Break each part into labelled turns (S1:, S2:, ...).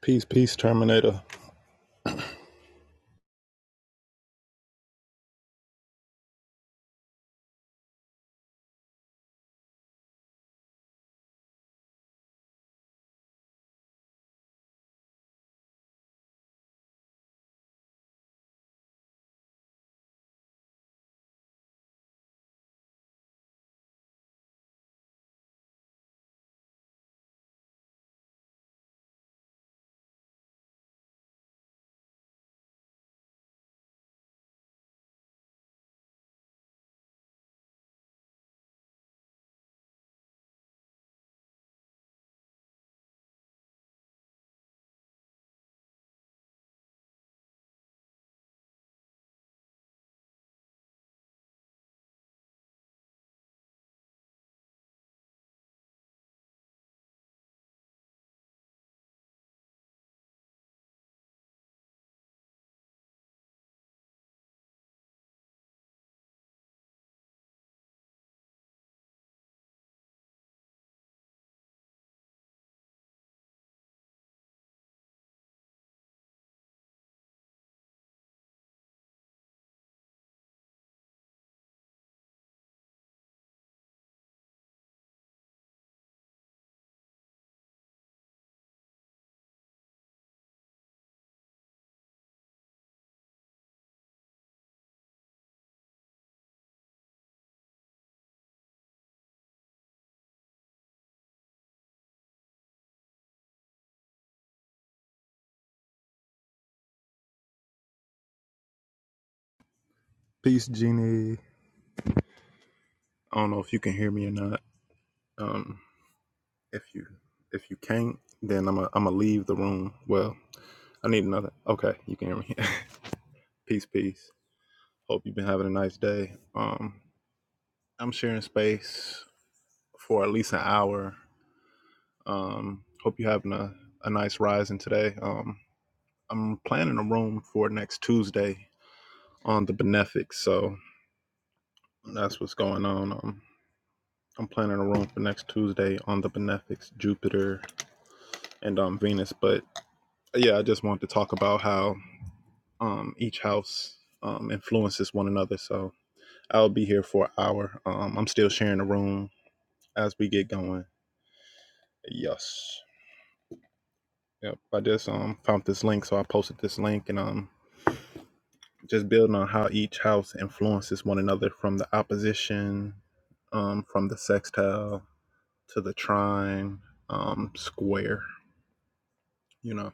S1: Peace, peace, Terminator. Peace, Genie. I don't know if you can hear me or not. Um, if you if you can't, then I'm i am a I'm gonna leave the room. Well, I need another. Okay, you can hear me. peace, peace. Hope you've been having a nice day. Um, I'm sharing space for at least an hour. Um, hope you're having a, a nice rising today. Um, I'm planning a room for next Tuesday on the Benefic, so that's what's going on. Um. I'm planning a room for next Tuesday on the benefics, Jupiter, and um, Venus. But yeah, I just wanted to talk about how um, each house um, influences one another. So I'll be here for an hour. Um, I'm still sharing the room as we get going. Yes. Yep. I just um, found this link, so I posted this link, and um, just building on how each house influences one another from the opposition, um, from the sextile to the trine, um, square. You know.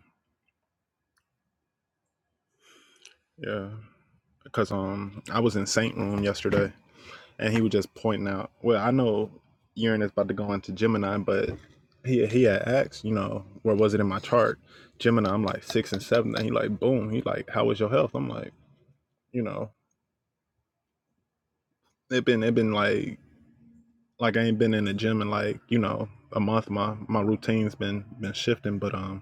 S1: Yeah. because um I was in Saint Room yesterday and he was just pointing out. Well, I know Uranus about to go into Gemini, but he he had asked, you know, where was it in my chart? Gemini, I'm like six and seven, and he like boom, he like, how was your health? I'm like, you know, it been it been like like I ain't been in the gym in like you know a month. My my routine's been been shifting, but um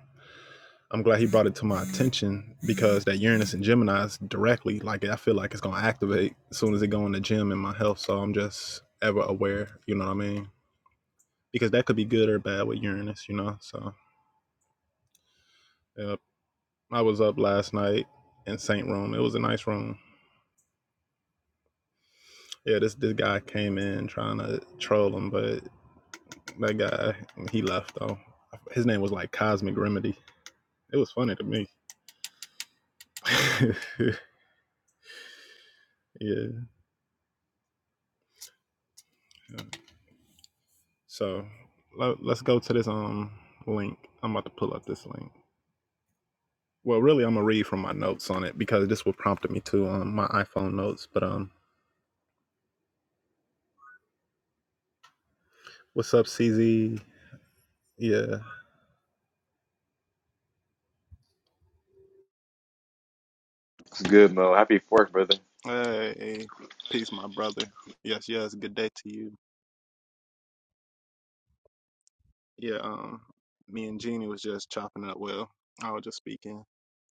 S1: I'm glad he brought it to my attention because that Uranus and Gemini's directly, like I feel like it's gonna activate as soon as it go in the gym in my health. So I'm just ever aware, you know what I mean? Because that could be good or bad with Uranus, you know. So yep. I was up last night in Saint Room. It was a nice room. Yeah, this this guy came in trying to troll him, but that guy he left though. His name was like Cosmic Remedy. It was funny to me. yeah. So let, us go to this um link. I'm about to pull up this link. Well, really, I'm gonna read from my notes on it because this what prompted me to um my iPhone notes. But um, what's up, CZ? Yeah.
S2: It's good, Mo. Happy fourth, brother.
S1: Hey, peace, my brother. Yes, yes. Good day to you. Yeah. Um, me and Jeannie was just chopping it up. Well, I was just speaking.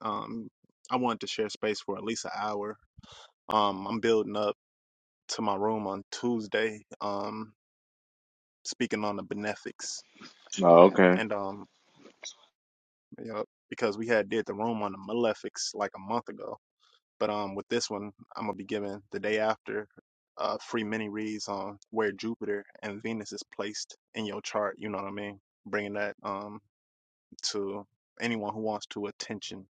S1: Um, I wanted to share space for at least an hour. Um, I'm building up to my room on Tuesday. Um, speaking on the benefics,
S2: Oh, okay.
S1: and um, Yep. Because we had did the room on the Malefics like a month ago. But um with this one I'm gonna be giving the day after uh free mini reads on where Jupiter and Venus is placed in your chart, you know what I mean? Bringing that um to anyone who wants to attention.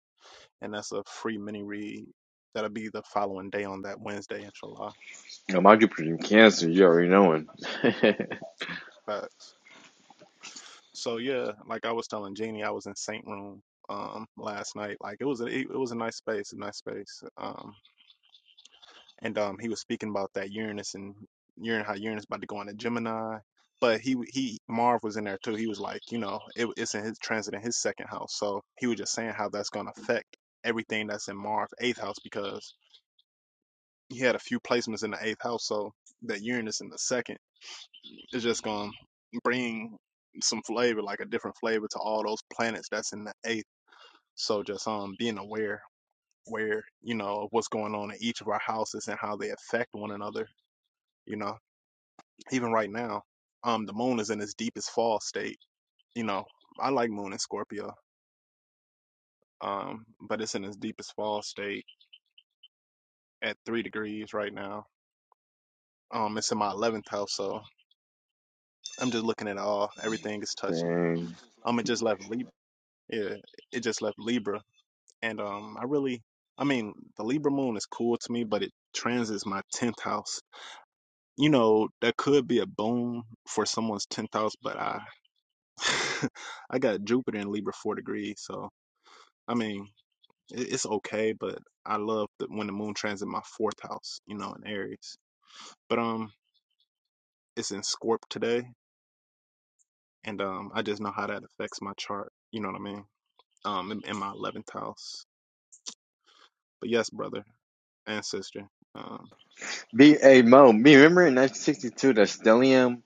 S1: And that's a free mini read that'll be the following day on that Wednesday, inshallah.
S2: No, my Jupiter in Cancer, you already knowing.
S1: Facts. So yeah, like I was telling Jeannie, I was in Saint Room um last night. Like it was a it, it was a nice space, a nice space. Um and um he was speaking about that Uranus and Uranus how Uranus about to go into Gemini, but he he Marv was in there too. He was like, you know, it, it's in his transit in his second house, so he was just saying how that's going to affect everything that's in Marv's eighth house because he had a few placements in the eighth house, so that Uranus in the second is just going to bring some flavor, like a different flavor to all those planets that's in the eighth. So just um being aware where you know of what's going on in each of our houses and how they affect one another you know even right now, um, the moon is in its deepest fall state. You know, I like moon in Scorpio, um, but it's in its deepest fall state at three degrees right now. Um, it's in my eleventh house, so I'm just looking at all. Everything is touching.
S2: Dang.
S1: Um, it just left Lib Yeah, it just left Libra, and um, I really, I mean, the Libra moon is cool to me, but it transits my tenth house. You know, that could be a boom for someone's tenth house, but I, I got Jupiter in Libra four degrees, so I mean. it- it's okay, but I love the, when the moon transit my fourth house, you know, in Aries. But um, it's in Scorp today, and um, I just know how that affects my chart. You know what I mean? Um, in, in my eleventh house. But yes, brother and sister. Um,
S2: B A Mo, me remember in 1962 the stellium,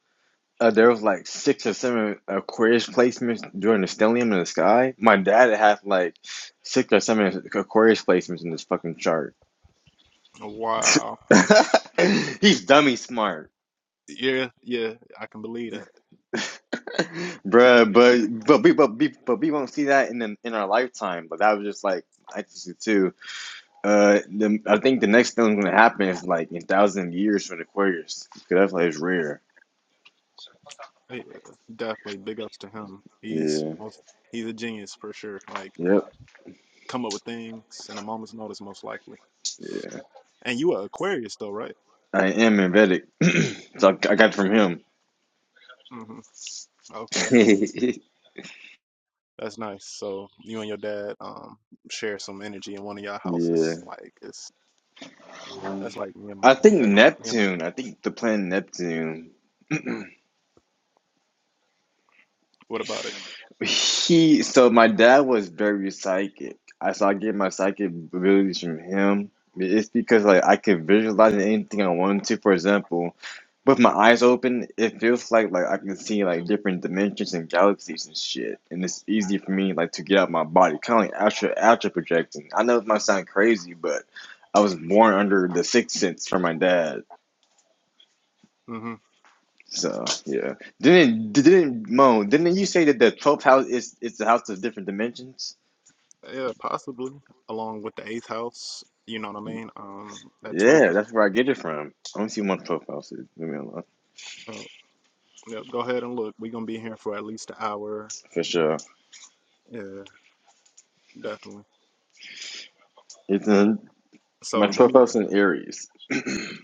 S2: uh, there was like six or seven Aquarius placements during the stellium in the sky. My dad had like six or seven Aquarius placements in this fucking chart.
S1: wow.
S2: He's dummy smart,
S1: Yeah, yeah, I can believe that.
S2: bruh. But but we but we but we won't see that in the, in our lifetime. But that was just like 1962. Uh, the, I think the next thing that's gonna happen is like in thousand years from Aquarius, because that's like it's rare.
S1: Yeah, definitely, big ups to him. He's
S2: Yeah.
S1: most, he's a genius for sure. Like, can
S2: Yep.
S1: come up with things in a moment's notice, most likely.
S2: Yeah.
S1: And you are Aquarius, though, right?
S2: I am in so I, I got it from him.
S1: Mm-hmm. Okay. That's nice. So you and your dad um share some energy in one of y'all houses.
S2: yeah.
S1: Like it's that's like me and my
S2: I think
S1: dad. Me and my
S2: Neptune.
S1: dad.
S2: I think the planet Neptune.
S1: What about it?
S2: He so my dad was very psychic. I so I get my psychic abilities from him. It's because like I can visualize anything I want to. For example, with my eyes open, it feels like like I can see like different dimensions and galaxies and shit. And it's easy for me like to get out my body, kind of like astral astral projecting. I know it might sound crazy, but I was born under the sixth sense from my dad.
S1: hmm
S2: So yeah, didn't didn't Mo? Didn't you say that the twelfth house is is the house of different dimensions?
S1: Yeah, possibly. Along with the eighth house, you know what I mean? Um that twelfth
S2: Yeah,
S1: house.
S2: that's where I get it from. I only see one Twelfth house is. Leave me alone.
S1: Uh, yeah, go ahead and look. We're gonna be here for at least an hour.
S2: For sure.
S1: Yeah, definitely.
S2: It's in
S1: So
S2: my
S1: let
S2: Twelfth
S1: me
S2: House in Aries.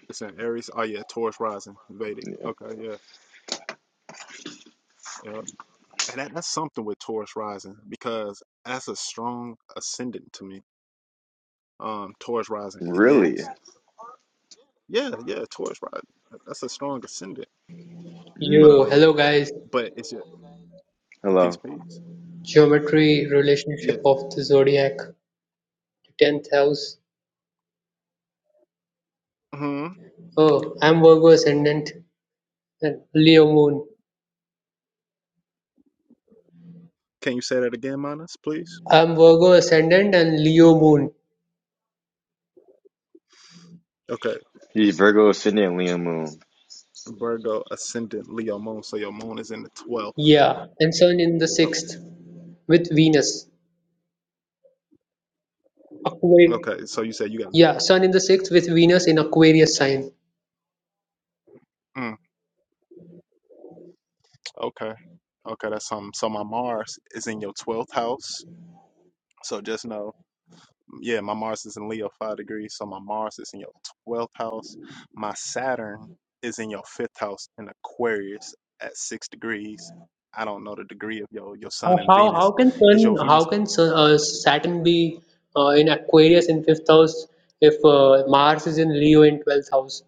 S1: it's in Aries. Oh yeah, Taurus rising, Vedic.
S2: Yeah.
S1: Okay, yeah. Yeah. And that, that's something with Taurus rising because that's a strong ascendant to me. Um, Taurus rising, it
S2: Really?
S1: is. Yeah, yeah, Taurus rising. That's a strong ascendant. But
S2: Mm.
S3: Yo,
S1: um,
S3: hello guys.
S1: but it's yeah, peace,
S2: Hello.
S1: peace.
S3: Geometry relationship
S1: Yeah.
S3: of the zodiac to 10th house.
S1: Hmm.
S3: Oh, I'm Virgo ascendant and Leo moon.
S1: Can you say that again, Manas, please?
S3: I'm Virgo ascendant and Leo moon.
S1: Okay.
S2: He's Virgo Ascendant Leo Moon.
S1: Virgo ascendant Leo moon. So your moon is in the twelfth.
S3: Yeah, and sun in the
S1: Oh,
S3: 6th with Venus. Aquarius.
S1: Okay. So you said you got.
S3: Yeah, sun in the 6th with Venus in Aquarius sign.
S1: Mm, okay. Okay. That's um. So my Mars is in your twelfth house. So just know. yeah, my Mars is in Leo five degrees, so my Mars is in your twelfth house. My Saturn is in your fifth house in Aquarius at six degrees. I don't know the degree of your your Sun
S3: How
S1: and
S3: how,
S1: Venus.
S3: how can
S1: Is
S3: sun
S1: your
S3: how
S1: Venus
S3: can sun, uh, Saturn be uh, in Aquarius in 5th house if uh, Mars is in Leo in 12th house?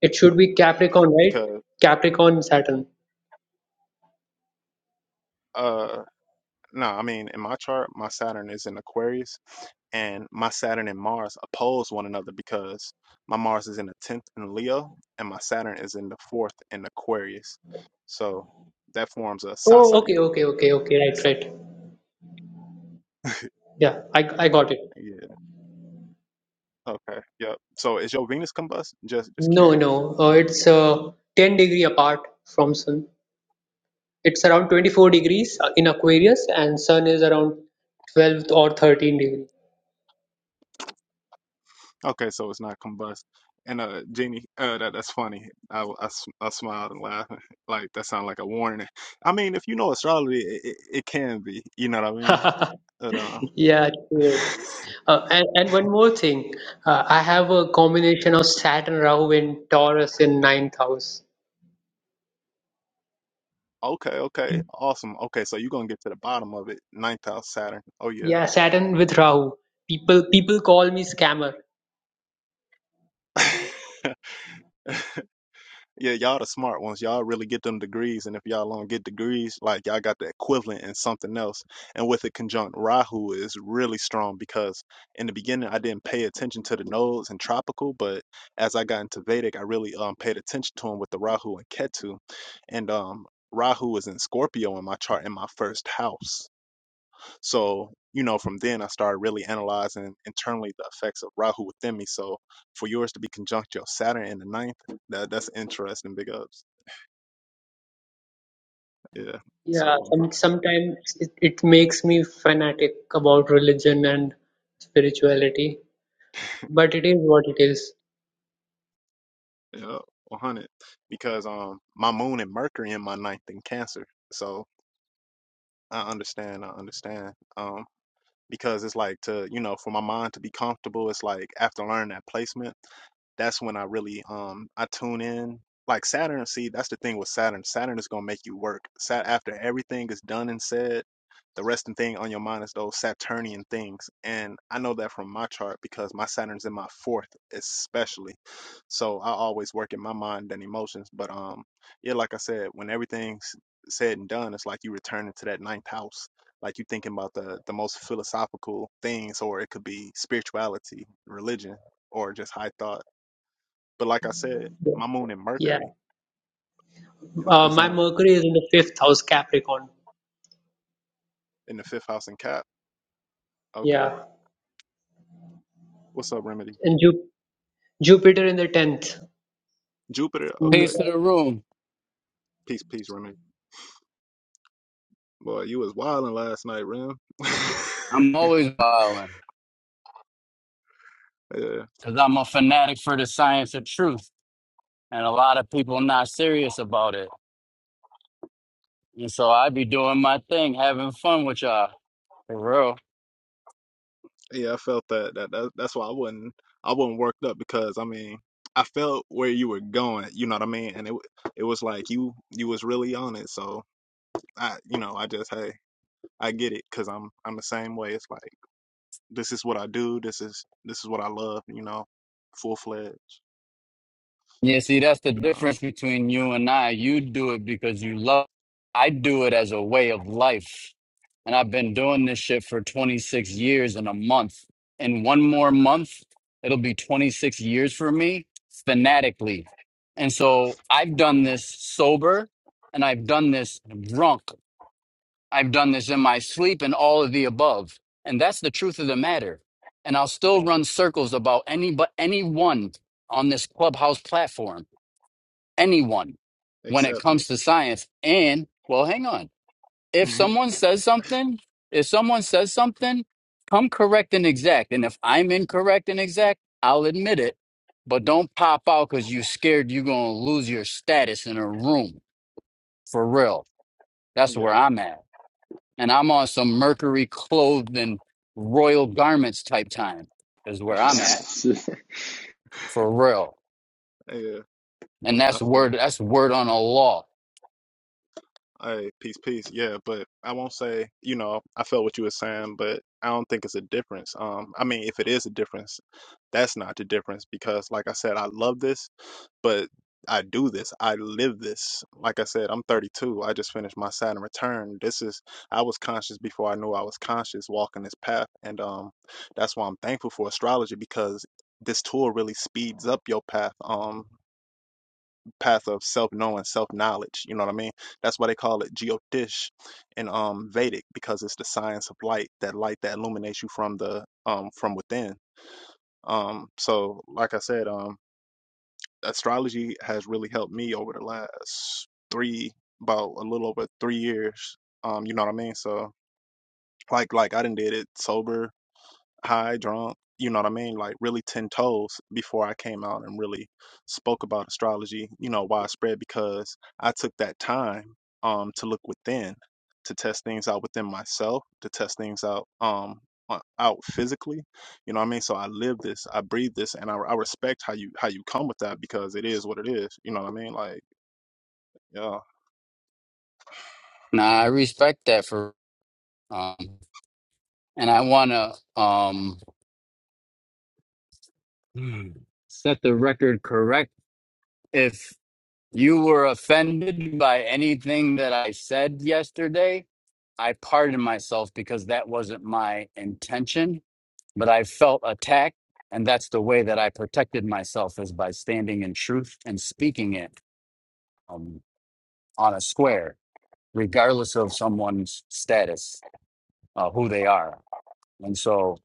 S3: It should be Capricorn, right?
S1: because
S3: Capricorn Saturn.
S1: uh no, I mean in my chart, my Saturn is in Aquarius and my Saturn and Mars oppose one another because my Mars is in the tenth in Leo and my Saturn is in the fourth in Aquarius. So that forms a
S3: Oh,
S1: Sasa
S3: okay,
S1: yoga.
S3: okay, okay, okay. Right,
S1: So
S3: right. Yeah, I I got it.
S1: yeah. Okay, yep. So is your Venus combust? Just just
S3: No,
S1: curious.
S3: no. Uh, it's uh, 10 degree apart from Sun. It's around 24 degrees uh, in Aquarius, and Sun is around 12 or 13 degree.
S1: Okay, so it's not combust. And uh, Jeannie, uh, that that's funny. I, w- I s- I smiled and laughed. Like that sounded like a warning. I mean, if you know astrology, it, it, it can be. You know what I mean? But um,
S3: Yeah, true. Uh, and, and one more thing, uh, I have a combination of Saturn, Rahu, and Taurus in ninth house.
S1: okay, okay, awesome. Okay, so you're gonna get to the bottom of it. Ninth house Saturn. Oh yeah.
S3: Yeah, Saturn with Rahu. People people call me scammer.
S1: Yeah, y'all the smart ones. Y'all really get them degrees, and if y'all don't get degrees, like y'all got the equivalent in something else. And with the conjunct Rahu is really strong because in the beginning I didn't pay attention to the nodes and tropical, but as I got into Vedic, I really um paid attention to them with the Rahu and Ketu, and um Rahu is in Scorpio in my chart in my first house. So, you know, from then I started really analyzing internally the effects of Rahu within me. So for yours to be conjunct your Saturn in the ninth, that that's interesting. Big ups. Yeah.
S3: Yeah,
S1: So
S3: some, sometimes it, it makes me fanatic about religion and spirituality, but it is what it is.
S1: yeah, one hundred. Because um my moon and Mercury in my ninth in cancer. So I understand, I understand. Um. because it's like to you know for my mind to be comfortable it's like after learning that placement that's when i really um i tune in like saturn see that's the thing with saturn saturn is gonna make you work sat after everything is done and said the resting thing on your mind is those saturnian things and i know that from my chart because my saturn's in my fourth especially so i always work in my mind and emotions but um yeah like i said when everything's said and done it's like you return to that ninth house like you thinking about the the most philosophical things, or it could be spirituality, religion, or just high thought. But like I said, my moon in
S3: Yeah.
S1: Mercury, yep,
S3: Uh,
S1: is in
S3: my
S1: the,
S3: Mercury is in the fifth house, Capricorn.
S1: in the fifth house in Cap. Okay,
S3: Yeah.
S1: what's up, Remedy?
S3: And Ju Jupiter in the tenth.
S1: Jupiter.
S3: Mm,
S1: Okay,
S4: Peace to the room.
S1: peace, peace, Remedy. Boy, you was wilding last night, Rem.
S4: I'm always wilding
S1: yeah,
S4: because I'm a fanatic for the science of truth, and a lot of people not serious about it. And so I be doing my thing, having fun with y'all. For real.
S1: yeah, I felt that. That, that that's why I wasn't I wasn't worked up because I mean I felt where you were going. You know what I mean? And it it was like you you was really on it. So I you know I just hey I get it because I'm I'm the same way. It's like this is what I do. This is this is what I love. You know, full fledged.
S4: Yeah, see, that's the
S1: But um,
S4: difference between you and I. You do it because you love. I do it as a way of life. And I've been doing this shit for 26 years in a month. In one more month, it'll be 26 years for me fanatically. And so I've done
S1: yeah,
S4: this sober and I've done this drunk. I've done this in my sleep and all of the above. And that's the truth of the matter. And I'll still run circles about any but anyone on this clubhouse platform anyone when it
S1: accept me.
S4: comes to science. And well, hang on. If someone says something, if someone says something, come correct and exact. And if I'm incorrect and exact, I'll admit it. But don't pop out because you scared you're gonna lose your status in a room. For real. That's where
S1: yeah,
S4: I'm at. And I'm on some mercury clothed in royal garments type time is where I'm at. For real.
S1: yeah.
S4: And
S1: I
S4: that's
S1: feel. it.
S4: word that's word on a law.
S1: Hey, peace, peace. Yeah, but I won't say. You know, I felt what you were saying, but I don't think it's a difference. Um, I mean, if it is a difference, that's not the difference because, like I said, I love this but I do this. I live this. Like I said, I'm 32. I just finished my Saturn return. This is I was conscious before I knew I was conscious walking this path and um that's why I'm thankful for astrology because this tool really speeds up your path um path of self-knowing, self-knowledge, you know what I mean? That's why they call it geotish in um Vedic because it's the science of light, that light that illuminates you from the um from within. Um so like I said, um astrology has really helped me over the last three, about a little over three years. Um, you know what I mean? So like like I didn't did it sober high, drunk, you know what I mean? Like really 10 toes before I came out and really spoke about astrology, you know, widespread because I took that time um to look within, to test things out within myself, to test things out um o- out physically. You know what I mean? So I live this, I breathe this and I, I respect how you how you come with that because it is what it is. You know what I mean? Like, yeah,
S4: Nah, I respect that for um and I want to um, set the record correct. If you were offended by anything that I said yesterday, I pardon myself because that wasn't my intention, but I felt attacked. And that's the way that I protected myself is by standing in truth and speaking it um, on a square, regardless of someone's status, uh, who they are. And so,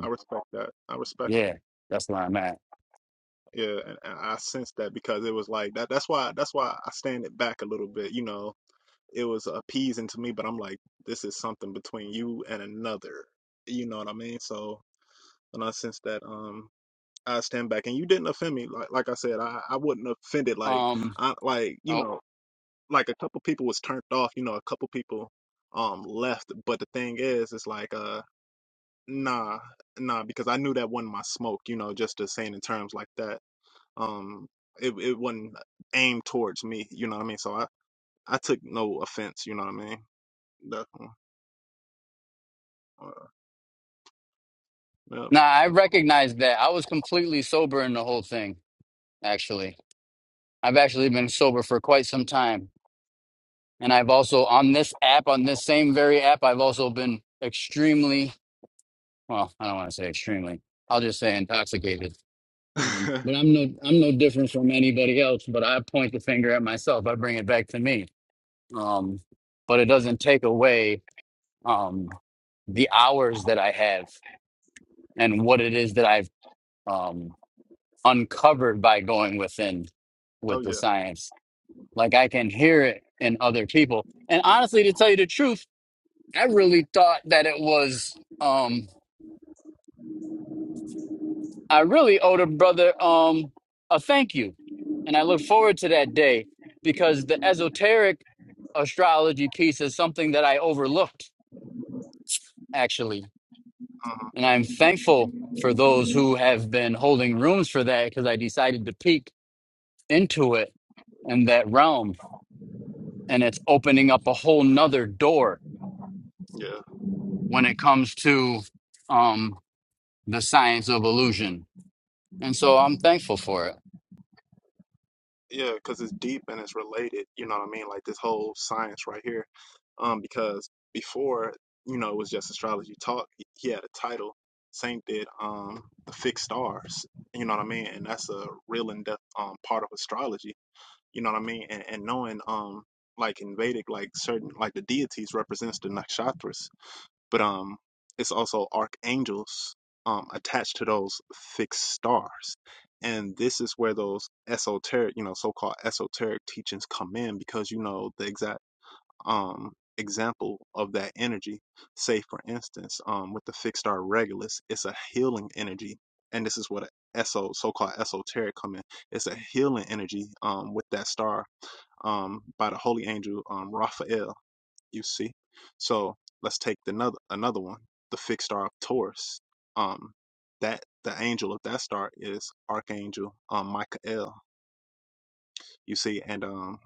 S1: I respect that. I respect it.
S4: yeah, that's where I'm at.
S1: Yeah, and, and I sensed that because it was like that. That's why. That's why I stand it back a little bit, you know it was appeasing to me, but I'm like, this is something between you and another. You know what I mean? So when I sense that, um, I stand back, and you didn't offend me. Like, like I said, I, I wasn't offended. Like,
S4: Um,
S1: I like you
S4: oh,
S1: know, like a couple people was turned off. You know, a couple people um left. But the thing is, it's like uh, nah, nah, because I knew that wasn't my smoke. You know, just to saying in terms like that, um, it it wasn't aimed towards me. You know what I mean? So I I took no offense. You know what I mean? Definitely. Yep.
S4: Nah, I recognize that. I was completely sober in the whole thing, actually. I've actually been sober for quite some time. And I've also, on this app, on this same very app, I've also been extremely, well, I don't want to say extremely. I'll just say intoxicated. Um, but I'm no, I'm no different from anybody else, but I point the finger at myself. I bring it back to me. Um, but it doesn't take away um, the hours that I have and what it is that I've um, uncovered by going within
S1: oh
S4: with the
S1: yeah.
S4: science. Like I can hear it in other people. And honestly, to tell you the truth, I really thought that it was um I really owed a brother um a thank you. And I look forward to that day because the esoteric astrology piece is something that I overlooked actually.
S1: Uh-huh.
S4: And I'm thankful for those who have been holding rooms for that because I decided to peek into it in that realm and it's opening up a whole nother door
S1: Yeah.
S4: when it comes to um the science of illusion and so i'm thankful for it
S1: Yeah, because it's deep and it's related. You know what I mean? Like this whole science right here. Um, because before, you know, it was just astrology talk. He had a title. Saint did um the fixed stars. You know what I mean? And that's a real in depth um part of astrology. You know what I mean? And and knowing um like in Vedic, like certain like the deities represents the nakshatras. but um, it's also archangels um attached to those fixed stars, and this is where those esoteric, you know, so-called esoteric teachings come in because you know the exact um example of that energy. Say for instance, um, with the fixed star Regulus, it's a healing energy, and this is what a eso so-called esoteric come in. It's a healing energy um with that star um by the holy angel um Raphael you see so let's take another another one the fixed star of taurus um that the angel of that star is archangel um michael you see and um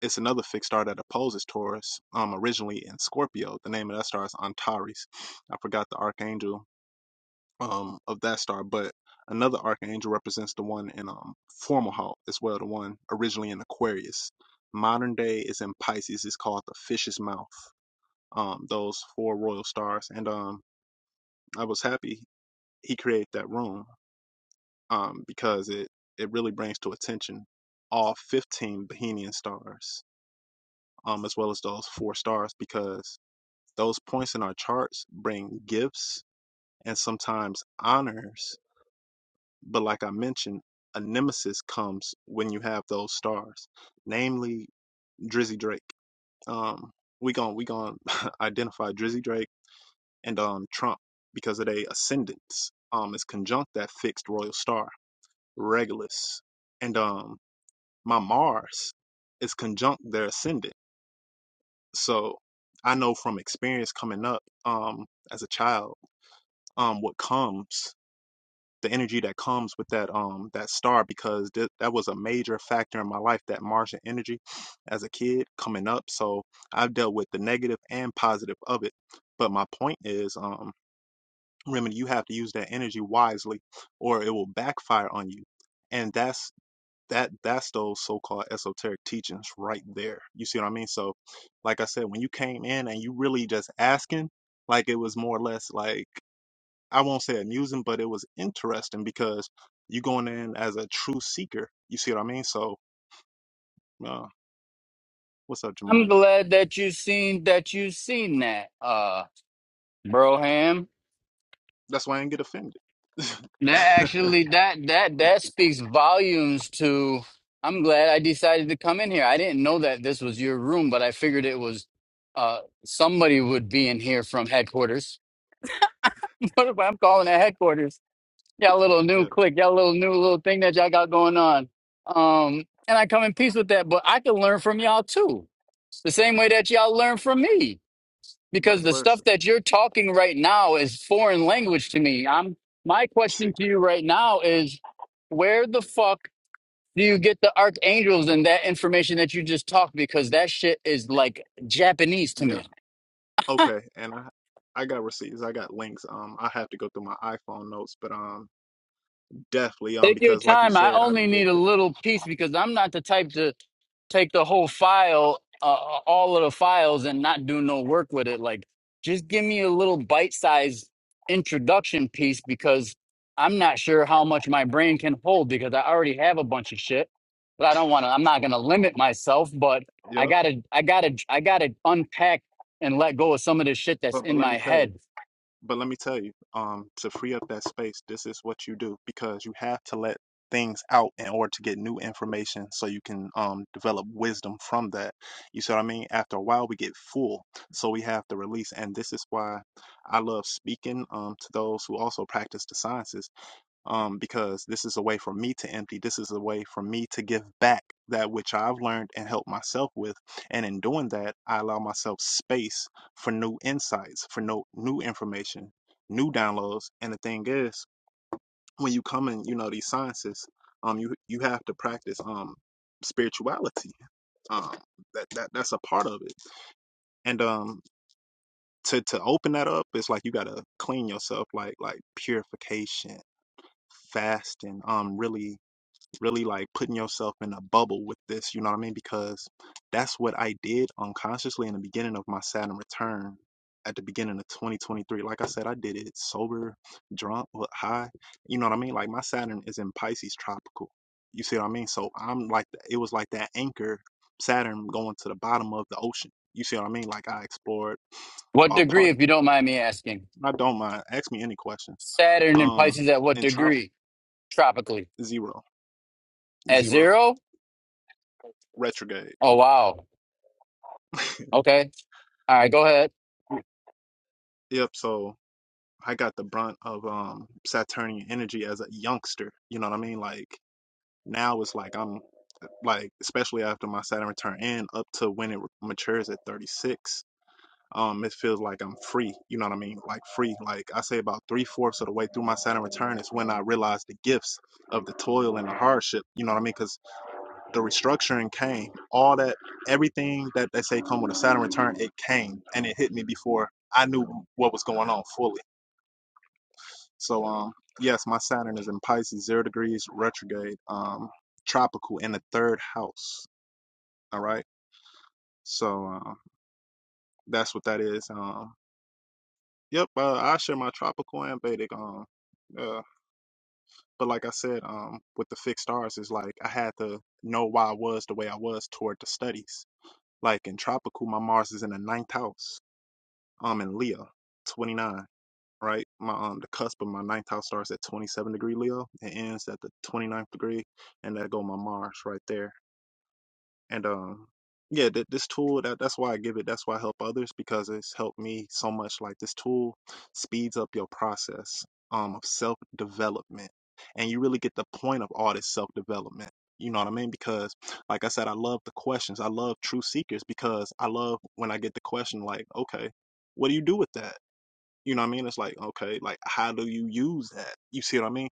S1: it's another fixed star that opposes taurus um originally in scorpio the name of that star is antares i forgot the archangel um of that star but another archangel represents the one in um formal halt as well the one originally in aquarius modern day is in pisces it's called the fish's mouth um, those four royal stars. And um, I was happy he created that room um, because it, it really brings to attention all 15 Bohemian stars, um, as well as those four stars, because those points in our charts bring gifts and sometimes honors. But like I mentioned, a nemesis comes when you have those stars, namely Drizzy Drake. Um, we gon' we gon' identify Drizzy Drake and um Trump because of their ascendance um is conjunct that fixed royal star Regulus and um my Mars is conjunct their ascendant so I know from experience coming up um as a child um what comes the energy that comes with that um that star because th- that was a major factor in my life that Martian energy as a kid coming up so I've dealt with the negative and positive of it but my point is um remember you have to use that energy wisely or it will backfire on you and that's that that's those so-called esoteric teachings right there you see what i mean so like i said when you came in and you really just asking like it was more or less like i won't say amusing but it was interesting because you going in as a true seeker you see what i mean so uh, what's up
S4: i'm
S1: jemiah
S4: glad that you seen that you seen that uh broham
S1: that's why i didn't get offended
S4: that actually that that that speaks volumes to i'm glad i decided to come in here i didn't know that this was your room but i figured it was uh somebody would be in here from headquarters what if i'm calling it headquarters Y'all little new
S1: yeah
S4: click, y'all little new little thing that y'all got going on. Um, and I come in peace with that, but I can learn from y'all too. The same way that y'all learn from me. Because
S1: vice
S4: the stuff
S1: versa
S4: that you're talking right now is foreign language to me. I'm my
S1: see
S4: question to you right now is where the fuck do you get the archangels and that information that you just talked? Because that shit is like Japanese to
S1: Yeah.
S4: me.
S1: Okay, and I I got receipts. I got links. Um, I have to go through my iPhone notes, but um, definitely um,
S4: Take your
S1: because like you
S4: time. I
S1: said, I
S4: only
S1: didn't did
S4: need a
S1: it.
S4: little piece because I'm not the type to take the whole file, uh, all of the files, and not do no work with it. Like, just give me a little bite sized introduction piece because I'm not sure how much my brain can hold because I already have a bunch of shit. But I don't want to, I'm not going to limit myself, but I
S1: Yep.
S4: got to, I got to, I got to unpack and let go of some of the shit that's
S1: But but
S4: in
S1: let me
S4: my
S1: tell you.
S4: head.
S1: But let me tell you. Um, to free up that space, this is what you do because you have to let things out in order to get new information so you can um develop wisdom from that. You see what I mean? After a while, we get full, so we have to release, and this is why I love speaking um to those who also practice the sciences um, because this is a way for me to empty. This is a way for me to give back that which I've learned and helped myself with. And in doing that, I allow myself space for new insights, for no, new information, new downloads. And the thing is, when you come in, you know, these sciences, um, you, you have to practice, um, spirituality. Um, that, that, that's a part of it. And, um, to, to open that up, it's like you gotta clean yourself, like like purification, fasting, um, really really like putting yourself in a bubble with this, you know what I mean? Because that's what I did unconsciously in the beginning of my Saturn return at the beginning of 2023. Like I said, I did it sober, drunk, but high. You know what I mean? Like my Saturn is in Pisces tropical. You see what I mean? So I'm like, it was like that anchor Saturn going to the bottom of the ocean. You see what I mean? Like I explored
S4: What
S1: all
S4: degree,
S1: parts.
S4: if you don't mind me asking?
S1: I don't mind. Ask me any questions.
S4: Saturn and
S1: Um,
S4: Pisces at what
S1: and trop
S4: degree? tropically
S1: zero,
S4: at
S1: zero
S4: zero.
S1: retrograde.
S4: Oh wow. Okay. All right. Go ahead.
S1: Yep. So I got the brunt of um Saturnian energy as a youngster. You know what I mean? Like now it's like I'm like especially after my Saturn return in up to when it matures at 36. Um, it feels like I'm free. You know what I mean? Like free. Like I say, about three fourths of the way through my Saturn return is when I realized the gifts of the toil and the hardship. You know what I mean? Because the restructuring came. All that, everything that they say come with a Saturn return, it came and it hit me before I knew what was going on fully. So um yes, my Saturn is in Pisces, zero degrees retrograde, um, tropical in the third house. All right. So um that's what that is. Um yep, uh, I share my tropical and Vedic um uh but like I said, um with the fixed stars is like I had to know why I was the way I was toward the studies. Like in tropical, my Mars is in the ninth house, um in Leo, twenty nine. right? My um the cusp of my ninth house starts at 27 degree Leo. It ends at the 29th degree, and that go my Mars right there. And um yeah, th- this tool that that's why I give it. That's why I help others because it's helped me so much. Like this tool speeds up your process um of self development, and you really get the point of all this self development. You know what I mean? Because, like I said, I love the questions. I love true seekers because I love when I get the question like, okay, what do you do with that? You know what I mean? It's like, okay, like how do you use that? You see what I mean?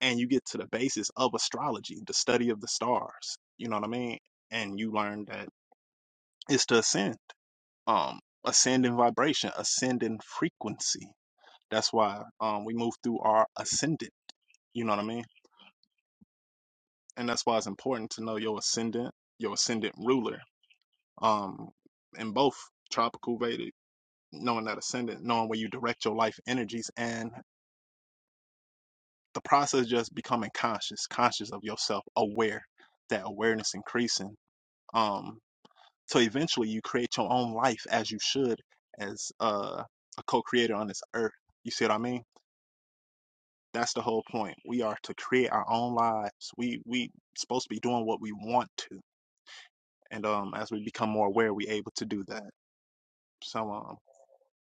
S1: And you get to the basis of astrology, the study of the stars. You know what I mean? And you learn that it's to ascend. Um, ascend in vibration, ascend in frequency. That's why um we move through our ascendant, you know what I mean? And that's why it's important to know your ascendant, your ascendant ruler. Um, in both tropical Vedic, knowing that ascendant, knowing where you direct your life energies and the process just becoming conscious, conscious of yourself, aware, that awareness increasing. Um, so eventually you create your own life as you should as uh, a co-creator on this earth. You see what I mean? That's the whole point. We are to create our own lives. We we supposed to be doing what we want to. And um as we become more aware, we able to do that. So um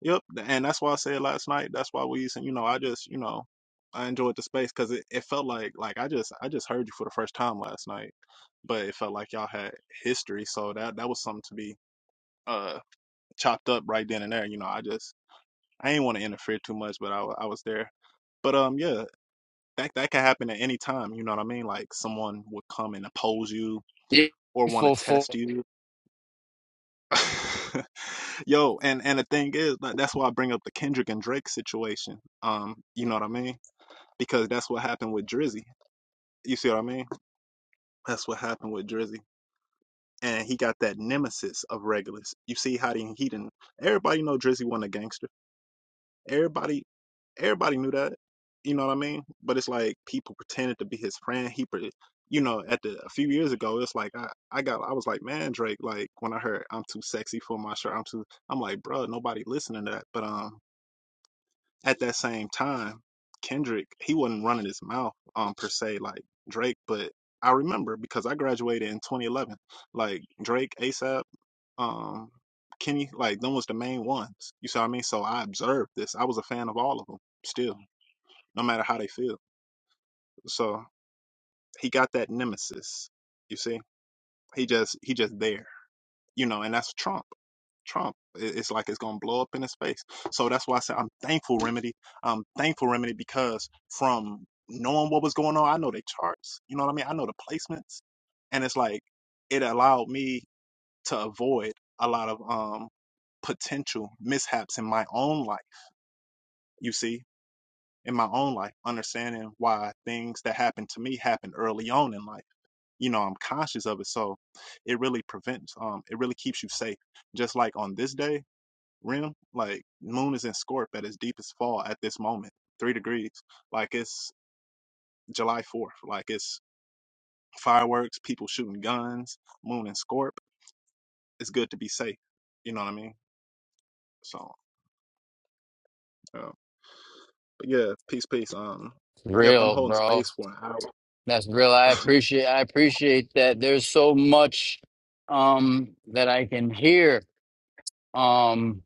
S1: yep, and that's why I said last night, that's why we you know, I just, you know, I enjoyed the space because it, it felt like like I just I just heard you for the first time last night but it felt like y'all had history, so that that was something to be uh chopped up right then and there. You know, I just I ain't want to interfere too much, but I wa- I was there. But um, yeah, that that could happen at any time. You know what I mean? Like someone would come and oppose you or want to
S4: Grateful for
S1: test you. Yo, and and the thing is, like, that's why I bring up the Kendrick and Drake situation. Um, you know what I mean? Because that's what happened with Drizzy. You see what I mean? That's what happened with Drizzy. and he got that nemesis of Regulus. You see how he, he didn't. Everybody know Drizzy wasn't a gangster. Everybody, everybody knew that. You know what I mean? But it's like people pretended to be his friend. He, pre- you know, at the a few years ago, it's like I, I got, I was like, man, Drake. Like when I heard I'm too sexy for my shirt, I'm too. I'm like, bro, nobody listening to that. But um at that same time, Kendrick, he wasn't running his mouth um per se like Drake, but I remember because I graduated in 2011. Like Drake, ASAP, um, Kenny, like them was the main ones. You see what I mean? So I observed this. I was a fan of all of them still, no matter how they feel. So he got that nemesis. You see, he just he just there. You know, and that's Trump. Trump. It's like it's gonna blow up in his face. So that's why I said I'm thankful, Remedy. I'm thankful, Remedy, because from knowing what was going on, I know the charts. You know what I mean? I know the placements, and it's like it allowed me to avoid a lot of um potential mishaps in my own life. You see, in my own life, understanding why things that happened to me happened early on in life. You know, I'm conscious of it, so it really prevents. Um, it really keeps you safe. Just like on this day. Rim, like moon is in Scorp at its deepest fall at this moment, three degrees. Like it's July 4th. Like it's fireworks, people shooting guns, moon in Scorp. It's good to be safe. You know what I mean? So, uh, but yeah, peace, peace. Um, yep, I'm
S4: real,
S1: holding
S4: bro.
S1: space for an hour.
S4: That's real. I appreciate. I appreciate that. There's so much um that I can hear um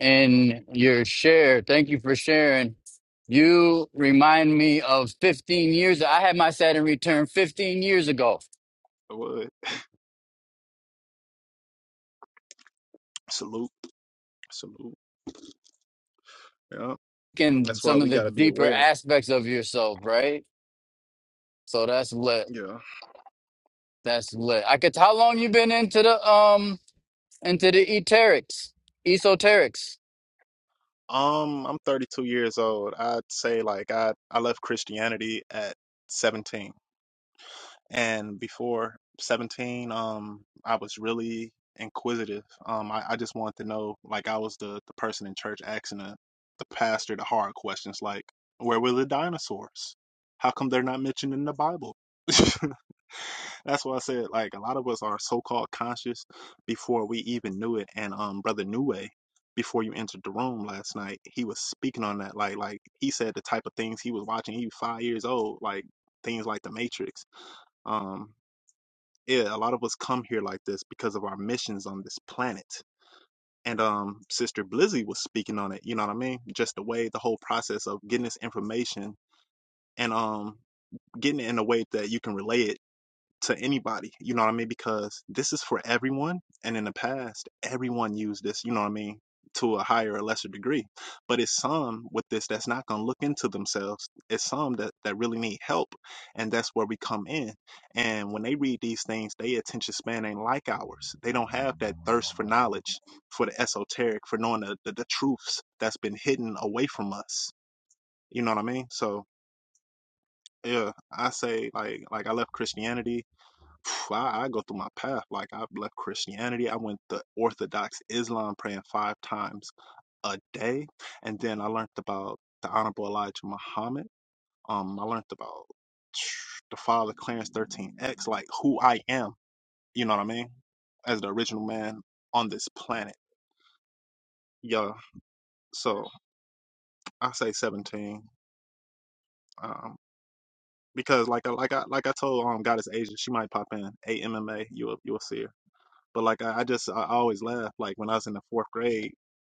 S4: in your share. Thank you for sharing. You remind me of 15 years. I had my Saturn return 15 years ago.
S1: I would salute, salute. Yeah,
S4: And
S1: that's why
S4: some of
S1: we
S4: the
S1: got to be
S4: deeper
S1: aware.
S4: aspects of yourself, right? So that's lit.
S1: Yeah.
S4: That's lit. I could. How long you been into the um into the eterics, esoterics?
S1: Um, I'm 32 years old. I'd say like I I left Christianity at 17 and before 17 um i was really inquisitive um i, I just wanted to know like i was the the person in church asking the, the pastor the hard questions like where were the dinosaurs how come they're not mentioned in the bible that's why i said like a lot of us are so-called conscious before we even knew it and um brother Neway before you entered the room last night he was speaking on that like like he said the type of things he was watching he was five years old like things like the matrix um yeah, a lot of us come here like this because of our missions on this planet. And um, Sister Blizzy was speaking on it. You know what I mean? Just the way the whole process of getting this information and um, getting it in a way that you can relay it to anybody. You know what I mean? Because this is for everyone. And in the past, everyone used this, you know what I mean, to a higher or lesser degree. But it's some with this that's not going to look into themselves. It's some that, that really need help. And that's where we come in. And when they read these things, their attention span ain't like ours. They don't have that thirst for knowledge, for the esoteric, for knowing the, the, the truths that's been hidden away from us. You know what I mean? So, yeah, I say like like I left Christianity phew, I, I go through my path. Like I've left Christianity. I went to Orthodox Islam praying five times a day. And then I learned about the Honorable Elijah Muhammad. Um, I learned about the father Clarence 13X, like who I am, you know what I mean? As the original man on this planet. Yeah. So I say 17. Um, because like I like I like I told um Goddess Asia, she might pop in. A MMA, you'll you'll see her. But like I, I just I always laugh. Like when I was in the fourth grade,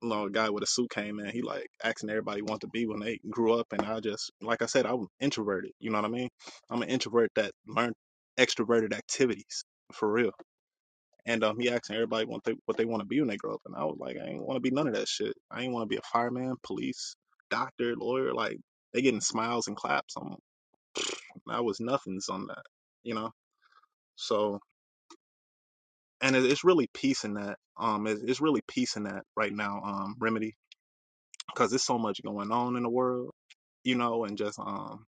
S1: you know, a guy with a suit came in. He like asking everybody want to be when they grew up, and I just like I said, I'm introverted. You know what I mean? I'm an introvert that learned extroverted activities for real. And um, he asking everybody what they what they want to be when they grow up, and I was like, I ain't want to be none of that shit. I ain't want to be a fireman, police, doctor, lawyer. Like they getting smiles and claps. I'm, I was nothings on that. You know, so. and it, it's really peace in that. Um, it, it's really peace in that right now. Um, remedy because there's so much going on in the world, you know, and just um,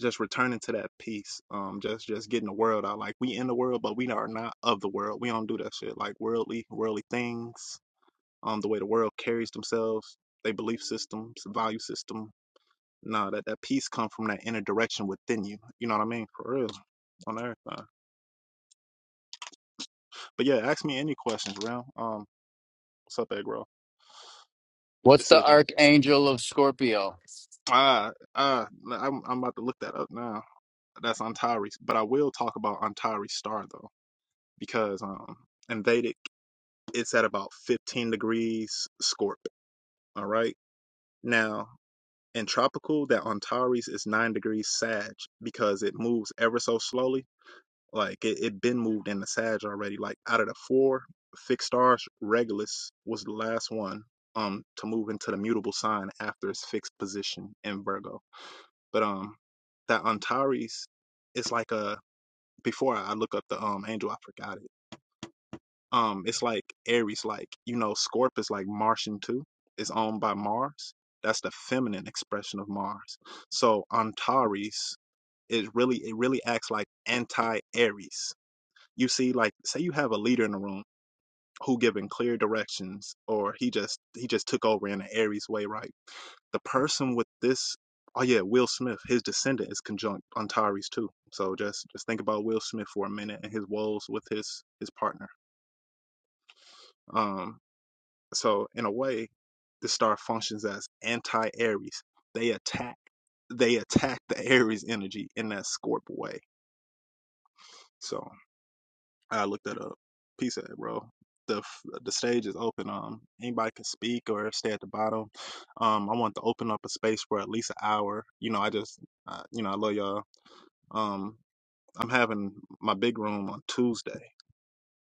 S1: just returning to that peace. Um, just just getting the world out. Like we in the world, but we are not of the world. We don't do that shit. Like worldly worldly things. Um, the way the world carries themselves, they belief systems, value system. Nah, that that peace come from that inner direction within you. You know what I mean? For real, on everything. But yeah, ask me any questions, real. Um, what's up, Egg Roll?
S4: What's
S1: This
S4: the
S1: is
S4: archangel of Scorpio?
S1: Ah, ah, I'm I'm about to look that up now. That's Antari, but I will talk about Antari star though, because um in Vedic it's at about 15 degrees Scorp. All right. Now in tropical, that Antares is nine degrees Sag because it moves ever so slowly. Like it it been moved in the Sag already. Like out of the four fixed stars, Regulus was the last one um to move into the mutable sign after its fixed position in Virgo. But um, that Antares is like a before I look up the um angel, I forgot it. Um, it's like Aries, like you know, Scorp is like Martian too. It's owned by Mars. That's the feminine expression of Mars. So Antares is really it really acts like anti Aries. You see, like say you have a leader in the room who giving clear directions, or he just he just took over in an Aries way, right? the person with this oh yeah will smith his descendant is conjunct antares too so just just think about will smith for a minute and his woes with his his partner um so in a way the star functions as anti-aries they attack they attack the aries energy in that scorp way so i looked that up peace out bro the the stage is open um anybody can speak or stay at the bottom um i want to open up a space for at least an hour you know i just uh, you know i love y'all Um, I'm having my big room on Tuesday.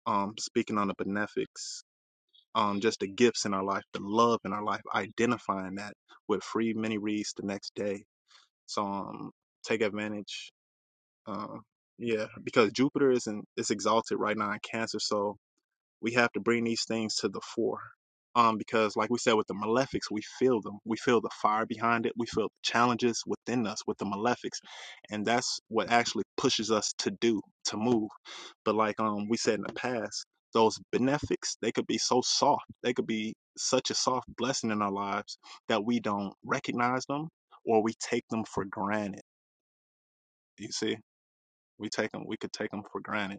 S1: Um, speaking on the benefics, um, just the gifts in our life, the love in our life, identifying that with free mini reads the next day. So um, take advantage. Um, yeah, because Jupiter isn't it's exalted right now in Cancer, so we have to bring these things to the fore. Um, because like we said with the malefics, we feel them. We feel the fire behind it. We feel the challenges within us with the malefics. And that's what actually pushes us to do, to move. But like um we said in the past, those benefics, they could be so soft. They could be such a soft blessing in our lives that we don't recognize them or we take them for granted. You see? We take them we could take them for granted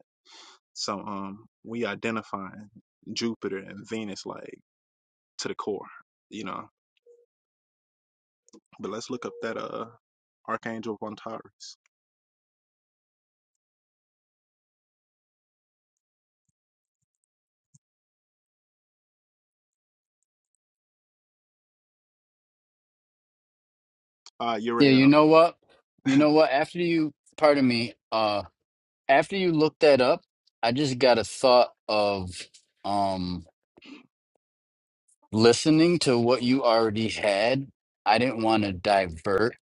S1: so um we identifying Jupiter and Venus like to the core, you know. But let's look up that uh Archangel Vontaris. Uh
S4: Yeah, you
S1: Uriel.
S4: know what? You know what? After you, pardon me. Uh, after you looked that up, I just got a thought of um listening to what you already had. I didn't want to divert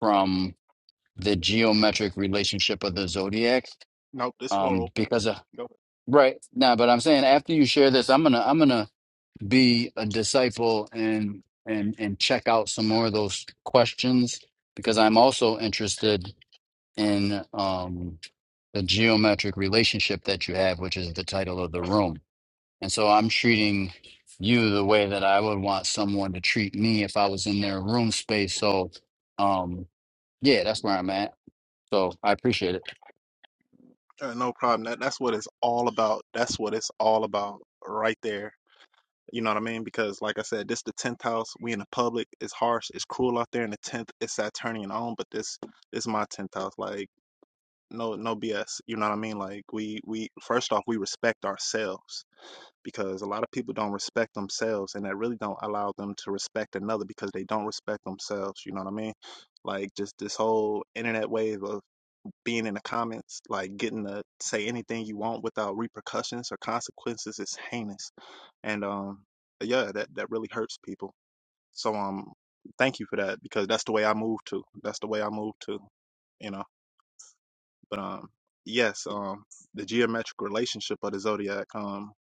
S4: from the geometric relationship of the zodiac,
S1: Nope, this floor
S4: um,
S1: open.
S4: because of
S1: Go.
S4: right now. But I'm saying after you share this, I'm gonna, I'm gonna. be a disciple and and and check out some more of those questions because I'm also interested in um, the geometric relationship that you have, which is the title of the room. And so I'm treating you the way that I would want someone to treat me if I was in their room space. So um, yeah, that's where I'm at. So I appreciate it.
S1: Uh, no problem. That that's what it's all about. That's what it's all about right there. You know what I mean? Because like I said, this the tenth house. We in the public. It's harsh. It's cruel out there in the tenth. It's Saturnian on, but this this my tenth house. Like no no BS. You know what I mean? Like we we first off we respect ourselves because a lot of people don't respect themselves and that really don't allow them to respect another because they don't respect themselves you know what i mean like just this whole internet wave of being in the comments like getting to say anything you want without repercussions or consequences is heinous and um yeah that that really hurts people so um thank you for that because that's the way i move to that's the way i move to you know but um yes um the geometric relationship of the zodiac. Um,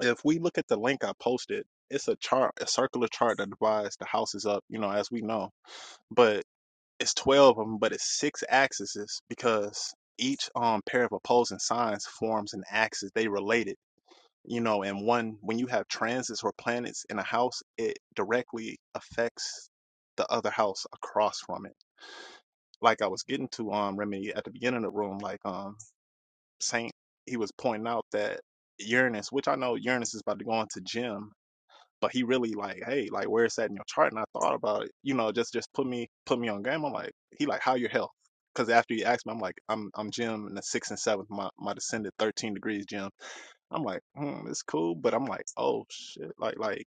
S1: if we look at the link I posted, it's a chart, a circular chart that divides the houses up, you know, as we know. But it's 12 of them, but it's six axes because each um pair of opposing signs forms an axis. They related, you know, and one when you have transits or planets in a house, it directly affects the other house across from it. Like I was getting to um Remedy at the beginning of the room, like um Saint he was pointing out that Uranus, which I know Uranus is about to go into Gem, but he really like, hey, like where's that in your chart? And I thought about it, you know, just just put me put me on game. I'm like, he like, how your health? Because after he asked me, I'm like, I'm I'm Jim in the sixth and seventh, my my descendant, thirteen degrees, Jim. I'm like, hmm, it's cool, but I'm like, oh shit, like like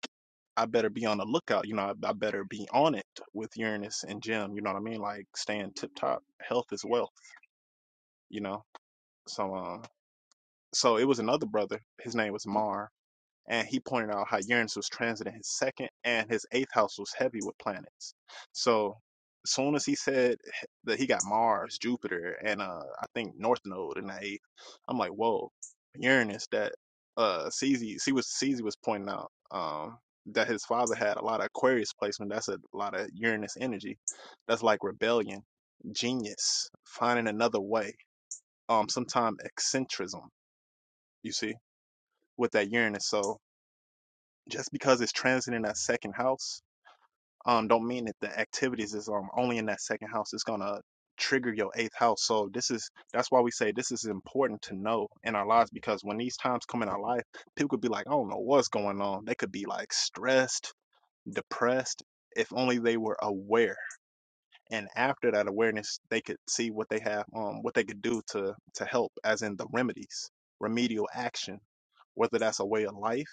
S1: I better be on the lookout, you know, I, I better be on it with Uranus and Jim, you know what I mean? Like staying tip top, health is wealth, you know. So um so it was another brother, his name was Mar, and he pointed out how Uranus was transiting his second and his eighth house was heavy with planets. So as soon as he said that he got Mars, Jupiter, and uh I think North Node in the eighth, I'm like, whoa, Uranus that uh CZ was CZ was pointing out um that his father had a lot of Aquarius placement. That's a lot of Uranus energy. That's like rebellion, genius, finding another way. Um, sometimes eccentricism. You see, with that Uranus. So just because it's transiting that second house, um, don't mean that the activities is um only in that second house. It's gonna trigger your eighth house. So this is that's why we say this is important to know in our lives because when these times come in our life, people could be like, I don't know what's going on. They could be like stressed, depressed. If only they were aware, and after that awareness, they could see what they have, um, what they could do to to help, as in the remedies, remedial action, whether that's a way of life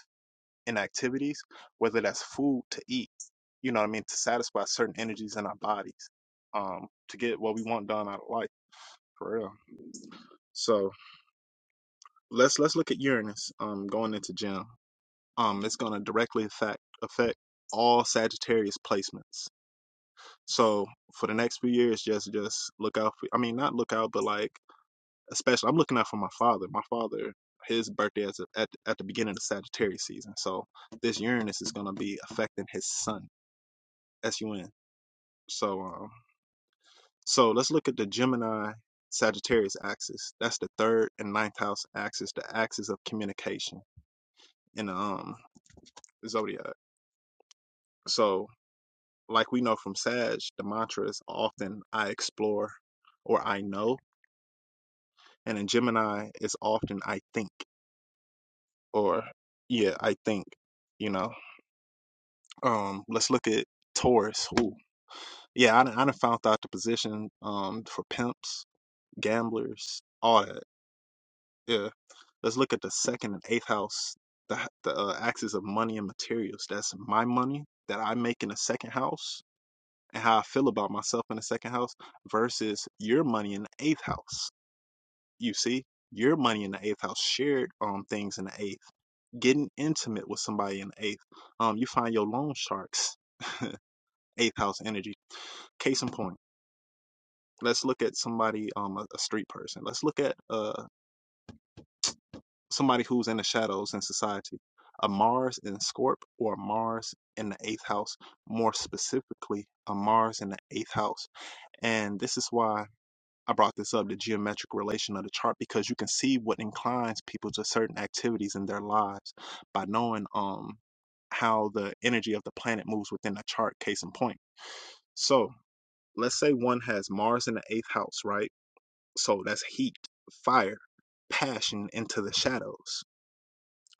S1: and activities, whether that's food to eat you know what I mean, to satisfy certain energies in our bodies, um, to get what we want done out of life, for real. So let's let's look at Uranus um going into Gem. Um it's gonna directly affect affect all Sagittarius placements. So for the next few years just just look out for I mean not look out but like especially I'm looking out for my father. My father his birthday is at, at the beginning of Sagittarius season. So this Uranus is gonna be affecting his son, S U N. So um So let's look at the Gemini Sagittarius axis. That's the third and ninth house axis, the axis of communication in the um, zodiac. So, like we know from Sag, the mantra is often I explore or I know. And in Gemini, it's often I think or yeah, I think, you know. Um, let's look at Taurus. Ooh. Yeah, I done, I done found out the position um, for pimps, gamblers, all that. Yeah Let's look at the second and eighth house, the the uh, axis of money and materials. That's my money that I make in the second house and how I feel about myself in the second house versus your money in the eighth house. You see, your money in the eighth house, shared um things in the eighth, getting intimate with somebody in the eighth. Um, you find your loan sharks, eighth house energy. Case in point. Let's look at somebody, um, a, a street person. Let's look at uh somebody who's in the shadows in society. A Mars in Scorp or a Mars in the eighth house, more specifically, a Mars in the eighth house. And this is why I brought this up the geometric relation of the chart because you can see what inclines people to certain activities in their lives by knowing um how the energy of the planet moves within a chart, case in point. So let's say one has Mars in the eighth house, right? So that's heat, fire, passion into the shadows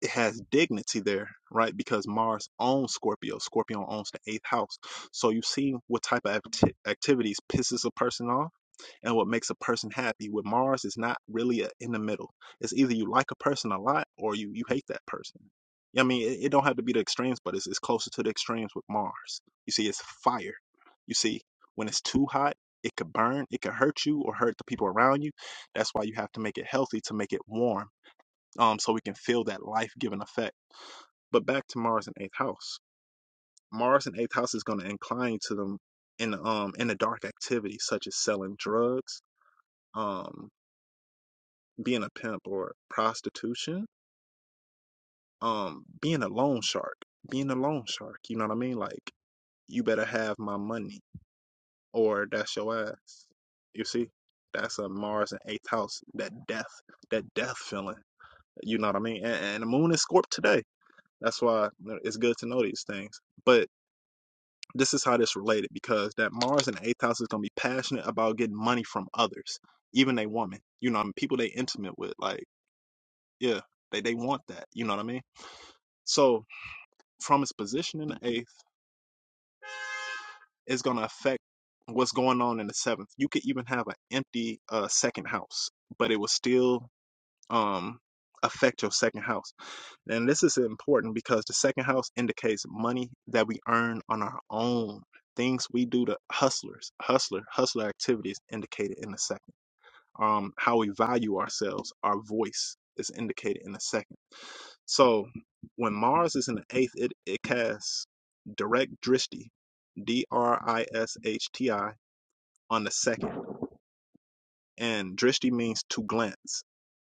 S1: it has dignity there, right? Because Mars owns Scorpio. Scorpio owns the eighth house. So you see what type of acti- activities pisses a person off and what makes a person happy. With Mars, it's not really a, in the middle. It's either you like a person a lot or you, you hate that person. Yeah, I mean, it, it don't have to be the extremes, but it's, it's closer to the extremes with Mars. You see, it's fire. You see, when it's too hot, it could burn, it could hurt you or hurt the people around you. That's why you have to make it healthy to make it warm um, so we can feel that life giving effect but back to Mars in eighth house. Mars in eighth house is going to incline to them in um in the dark activities such as selling drugs, um, being a pimp or prostitution, um, being a loan shark, being a loan shark. You know what I mean? Like you better have my money or that's your ass. You see, that's a Mars in eighth house. That death, that death feeling. You know what I mean? And, and the moon is Scorp today. That's why it's good to know these things. But This is how this related because that Mars in the eighth house is gonna be passionate about getting money from others, even a woman. You know, what I mean, people they intimate with, like, yeah, they they want that. You know what I mean? So from its position in the eighth, it's gonna affect what's going on in the seventh. You could even have an empty uh second house, but it will still um affect your second house And this is important because the second house indicates money that we earn on our own. Things we do to hustlers, hustler, hustler activities indicated in the second. Um, how we value ourselves, our voice is indicated in the second. So when Mars is in the eighth, it, it casts direct drishti, D R I S H T I, on the second. And drishti means to glance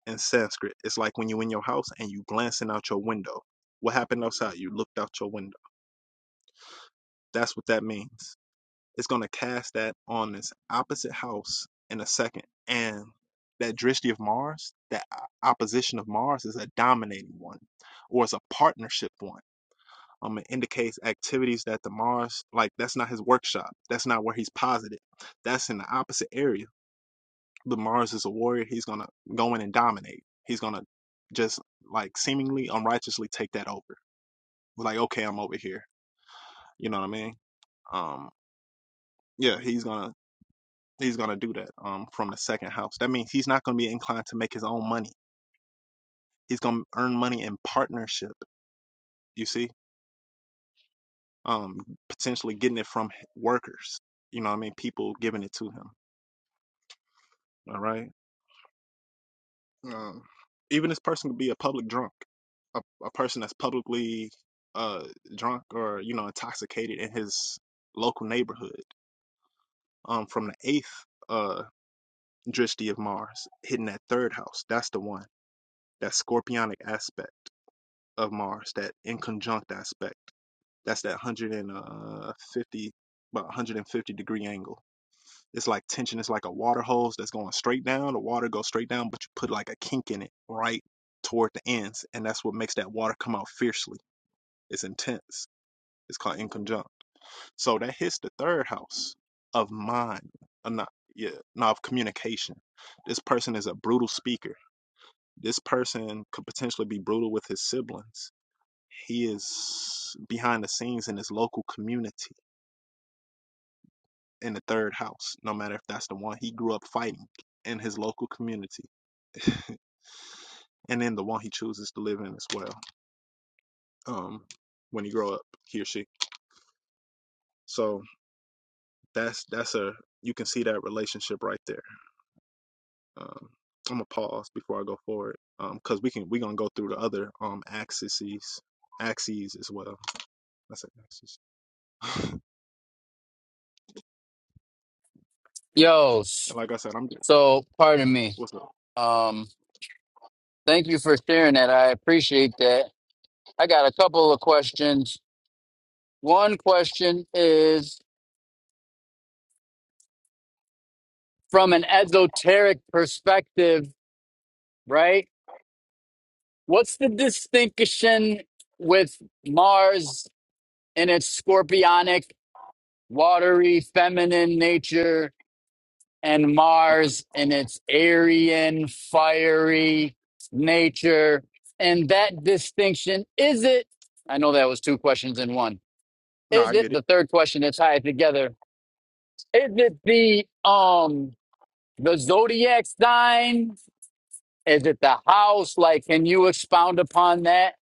S1: in Sanskrit. It's like when you're in your house and you glancing out your window. What happened outside? You looked out your window That's what that means. It's going to cast that on this opposite house in a second. And that drishti of Mars, that opposition of Mars is a dominating one or is a partnership one. Um, it indicates activities that the Mars, like that's not his workshop. That's not where he's posited. That's in the opposite area. The Mars is a warrior. He's going to go in and dominate. He's going to just like seemingly unrighteously take that over. Like, okay, I'm over here. You know what I mean? Um, yeah, he's gonna He's going to do that um, from the second house. That means he's not going to be inclined to make his own money. He's going to earn money in partnership, you see, um, potentially getting it from workers. You know what I mean? People giving it to him. All right. Um, even this person could be a public drunk, a, a person that's publicly uh, drunk or, you know, intoxicated in his local neighborhood. Um, from the eighth uh, drishti of Mars, hitting that third house. That's the one, that scorpionic aspect. of Mars, that inconjunct aspect. That's that 150, about 150 degree angle. It's like tension. It's like a water hose that's going straight down. The water goes straight down, but you put like a kink in it right toward the ends. And that's what makes that water come out fiercely. It's intense. It's called inconjunct. So that hits the third house of mind, or not, yeah, not of communication. This person is a brutal speaker. This person could potentially be brutal with his siblings he is behind the scenes in his local community in the third house, no matter if that's the one he grew up fighting in his local community and then the one he chooses to live in as well um when he grow up he or she so that's that's a you can see that relationship right there um i'm gonna pause before i go forward um because we can we gonna go through the other um axes axes as well i said axes
S4: Yo, s-
S1: and like i said i'm good
S4: so pardon me.
S1: what's up
S4: Um, thank you for sharing that. I appreciate that. I got a couple of questions One question is from an esoteric perspective, right? What's the distinction with Mars in its scorpionic, watery, feminine nature and
S1: okay
S4: Mars in its Aryan, fiery nature? And that distinction, is it? I know that was two questions in one.
S1: no
S4: Is
S1: i
S4: it
S1: get it
S4: the third question to tie it together? Is it the um the zodiac sign Is it the house? Like, can you expound upon that?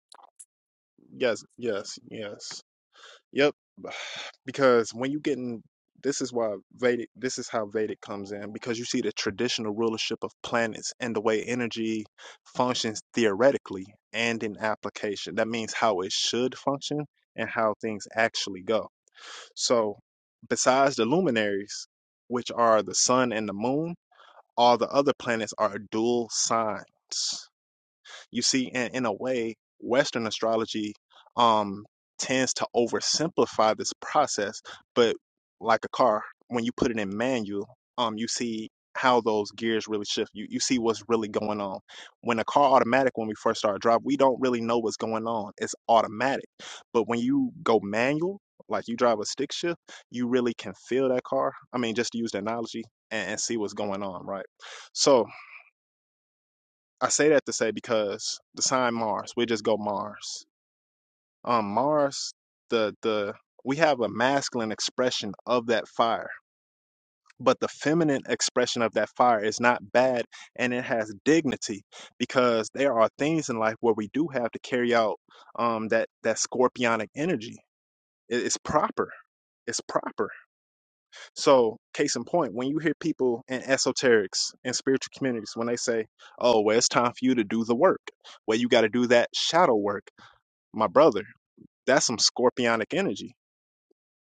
S1: yes yes yes Yep. Because when you get in, this is why Vedic, this is how Vedic comes in, because you see the traditional rulership of planets and the way energy functions theoretically and in application. That means how it should function and how things actually go. So, besides the luminaries, which are the sun and the moon, all the other planets are dual signs. You see, in, in a way, Western astrology um, tends to oversimplify this process, but like a car, when you put it in manual, um, you see how those gears really shift. You you see what's really going on. When a car automatic, when we first start driving, we don't really know what's going on. It's automatic. But when you go manual, like you drive a stick shift, you really can feel that car. I mean, just to use the analogy and, and see what's going on, right? So I say that to say because the sign Mars, we just go Mars. Um, Mars, the the we have a masculine expression of that fire, but the feminine expression of that fire is not bad, and it has dignity because there are things in life where we do have to carry out um that that scorpionic energy. It- it's proper. It's proper So, case in point, when you hear people in esoterics and spiritual communities, when they say, oh, well, it's time for you to do the work, well, you got to do that shadow work, my brother, that's some scorpionic energy.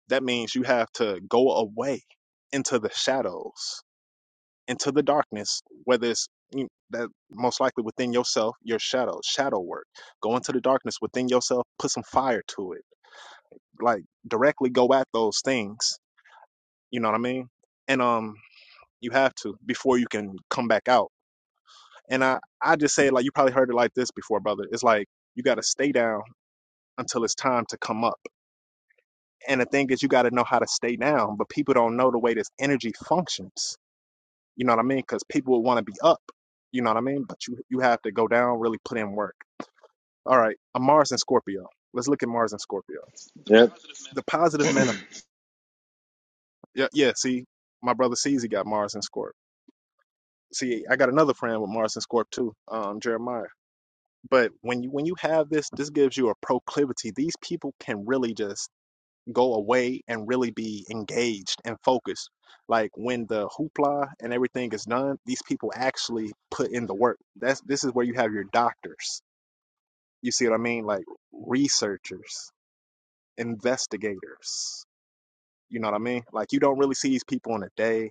S1: That means you have to go away into the shadows, into the darkness, whether it's you, that most likely within yourself, your shadow, shadow work. Go into the darkness within yourself, put some fire to it, like directly go at those things. You know what I mean? And um, You have to before you can come back out. And I, I just say it like you probably heard it like this before, brother. It's like you got to stay down until it's time to come up. And the thing is, you got to know how to stay down, but people don't know the way this energy functions. You know what I mean? Because people will want to be up. You know what I mean? But you, you have to go down, really put in work. All right, a Mars and Scorpio. Let's look at Mars and Scorpio.
S2: yep.
S1: The positive manif. Yeah, yeah. See, my brother sees he got Mars and Scorp. See, I got another friend with Mars and Scorp too, um, Jeremiah. But when you when you have this, this gives you a proclivity. These people can really just go away and really be engaged and focused. Like when the hoopla and everything is done, these people actually put in the work. That's this is where you have your doctors. You see what I mean? Like researchers, investigators. You know what I mean? Like you don't really see these people in the day.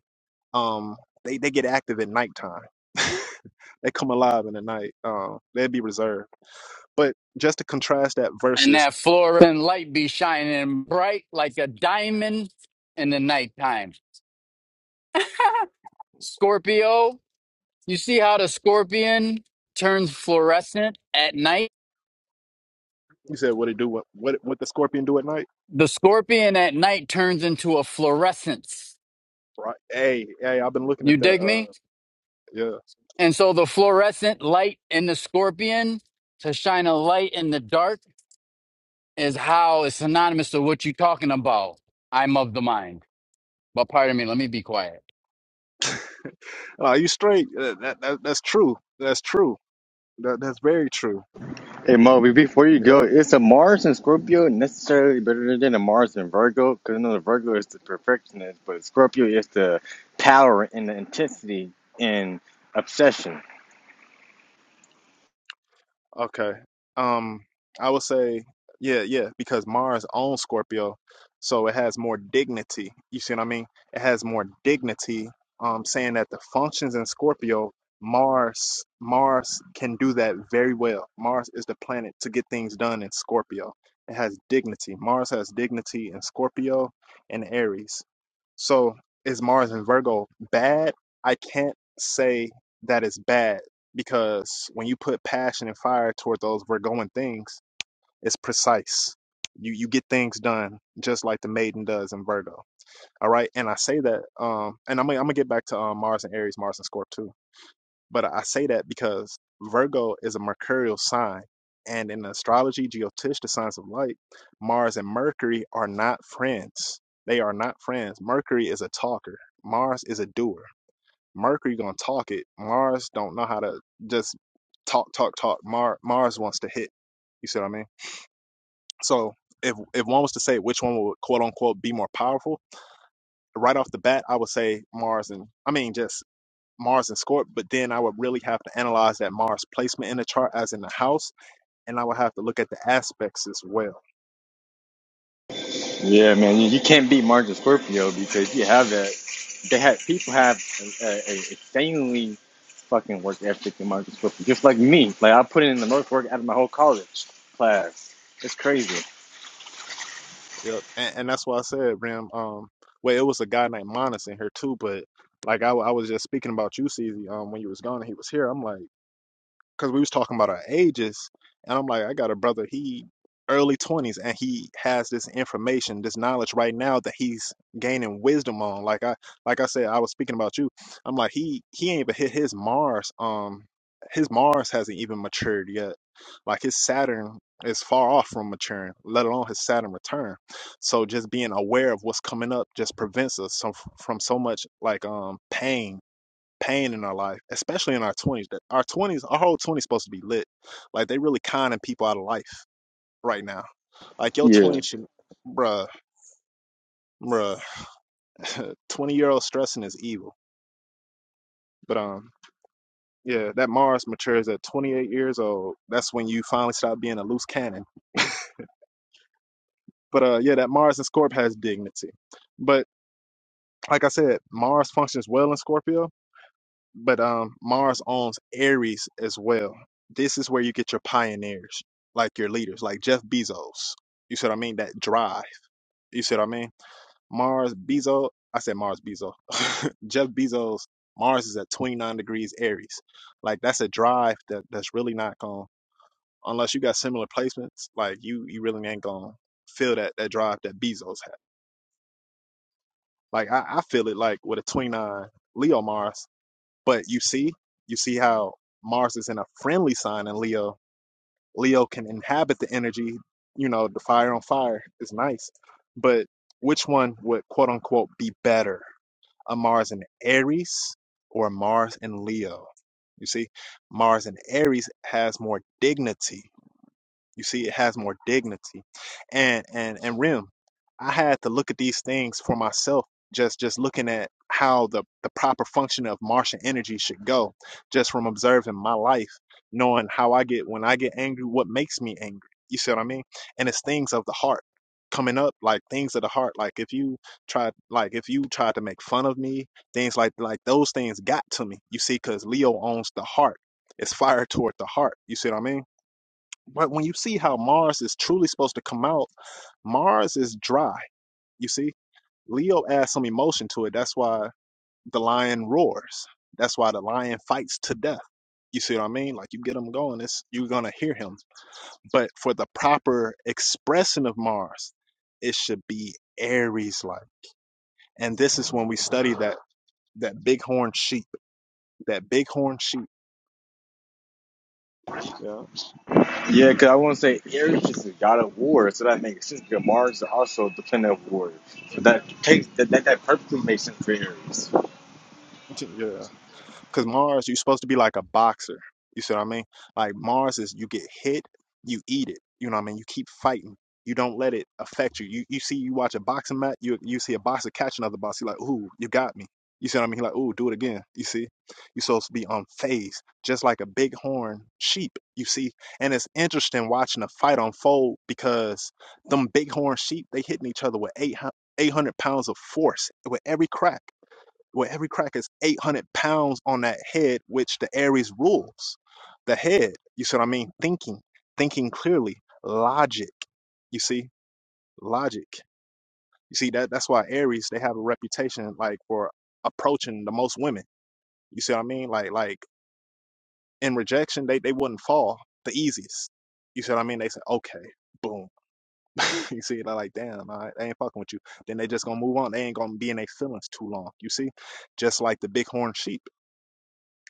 S1: Um, they they get active at nighttime. they come alive in the night. Um, they'd be reserved. But just to contrast that
S4: And
S1: versus
S4: that fluorescent light be shining bright like a diamond in the nighttime. Scorpio, you see how the scorpion turns fluorescent at night?
S1: You said what it do? What what what the scorpion do at night?
S4: The scorpion at night turns into a fluorescence.
S1: Right. Hey, hey, I've been looking
S4: You
S1: at that.
S4: dig
S1: Uh,
S4: me?
S1: yeah.
S4: And so the fluorescent light in the scorpion to shine a light in the dark. is how it's synonymous to what you're talking about. I'm of the mind. But pardon me, let me be quiet.
S1: Are you straight? Uh, That, that that's true. That's true. That that's very true.
S2: Hey Mo, be- before you go,
S1: Yeah.
S2: is a Mars and Scorpio necessarily better than a Mars and Virgo? Because I know the Virgo is the perfectionist, but Scorpio is the power and the intensity and obsession.
S1: Okay. Um, I would say, yeah, yeah, because Mars owns Scorpio, so it has more dignity. You see what I mean? It has more dignity. Um, saying that the functions in Scorpio, Mars, Mars can do that very well. Mars is the planet to get things done in Scorpio. It has dignity. Mars has dignity in Scorpio and Aries. So is Mars in Virgo bad? I can't say that it's bad because when you put passion and fire toward those Virgoan things, it's precise. You you get things done just like the maiden does in Virgo. All right, and I say that, um, and I'm gonna- I'm gonna get back to um, Mars and Aries, Mars and Scorp too. But I say that because Virgo is a mercurial sign, and in astrology, geotish, the signs of light, Mars and Mercury are not friends. They are not friends. Mercury is a talker. Mars is a doer. Mercury gonna talk it. Mars don't know how to just talk, talk, talk. Mar- Mars wants to hit. You see what I mean? So if if one was to say which one would quote unquote be more powerful, right off the bat, I would say Mars and I mean just Mars and Scorp. But then I would really have to analyze that Mars placement in the chart, as in the house, and I would have to look at the aspects as well.
S2: Yeah, man, you, you can't beat Mars and Scorpio because you have that. They have people have a, a, a insanely fucking work ethic in Mars and Scorpio, just like me. Like I put in the most work out of my whole college class. It's crazy.
S1: Yep. And, and that's why I said, Ram, um, well, it was a guy named Monas in here too, but like I, w- I was just speaking about you, CZ, um, when you was gone and he was here. I'm like, because we was talking about our ages, and I'm like, I got a brother, he early 20s, and he has this information, this knowledge right now that he's gaining wisdom on. Like I, like I said, I was speaking about you. I'm like, he he ain't even hit his Mars. Um, his Mars hasn't even matured yet. Like his Saturn is far off from maturing, let alone his Saturn return. So just being aware of what's coming up just prevents us some, from so much like um pain pain in our life, especially in our 20s. That Our 20s, our whole 20s supposed to be lit. Like they really conning people out of life right now. Like your
S2: Yeah,
S1: twenties, should, bruh, bruh, 20 year old stressing is evil. But um, yeah, that Mars matures at 28 years old. That's when you finally stop being a loose cannon. But uh, yeah, that Mars and Scorpio has dignity. But like I said, Mars functions well in Scorpio but um Mars owns Aries as well. This is where you get your pioneers, like your leaders, like Jeff Bezos. You see what I mean? That drive. You see what I mean? Mars Bezos. I said Mars Bezos. Jeff Bezos. Mars is at 29 degrees Aries. Like that's a drive that that's really not going unless you got similar placements. Like you you really ain't gonna feel that that drive that Bezos had. Like I, I feel it like with a 29 Leo Mars. But you see, you see how Mars is in a friendly sign in Leo. Leo can inhabit the energy, you know, the fire on fire is nice. But which one would quote unquote be better? A Mars in Aries or a Mars in Leo? You see, Mars in Aries has more dignity. You see, it has more dignity. And and and Rim, I had to look at these things for myself. Just just looking at how the the proper function of Martian energy should go, just from observing my life, knowing how I get when I get angry, what makes me angry. You see what I mean? And it's things of the heart coming up, like things of the heart. Like if you tried, like if you tried to make fun of me, things like like those things got to me. You see, because Leo owns the heart. It's fire toward the heart. You see what I mean? But when you see how Mars is truly supposed to come out, Mars is dry. You see, Leo adds some emotion to it. That's why the lion roars. That's why the lion fights to death. You see what I mean? Like you get him going, it's you're gonna hear him. But for the proper expression of Mars, it should be Aries like. And this is when we study that that bighorn sheep. That bighorn sheep. Yeah.
S2: yeah, because I want to say Aries is the god of war, so that makes sense. Because Mars is also the planet of war, so that takes that that, that perfectly makes sense for Aries.
S1: Yeah. Because Mars, you're supposed to be like a boxer. You see what I mean? Like Mars is you get hit, you eat it. You know what I mean? You keep fighting. You don't let it affect you. You you see you watch a boxing match, you you see a boxer catch another boxer, you're like, ooh, you got me. You see what I mean? He like, ooh, do it again. You see? You're supposed to be on phase, just like a bighorn sheep, you see. And it's interesting watching a fight unfold because them bighorn sheep, they hitting each other with 800 pounds of force with every crack where every crack is 800 pounds on that head, which the Aries rules. The head, you see what I mean? Thinking, thinking clearly, logic, you see, logic. You see, that that's why Aries, they have a reputation like for approaching the most women. You see what I mean? Like, like in rejection, they, they wouldn't fall the easiest. You see what I mean? They say, okay, boom. you see, they're like, damn, all right, I ain't fucking with you. Then they just gonna move on. They ain't gonna be in their feelings too long. You see? Just like the bighorn sheep.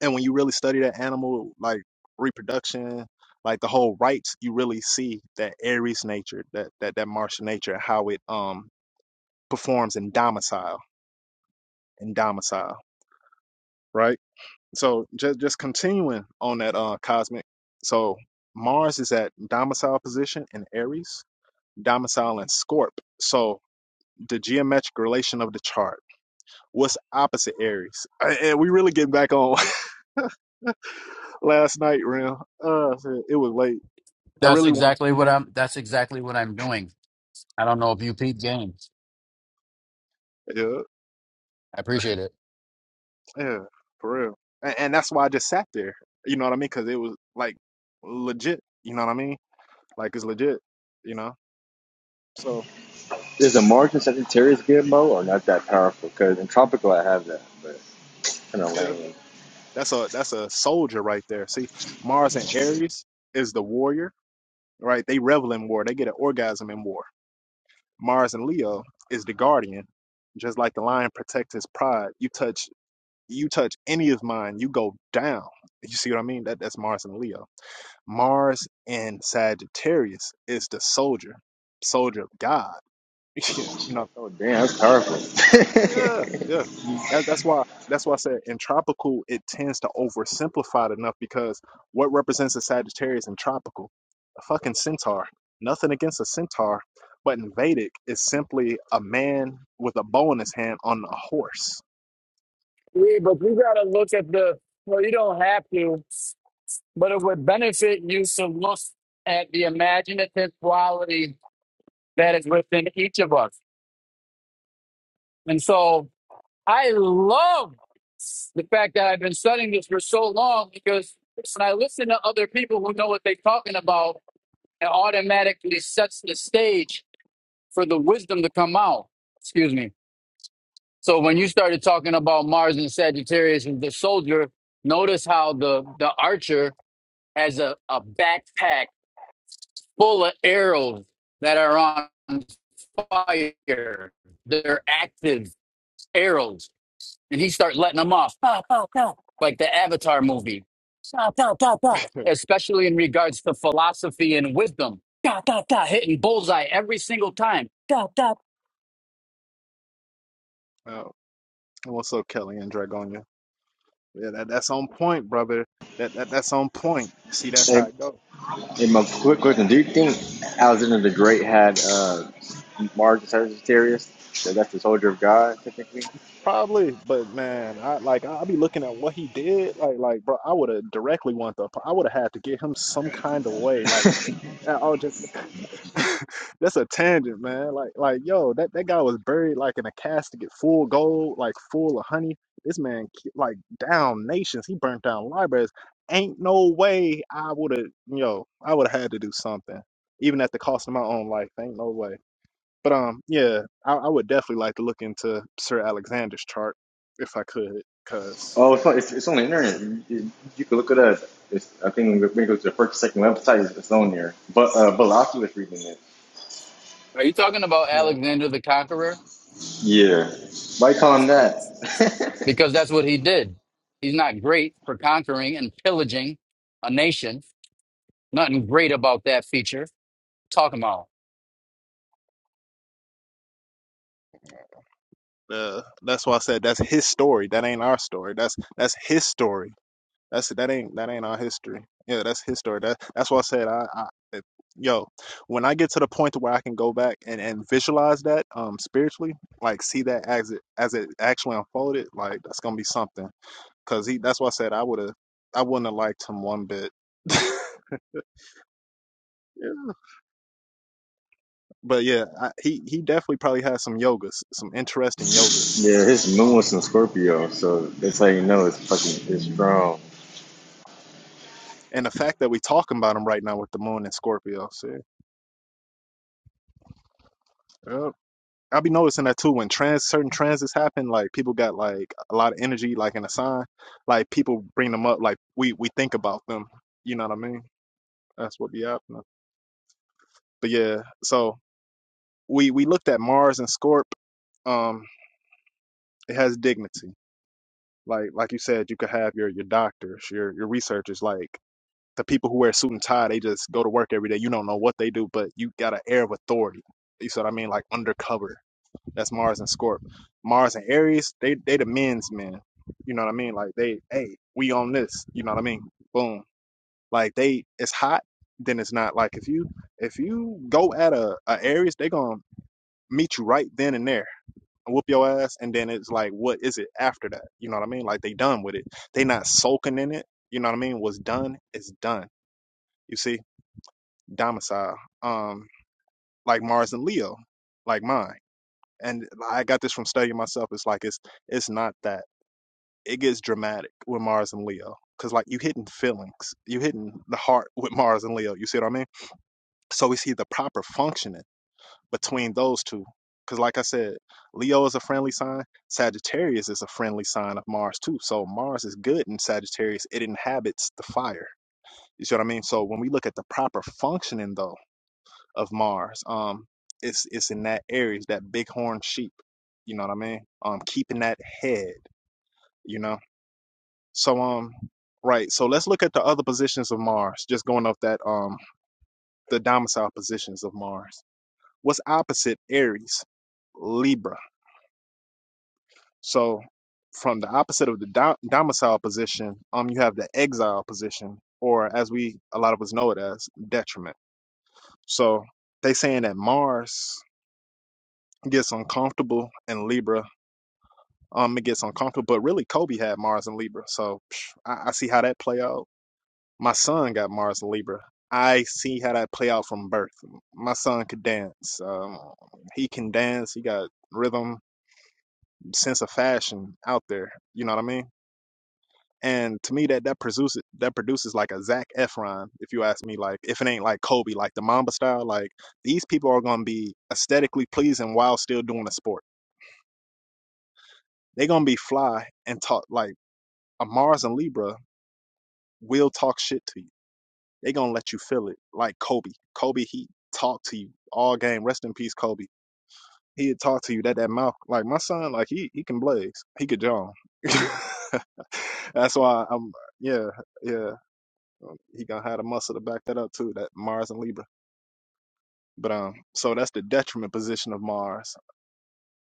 S1: and when you really study that animal like reproduction like the whole rites you really see that aries nature that that that martial nature and how it um performs in domicile in domicile right so just just continuing on that uh cosmic so mars is at domicile position in aries domicile in scorp so the geometric relation of the chart what's opposite aries and and we really get back on last night real uh it was late i
S4: That's
S1: really want
S4: exactly what I'm that's exactly what I'm doing. I don't know if you peep games.
S1: yeah
S4: I appreciate it.
S1: Yeah, for real. And, and that's why I just sat there. You know what I mean? Because it was like legit. You know what I mean? Like it's legit. You know. So
S2: Is a Mars and Sagittarius good, or not that powerful? Because in tropical I have that, but kind of
S1: yeah,
S2: lame.
S1: that's a that's a soldier right there. See, Mars and Aries is the warrior, right? They revel in war. They get an orgasm in war. Mars and Leo is the guardian. Just like the lion protects his pride, you touch you touch any of mine, you go down. You see what I mean? That that's Mars and Leo. Mars in Sagittarius is the soldier, soldier of God. you know,
S2: Oh damn, that's powerful.
S1: yeah, yeah. That, that's why. That's why I said in tropical it tends to oversimplify it enough because what represents a Sagittarius in tropical? A fucking centaur. Nothing against a centaur, but in Vedic it's simply a man with a bow in his hand on a horse.
S4: Yeah, but you gotta look at the. Well, you don't have to, but it would benefit you to look at the imaginative quality that is within each of us. And so I love the fact that I've been studying this for so long because when I listen to other people who know what they're talking about, it automatically sets the stage for the wisdom to come out. Excuse me. So when you started talking about Mars and Sagittarius and the soldier, notice how the the archer has a, a backpack full of arrows that are on fire. They're active arrows. And he start letting them off, ah, like the Avatar movie, especially in regards to philosophy and wisdom. Got hitting bullseye every single time.
S1: Oh, what's up, Kelly and Dragonia? Yeah, that, that's on point, brother. That, that that's on point. See, that's how
S2: and,
S1: it goes.
S2: and my quick question: Do you think Alexander the Great had uh, Mars and Sagittarius? So that's the soldier of God, technically.
S1: Probably, but man, I like i be looking at what he did. Like, like, bro, I would have directly want the. I would have had to get him some kind of way. Like, I That's a tangent, man. Like, like, yo, that, that guy was buried like in a casket, full gold, like full of honey. This man, ki- like, down nations. He burnt down libraries. Ain't no way I would have, yo, I would have had to do something, even at the cost of my own life. Ain't no way. But um, yeah, I, I would definitely like to look into Sir Alexander's chart if I could, cause
S2: Oh, it's on, it's, it's on the internet. You, you, you can look it up. It's, I think when it goes to the first, or second website, it's, it's on there. But uh, Velocity was reading it.
S4: Are you talking about
S1: yeah,
S4: Alexander the Conqueror?
S2: Yeah, why call him that?
S4: because that's what he did. He's not great for conquering and pillaging a nation. Nothing great about that feature. Talking about.
S1: uh, that's why I said that's his story. That ain't our story. That's that's his story. That's that ain't that ain't our history. Yeah, that's his story. That that's why I said I, I if- yo, when I get to the point to where I can go back and, and visualize that um spiritually, like see that as it as it actually unfolded, like that's gonna be something. Cause he that's why I said I would have I wouldn't have liked him one bit. Yeah. But yeah, I, he he definitely probably has some yogas, some interesting yogas.
S2: yeah, his moon
S1: Um,
S2: was in Scorpio, so that's how you know it's fucking it's strong.
S1: and the fact that we talking about him right now with the moon and Scorpio, see, Yep. I'll be noticing that too when trans certain transits happen, like people got like a lot of energy, like in a sign, like people bring them up, like we we think about them. You know what I mean? That's what be happening. But yeah, so we we looked at Mars and Scorp. Um, it has dignity. Like like you said, you could have your your doctors, your your researchers, like the people who wear suit and tie. They just go to work every day. You don't know what they do, but you got an air of authority. You see what I mean? Like undercover. That's Mars and Scorp. Mars and Aries, they they the men's men. You know what I mean? Like they, hey, we on this. You know what I mean? Boom. Like they, it's hot. Then it's not like if you if you go at a, a Aries, they gonna meet you right then and there, whoop your ass, and then it's like, what is it after that? You know what I mean? Like they done with it. They not sulking in it. You know what I mean? What's done is done. You see, domicile. Um, like Mars and Leo, like mine. and I got this from studying myself. It's like it's it's not that. It gets dramatic with Mars and Leo because like you hitting feelings, you hitting the heart with Mars and Leo. You see what I mean? So we see the proper functioning between those two. Because like I said, Leo is a friendly sign. Sagittarius is a friendly sign of Mars too. So Mars is good in Sagittarius. It inhabits the fire. You see what I mean? So when we look at the proper functioning though of Mars. Um, it's it's in that Aries, that bighorn sheep. You know what I mean? Um, keeping that head. You know. So um, right. So let's look at the other positions of Mars. Just going off that um, the domicile positions of Mars. What's opposite Aries? Libra. So from the opposite of the dom- domicile position, um, you have the exile position, or as we a lot of us know it as detriment. So they saying that Mars gets uncomfortable in Libra Um, it gets uncomfortable. But really, Kobe had Mars and Libra, so psh, I, I see how that play out. My son got Mars and Libra. I see how that play out from birth. My son could dance. Um, he can dance. He got rhythm, sense of fashion out there. You know what I mean? And to me, that that produces that produces like a Zac Efron. If you ask me, like if it ain't like Kobe, like the Mamba style, like these people are gonna be aesthetically pleasing while still doing a sport. They're gonna be fly and talk like a Mars and Libra will talk shit to you. They gonna let you feel it. Like Kobe. Kobe, he talked to you all game. Rest in peace, Kobe. He'd talk to you that that mouth. Like my son, like he he can blaze. He could jump. That's why I'm yeah, yeah. He gonna have the muscle to back that up too, that Mars and Libra. But um so that's the detriment position of Mars.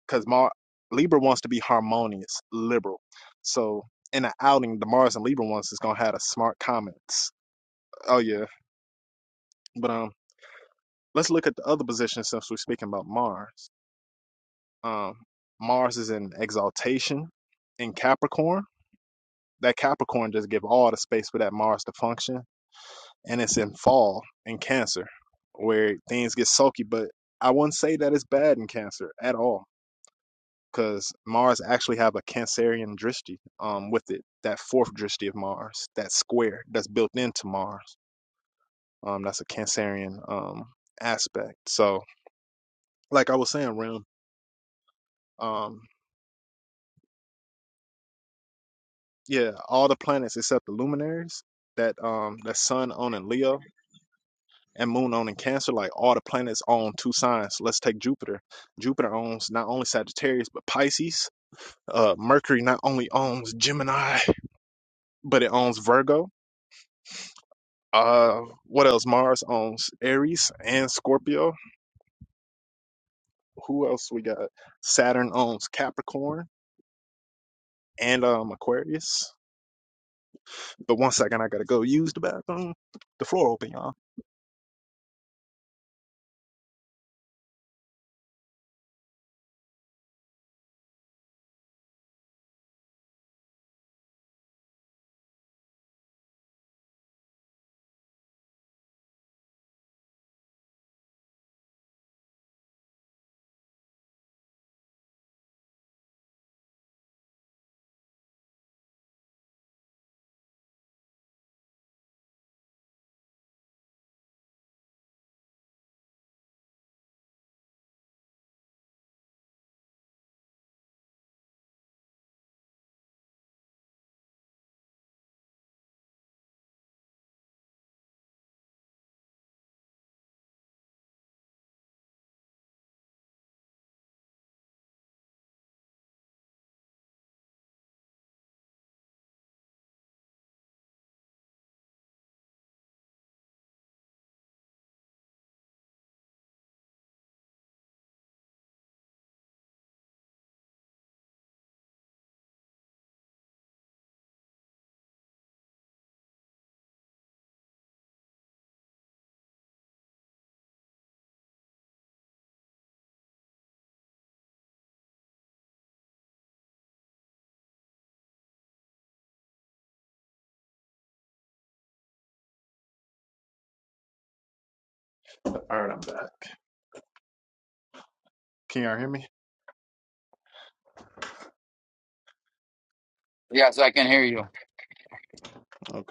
S1: Cause Mar Libra wants to be harmonious, liberal. So in an outing, the Mars and Libra ones is gonna have the smart comments. Oh yeah. But um Let's look at the other position since we're speaking about Mars. Um, Mars is in exaltation in Capricorn. That Capricorn just give all the space for that Mars to function, and it's in fall in Cancer, where things get sulky. But I wouldn't say that it's bad in Cancer at all, because Mars actually have a Cancerian drishti um, with it. That fourth drishti of Mars, that square that's built into Mars, um, that's a Cancerian um, aspect. So, like I was saying, Rim, um, Yeah, all the planets except the luminaries that um that sun own in Leo and moon own in Cancer, like all the planets own two signs. Let's take Jupiter. Jupiter owns not only Sagittarius but Pisces. Uh Mercury not only owns Gemini, but it owns Virgo. Uh what else? Mars owns Aries and Scorpio. Who else we got? Saturn owns Capricorn and um Aquarius. But one second I gotta go use the bathroom. The floor open, y'all. All right, I'm back. Can y'all hear me?
S4: Yes, I can hear you.
S1: Okay.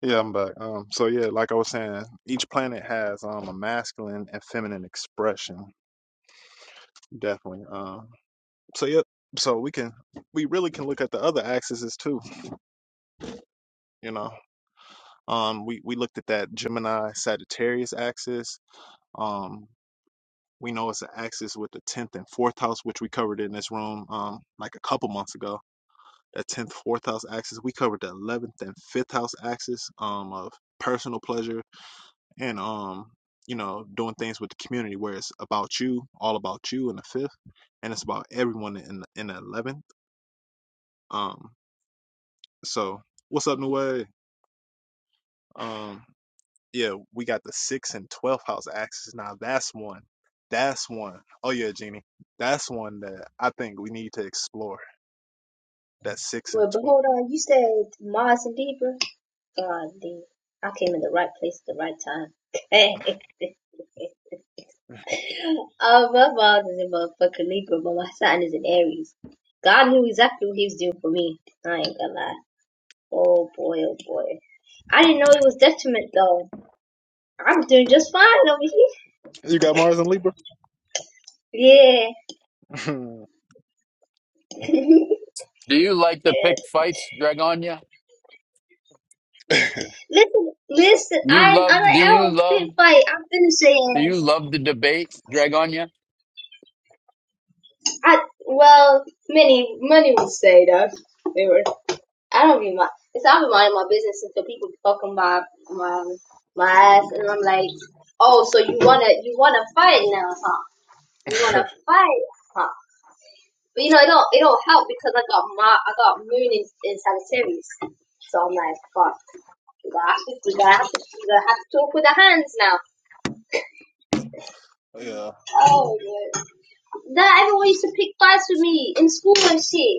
S1: Yeah, I'm back. Um, so yeah, like I was saying, each planet has um a masculine and feminine expression, definitely. Um, so yep. So we can we really can look at the other axes too. You know, um, we we looked at that Gemini Sagittarius axis. Um, we know it's an axis with the tenth and fourth house, which we covered in this room um like a couple months ago. That tenth fourth house axis. We covered the eleventh and fifth house axis um of personal pleasure and um you know doing things with the community where it's about you all about you in the fifth and it's about everyone in in the 11th um so what's up Nue? um yeah we got the sixth and 12th house axis now that's one that's one. Oh yeah Jeannie that's one that I think we need to explore that sixth and
S5: Well, but
S1: 12th
S5: hold on. You said Mars and Libra. God damn. I came in the right place at the right time. oh, my Mars is in motherfucking Libra, but my sign is in Aries. God knew exactly what he was doing for me. I ain't gonna lie. Oh boy, oh boy. I didn't know it was detriment though. I was doing just fine over
S1: you got Mars and Libra
S5: here. Yeah.
S4: Do you like to pick fights, Dragonia?
S5: listen, listen.
S4: You
S5: I, I,
S4: love do
S5: I
S4: you
S5: don't
S4: love
S5: fit fight. I'm finna say
S4: do you
S5: ass.
S4: love the debate, Dragonia?
S5: I well, many many would say that they were. I don't be my. It's not minding my business until people fucking my my my ass, and I'm like, oh, so you wanna you wanna fight now, huh? You wanna fight, huh? But you know, it don't it don't help because I got my I got Moon in, in Sagittarius, so I'm like, fuck. We gotta, have to, we, gotta have to, we gotta have to talk with the hands now.
S1: yeah
S5: Oh, yeah. That everyone used to pick fights with me in school and shit.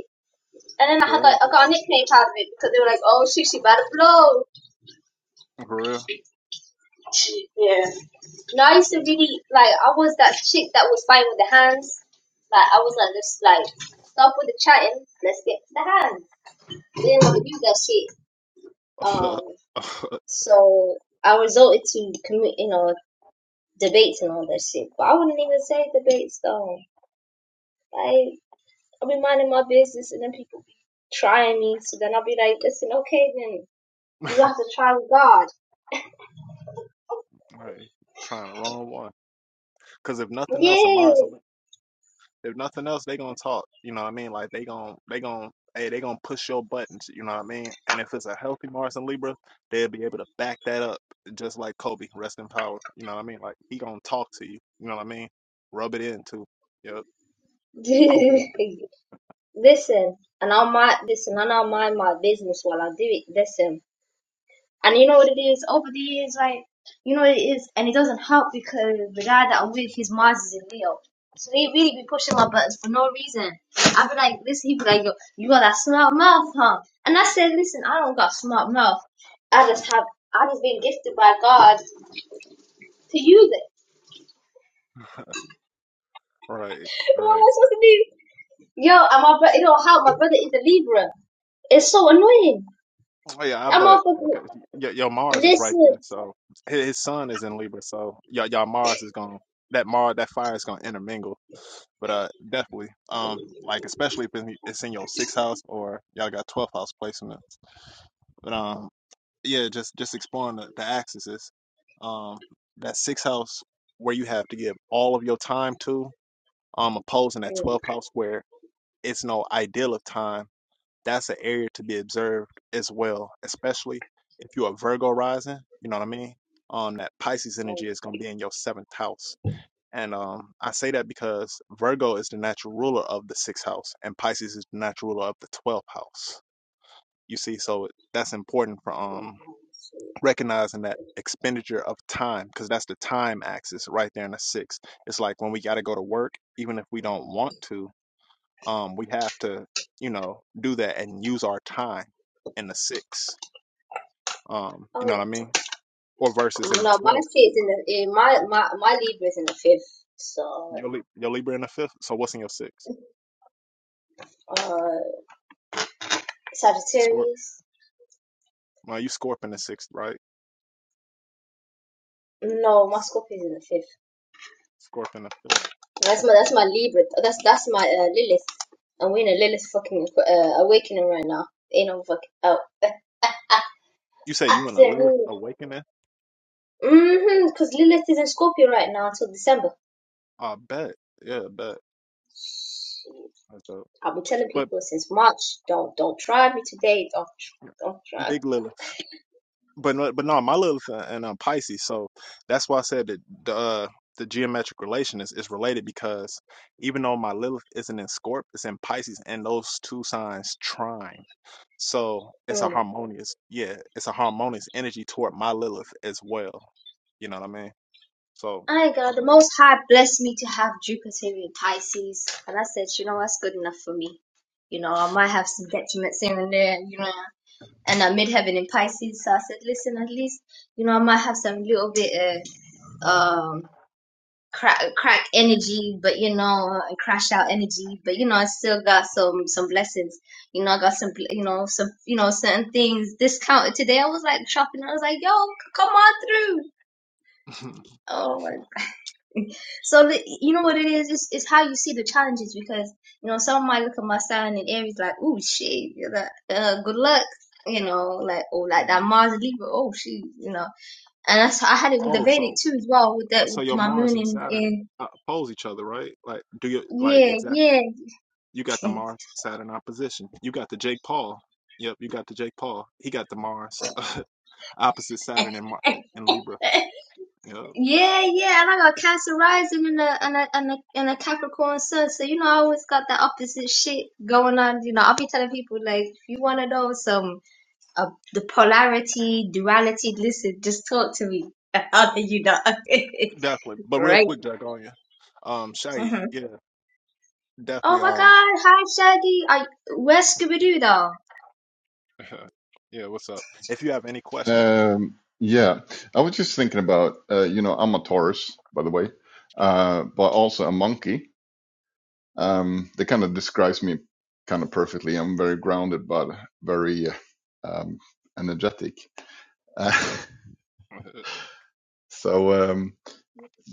S5: And then I had
S1: for
S5: like
S1: real
S5: I got a nickname out of it because they were like, "Oh, she's about to blow."
S1: for
S5: Yeah. No, I used to really like I was that chick that was fighting with the hands. Like I was like just like stop with the chatting, let's get to the hands. They didn't want to do that shit.
S1: real
S5: Um so I resorted to commu you know, debates and all that shit. But I wouldn't even say debates though. Like I'll be minding my business and then people be trying me so then I'll be like, Listen, okay then you have to try with God.
S1: right trying the wrong one because if nothing else, a Mars
S5: Yeah,
S1: and If nothing else, they gonna talk. You know what I mean? Like they gonna they gonna hey they gonna push your buttons. You know what I mean? And if it's a healthy Mars and Libra, they'll be able to back that up. Just like Kobe, rest in power. You know what I mean? Like he gonna talk to you. You know what I mean? Rub it in too. Yep. Open it.
S5: listen, and I might listen, and I mind my business while I do it. Listen, and you know what it is. Over the years, like you know what it is, and it doesn't help because the guy that I'm with, his Mars is in Leo, so he really be pushing my buttons for no reason. I be like, listen, he be like, yo, you got that smart mouth, huh? And I said, listen, I don't got smart mouth. I just have, I just been gifted by God to use it.
S1: Right.
S5: What am
S1: Right.
S5: I supposed to do? Yo, and my brother, you know how my brother is a Libra. It's so annoying.
S1: Oh yeah, I
S5: I'm
S1: bet.
S5: off
S1: Because
S5: of
S1: y- your Mars is
S5: this.
S1: right there, so his his sun is in Libra, so y'all y'all Mars is gonna that Mars that fire is gonna intermingle. But uh, definitely, um, like especially if it's it's in your sixth house or y'all got twelfth house placements. But um, yeah, just just exploring the, the axis is, um, that sixth house where you have to give all of your time to, um, opposing that twelfth house where it's no ideal of time. That's an area to be observed as well, especially if you're a Virgo rising. You know what I mean? Um, that Pisces energy is gonna be in your seventh house and um, I say that because Virgo is the natural ruler of the sixth house, and Pisces is the natural ruler of the twelfth house. You see, so that's important for um recognizing that expenditure of time, because that's the time axis right there in the sixth. It's like when we got to go to work, even if we don't want to, um, we have to, you know, do that and use our time in the sixth. Um, you
S5: Oh
S1: know what I mean? Or versus in
S5: yeah.
S1: the
S5: No, my
S1: twelfth.
S5: shit's in the in my my my Libra's in the fifth. So
S1: Your, Lib- your Libra in the fifth. So what's in your sixth?
S5: uh
S1: Scorp.
S5: Sagittarius.
S1: Well, you Scorp in the sixth, right?
S5: No, my Scorpio's in the fifth.
S1: Scorpion the fifth.
S5: That's my that's my Libra. That's that's my uh, Lilith. And we're in a Lilith fucking uh, awakening right now. Ain't no fucking oh.
S1: You said
S5: I
S1: you want a
S5: said
S1: Lilith
S5: rude.
S1: awakening?
S5: Mm-hmm, because Lilith is in Scorpio right now until December.
S1: I bet. Yeah, bet. That's dope.
S5: I've been telling
S1: But
S5: people since March, don't don't try me today. Don't don't try.
S1: big Lilith. But no, but no, my Lilith uh, and um, Pisces. So that's why I said that the uh, the geometric relation is, is related because even though my Lilith isn't in Scorp, it's in Pisces, and those two signs trine. So it's a
S5: Mm.
S1: harmonious, yeah, it's a harmonious energy toward my Lilith as well. You know what I mean? So,
S5: I got the
S1: um,
S5: Most High blessed me to have Jupiter in Pisces, and I said, you know, that's good enough for me. You know, I might have some detriments here and there, you know, and I'm midheaven in Pisces, so I said, listen, at least, you know, I might have some little bit of um crack, crack energy, but you know, and crash out energy, but you know, I still got some some blessings. You know, I got some, you know, some, you know, certain things discounted today. I was like shopping, I was like, yo, c- come on through. Oh my so the, you know what it is It's is how you see the challenges because you know some might look at my sign and Aries like "Ooh, shit you're like uh, good luck you know like or like that
S1: mhm.
S5: Mars Libra oh shoot you know and that's I had it with the
S1: oh, so
S5: Vedic too as well with that
S1: So
S5: with
S1: your
S5: my
S1: Mars
S5: moon
S1: and
S5: in
S1: Saturn
S5: in
S1: uh, oppose each other, right? Like, do you like
S5: yeah
S1: exact?
S5: yeah
S1: You got the Mars Saturn opposition. You got the Jake Paul. Yep, you got the Jake Paul. He got the Mars opposite Saturn and Mar- and Libra. Yep,
S5: yeah yeah and I got Cancer rising and a and a and a, and a Capricorn sun so you know I always got that opposite shit going on you know I'll be telling people like if you want to know some uh, the polarity, duality. Listen, just talk to me. How do you know?
S1: definitely. But real
S5: Right.
S1: quick, Jack, on you, um, Shaggy.
S5: hmm
S1: Yeah,
S5: Oh
S1: definitely.
S5: my
S1: Um,
S5: God! Hi, Shaggy. I where's Scooby Doo though?
S1: yeah, what's up? If you have any questions,
S6: Um, yeah, I was just thinking about, uh, you know, I'm a Taurus, by the way, uh, but also a monkey. Um, that kind of describes me kind of perfectly. I'm very grounded, but very uh, um, energetic. Uh, so, um,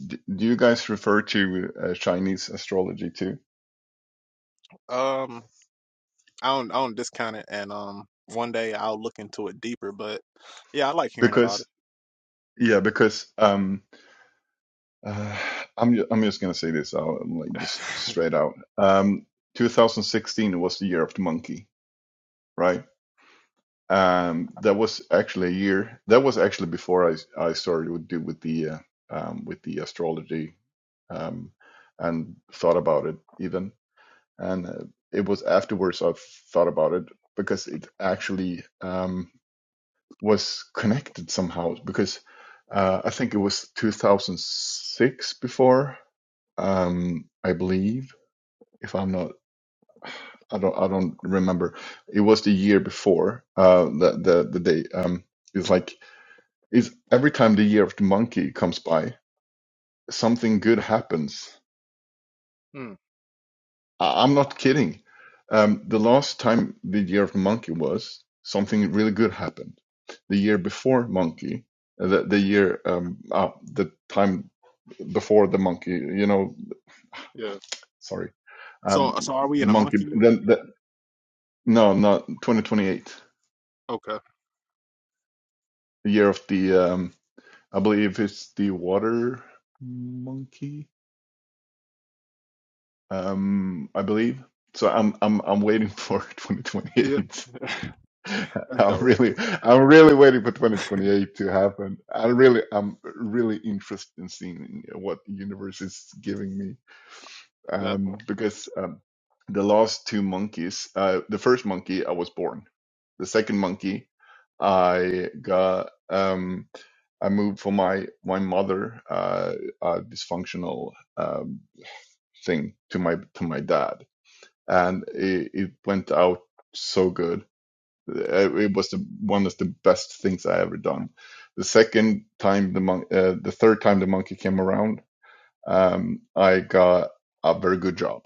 S6: d do you guys refer to uh, Chinese astrology too?
S1: um, I don't I don't discount it, and um, one day I'll look into it deeper. But yeah, I like hearing about it.
S6: Because, yeah, because um, uh, I'm ju I'm just gonna say this out, like just straight out. Um, 2016 was the year of the monkey, right? Um, that was actually a year. That was actually before I I started with do with the uh, um, with the astrology um, and thought about it even. And uh, it was afterwards I thought about it because it actually um, was connected somehow. Because uh, I think it was 2006 before, um, I believe, if I'm not, I don't, I don't remember. It was the year before uh, the the the day. Um, it's like. Is every time the year of the monkey comes by, something good happens.
S1: Hmm,
S6: I, I'm not kidding. Um, the last time the year of the monkey was, something really good happened. The year before monkey, uh, the, the year, um, uh, the time before the monkey, you know,
S1: yeah.
S6: sorry,
S1: So
S6: um,
S1: so are we
S6: the
S1: in a
S6: monkey,
S1: monkey year?
S6: then the, no, not 2028,
S1: Okay.
S6: the year of the, um, I believe it's the water monkey. um, I believe. So I'm I'm I'm waiting for
S1: Yeah.
S6: 2028.
S1: That's
S6: I'm
S1: dope.
S6: really I'm really waiting for 2028 to happen. I really I'm really interested in seeing what the universe is giving me. Um,
S1: Definitely.
S6: because um, the last two monkeys, uh, the first monkey I was born. The second monkey I got um I moved from my my mother uh, uh dysfunctional um thing to my to my dad and it, it went out so good. Uh, It was the, one of the best things I ever done. The second time the mon- uh, the third time the monkey came around, um, I got a very good job.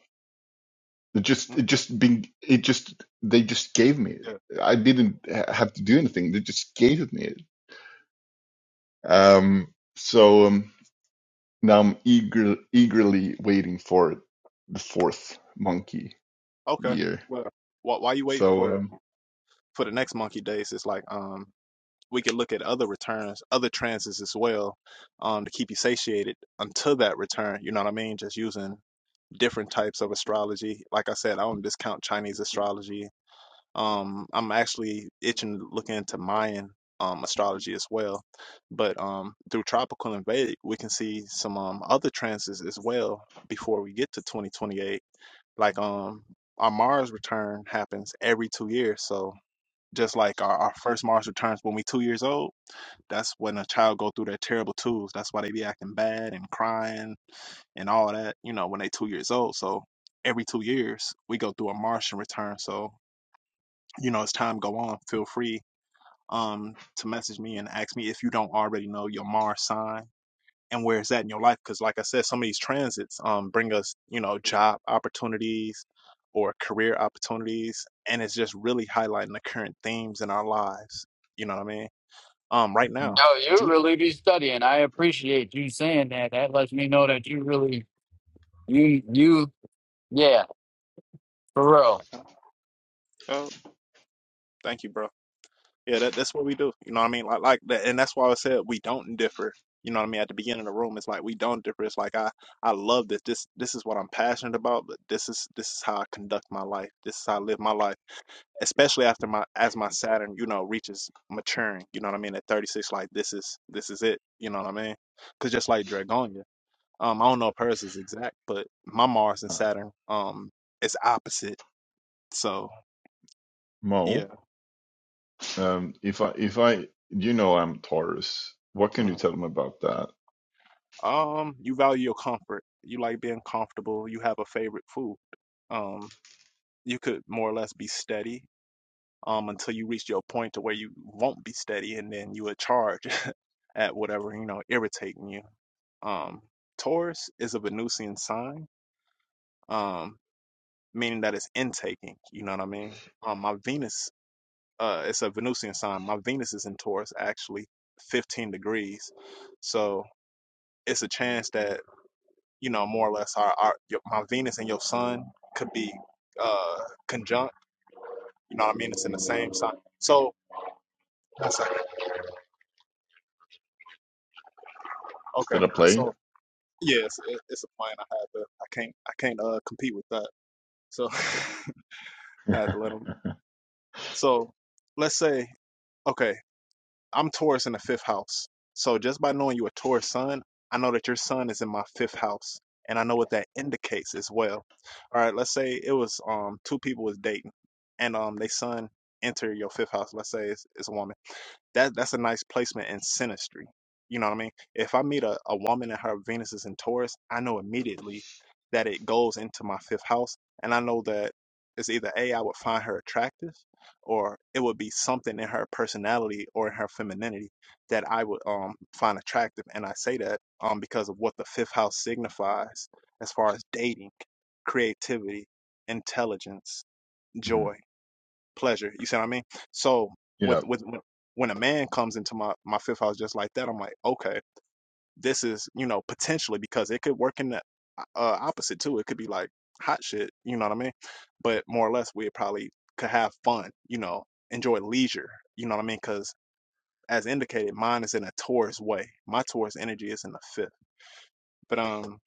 S6: It just
S1: Mm,
S6: it just being it just they just gave me it.
S1: Yeah.
S6: I didn't ha- have to do anything. They just gave it me it.
S1: Uh,
S6: Um, so um, now I'm eager eagerly waiting for the fourth monkey
S1: okay.
S6: year.
S1: Well, wh- while you wait
S6: So
S1: for
S6: um,
S1: for the next monkey days, it's like um we could look at other returns, other transits as well, um to keep you satiated until that return. You know what I mean? Just using different types of astrology. Like I said, I don't discount Chinese astrology Um, I'm actually itching to look into Mayan um, astrology as well. But um, through tropical and Vedic, we can see some um, other transits as well before we get to 2028. Like um, our Mars return happens every two years. So just like our, our first Mars returns when we two years old, that's when a child go through their terrible twos. That's why they be acting bad and crying and all that, you know, when they two years old. So every two years we go through a Martian return. So you know, as time go on, feel free um to message me and ask me if you don't already know your Mars sign and where it's at in your life. Because like I said, some of these transits um bring us, you know, job opportunities or career opportunities, and it's just really highlighting the current themes in our lives. You know what I mean? Um, right
S6: hmm,
S1: now,
S4: No, you
S1: Jupiter.
S4: really be studying. I appreciate you saying that. That lets me know that you really you you yeah, for real.
S1: Oh, thank you, bro. Yeah, that, that's what we do. You know what I mean? Like like that and that's why I said we don't differ. You know what I mean? At the beginning of the room, it's like we don't differ. It's like I I love this. This this is what I'm passionate about, but this is this is how I conduct my life. This is how I live my life. Especially after my as my Saturn, you know, reaches maturing, you know what I mean, at 36 like this is this is it, you know what I mean? Cuz just like Dragonia, um I don't know if hers is exact, but my Mars and
S6: uh,
S1: Saturn um is opposite. So,
S6: Mo.
S1: yeah.
S6: Um, if I if I you know I'm Taurus, what can
S1: mm-hmm.
S6: you tell me about that?
S1: Um, you value your comfort. You like being comfortable. You have a favorite food. Um, you could more or less be steady um until you reach your point to where you won't be steady and then you would charge at whatever, you know, irritating you. Um, Taurus is a Venusian sign, um, meaning that it's intaking, you know what I mean? Um, my Venus, uh, it's a Venusian sign. My Venus is in Taurus, actually, 15 degrees. So it's a chance that you know, more or less our, our your, my Venus and your Sun could be uh conjunct. You know what I mean? It's in the same sign. So that's like,
S6: Is
S1: okay.
S6: that a plane?
S1: So yes, it, it's a plan I had to. I can't I can't uh compete with that. So I had to let them. So let's say okay. I'm Taurus in the fifth house. So just by knowing you're a Taurus sun, I know that your sun is in my fifth house. And I know what that indicates as well. All right, let's say it was um two people was dating and um they son enter your fifth house. Let's say it's, it's a woman that that's a nice placement in sinistry. You know what I mean? If I meet a, a woman and her Venus is in Taurus, I know immediately that it goes into my fifth house, and I know that it's either a I would find her attractive, or it would be something in her personality or in her femininity that I would um find attractive. And I say that um because of what the fifth house signifies as far as dating, creativity, intelligence,
S6: Mhm.
S1: joy pleasure. You see what I mean? So with
S6: Yeah.
S1: with when a man comes into my my fifth house just like that, I'm like, okay, this is you know potentially because it could work in the uh, opposite too. It could be like hot shit. You know what I mean? But more or less, we probably could have fun. You know, enjoy leisure. You know what I mean? Because as indicated, mine is in a Taurus way. My Taurus energy is in the fifth. But um,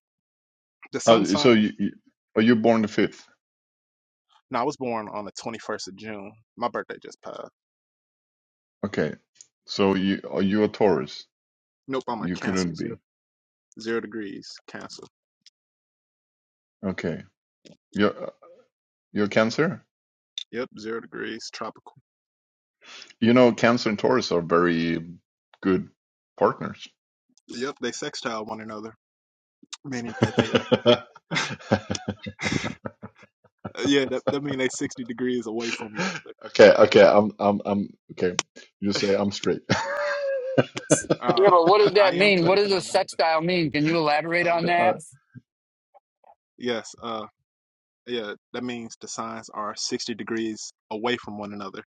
S1: the sun
S6: Uh, so
S1: sign.
S6: you, you are you born the fifth?
S1: No, I was born on the 21st of June. My birthday just passed.
S6: Okay. So you are you a Taurus?
S1: Nope, I'm a
S6: You couldn't
S1: Cancer, zero,
S6: be.
S1: zero degrees Cancer.
S6: Okay. You're you're Cancer.
S1: Yep, zero degrees, tropical.
S6: You know Cancer and Taurus are very good partners.
S1: Yep, they sextile one another, meaning that they uh,
S6: okay.
S1: yeah, that that mean they sixty degrees away from each
S6: Okay. I'm I'm I'm okay. You say I'm straight.
S4: Yeah,
S1: other.
S4: but what
S1: Uh,
S4: does that
S1: I am
S4: mean? What
S1: too.
S4: does
S1: I
S4: a
S1: am.
S4: sextile mean? Can you elaborate on
S6: Uh,
S4: that?
S1: Yes. Uh, yeah, that means the signs are sixty degrees away from one another.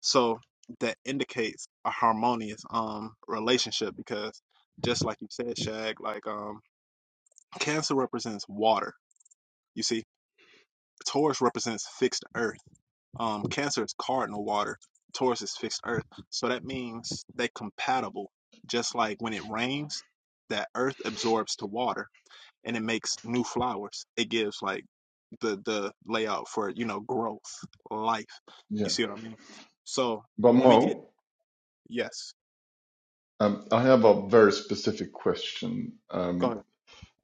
S1: So that indicates a harmonious um relationship because just like you said, Shag, like um, Cancer represents water. You see, Taurus represents fixed earth Um, Cancer is cardinal water. Taurus is fixed earth. So that means they compatible. Just like when it rains, that earth absorbs the water and it makes new flowers. It gives like the the layout for, you know, growth, life. You
S6: yeah.
S1: see what I mean? So
S6: But
S1: when we get
S6: Mo.
S1: yes.
S6: Um, I have a very specific question.
S1: Go
S6: Um,
S1: ahead.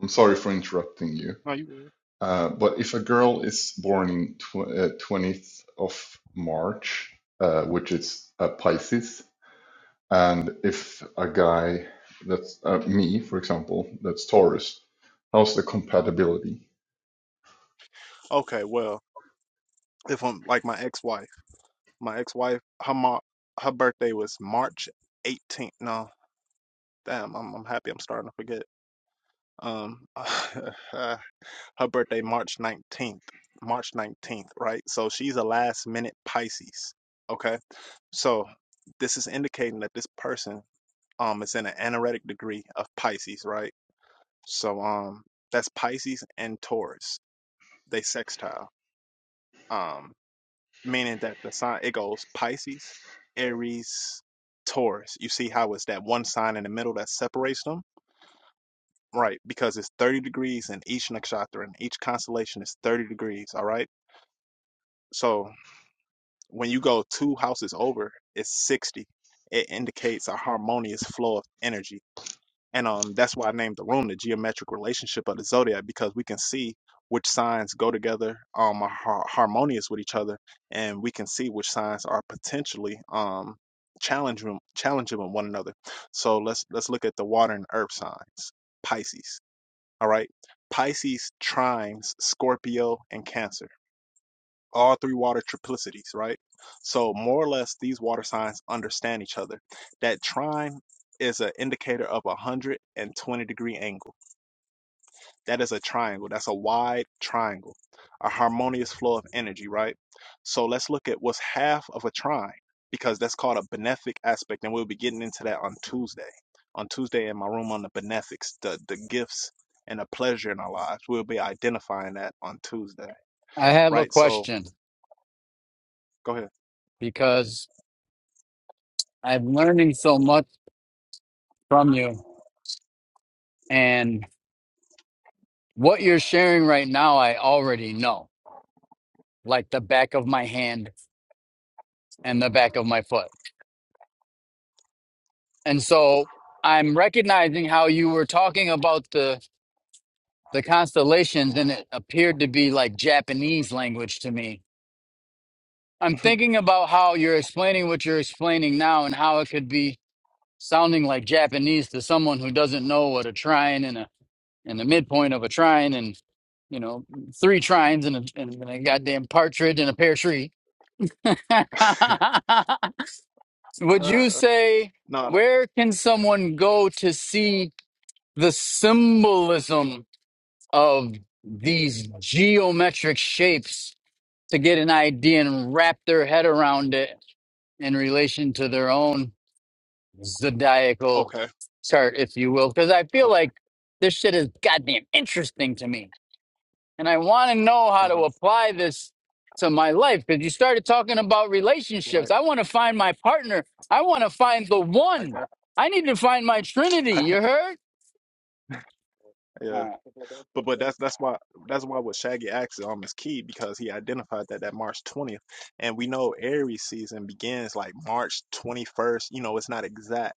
S6: I'm sorry for interrupting you.
S1: No, you good.
S6: Uh, but if a girl is born in tw- uh, 20th of March, uh, which is uh, Pisces, and if a guy that's uh, me, for example, that's Taurus, how's the compatibility?
S1: Okay, well, if I'm like my ex-wife, my ex-wife, her mar- her birthday was March 18th. No, damn, I'm I'm happy I'm starting to forget. Um, her birthday March 19th, March 19th, right? So she's a last minute Pisces. Okay. So this is indicating that this person um is in an anoretic degree of Pisces, right? So um that's Pisces and Taurus. They sextile. Um meaning that the sign it goes Pisces, Aries, Taurus. You see how it's that one sign in the middle that separates them? Right, because it's 30 degrees in each nakshatra and each constellation is 30 degrees, all right? So when you go two houses over, it's 60. It indicates a harmonious flow of energy. And um that's why I named the room the geometric relationship of the zodiac because we can see which signs go together um are har- harmonious with each other and we can see which signs are potentially um challenging challenging with one another. So let's let's look at the water and earth signs. Pisces. All right. Pisces trines Scorpio and Cancer. All three water triplicities, right? So more or less these water signs understand each other. That trine is an indicator of a 120 degree angle. That is a triangle. That's a wide triangle, a harmonious flow of energy, right? So let's look at what's half of a trine because that's called a benefic aspect. And we'll be getting into that on Tuesday. On Tuesday in my room on the benefics, the, the gifts and the pleasure in our lives. We'll be identifying that on Tuesday,
S4: I have a
S1: right? So
S4: question
S1: go ahead.
S4: because I'm learning so much from you, and what you're sharing right now, I already know, like the back of my hand and the back of my foot. And so I'm recognizing how you were talking about the the constellations, and it appeared to be like Japanese language to me. I'm thinking about how you're explaining what you're explaining now, and how it could be sounding like Japanese to someone who doesn't know what a trine and a and the midpoint of a trine and you know three trines and a, and a goddamn partridge and a pear tree would
S1: uh,
S4: you say
S1: no, no,
S4: where can someone go to see the symbolism of these geometric shapes to get an idea and wrap their head around it in relation to their own zodiacal
S1: okay.
S4: chart if you will because i feel
S1: Okay.
S4: like this shit is goddamn interesting to me and I want to know how to
S1: Uh-huh.
S4: apply this to my life. Because you started talking about
S1: Right.
S4: relationships. I want to find my partner. I want to find the
S1: I
S4: one.
S1: got
S4: I need to find my Trinity.
S1: I can
S4: You heard?
S1: Yeah.
S4: All right.
S1: But but that's that's why that's why what Shaggy acts um is key because he identified that that March 20th, and we know Aries season begins like March 21st. You know, it's not exact,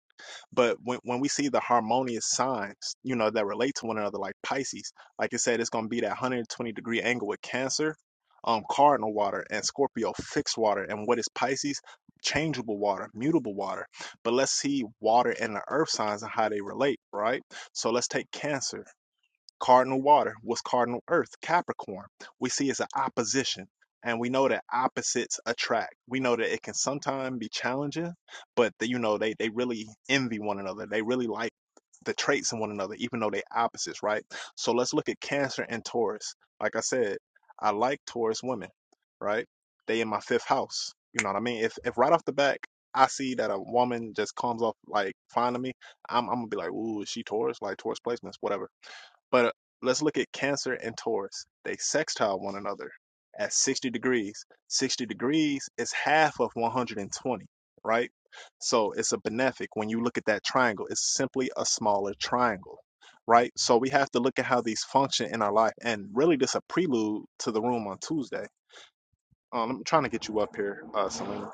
S1: but when when we see the harmonious signs, you know, that relate to one another, like Pisces, like I said, it's gonna be that 120 degree angle with Cancer, um, cardinal water and Scorpio fixed water, and what is Pisces? Changeable water, mutable water. But let's see water and the earth signs and how they relate, right? So let's take Cancer. Cardinal water was cardinal earth, Capricorn. We see it's an opposition. And we know that opposites attract. We know that it can sometimes be challenging, but that you know, they, they really envy one another. They really like the traits in one another, even though they opposites, right? So let's look at Cancer and Taurus. Like I said, I like Taurus women, right? They in my fifth house. You know what I mean? If if right off the back I see that a woman just comes off like finding me, I'm I'm gonna be like, ooh, is she Taurus? Like Taurus placements, whatever. But uh, let's look at Cancer and Taurus. They sextile one another at 60 degrees. 60 degrees is half of 120, right? So it's a benefic. When you look at that triangle, it's simply a smaller triangle, right? So we have to look at how these function in our life. And really, this is a prelude to the room on Tuesday. Um, I'm trying to get you up here, uh, Selena,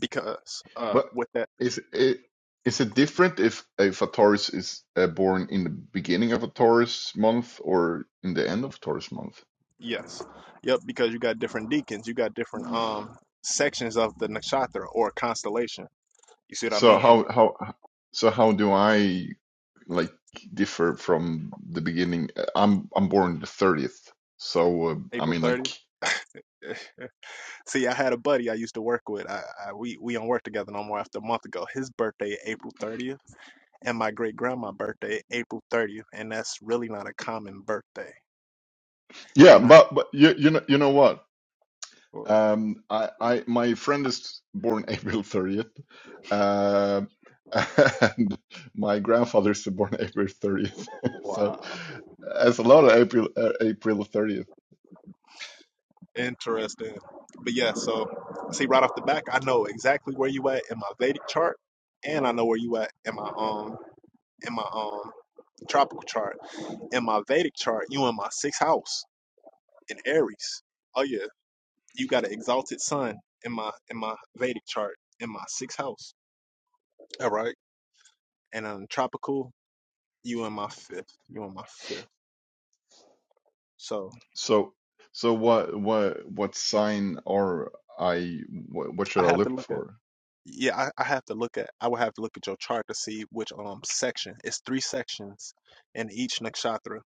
S1: because uh,
S6: But
S1: with that,
S6: is it is it different if if a Taurus is uh, born in the beginning of a Taurus month or in the end of Taurus month?
S1: yes, yep, because you got different deacons, you got different um sections of the nakshatra or constellation You see what I
S6: So
S1: mean? And
S6: how how so how do I like differ from the beginning? Uh, I'm I'm born the 30th. So uh, I
S1: April
S6: mean like
S1: 30th. See, I had a buddy I used to work with. I, I we we don't work together no more. After a month ago, his birthday April 30th, and my great grandma birthday April 30th, and that's really not a common birthday.
S6: yeah,
S1: And I
S6: but but you you know you know what? Um I I my friend is born April 30th. Um and my grandfather is born April 30th. So
S1: wow,
S6: that's a lot of April uh, April 30th.
S1: interesting. But yeah, so see right off the back, I know exactly where you at in my Vedic chart, and I know where you at in my um in my um tropical chart. In my Vedic chart, you in my sixth house in Aries. Oh yeah. You got an exalted sun in my in my Vedic chart in my sixth house. All right. And on tropical, you in my fifth. You in my fifth. So
S6: So so what what what sign are I what, what
S1: I
S6: should I
S1: have to
S6: look
S1: look at
S6: for?
S1: yeah, I, I have to look at I would have to look at your chart to see which um section. It's three sections in each nakshatra.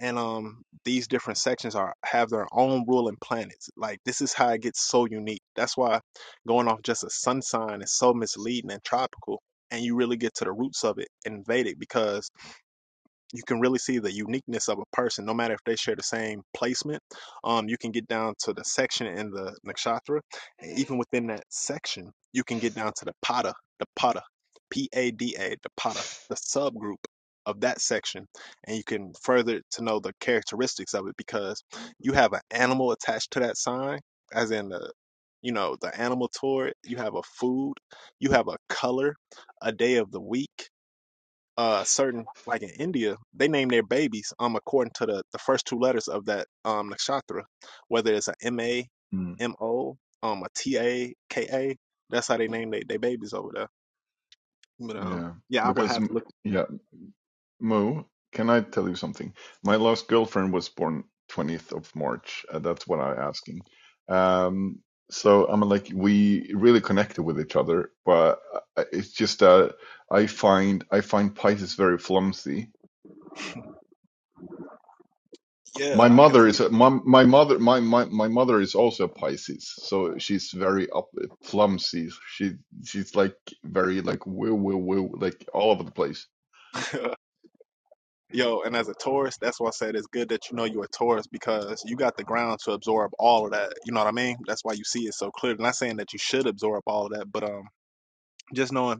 S1: And um these different sections are have their own ruling planets. Like this is how it gets so unique. That's why going off just a sun sign is so misleading and tropical and you really get to the roots of it in Vedic because you can really see the uniqueness of a person, no matter if they share the same placement. Um, you can get down to the section in the nakshatra, and even within that section, you can get down to the pada, the pada, P A D A, the pada, the subgroup of that section, and you can further to know the characteristics of it because you have an animal attached to that sign, as in the you know the animal toward it. You have a food, you have a color, a day of the week uh certain like in India, they name their babies um according to the the first two letters of that um nakshatra, whether it's a M A
S6: Hmm.
S1: M O um a T A K A. That's how they name they they babies over there. But um
S6: Yeah,
S1: yeah, I would
S6: because
S1: have to
S6: m-
S1: look.
S6: yeah, Mo, can I tell you something? My last girlfriend was born 20th of March. Uh, that's what I'm asking. Um, so I'm like we really connected with each other, but uh, uh, it's just uh, I find I find Pisces very clumsy.
S1: Yeah,
S6: My
S1: I can
S6: mother
S1: see.
S6: is a, my, my mother my, my my mother is also a Pisces, so she's very up clumsy. She she's like very like woo woo woo like all over the place.
S1: It. Yo, and as a Taurus, that's why I said it's good that you know you're a Taurus because you got the ground to absorb all of that. You know what I mean? That's why you see it so clear. Not saying that you should absorb all of that, but um, just knowing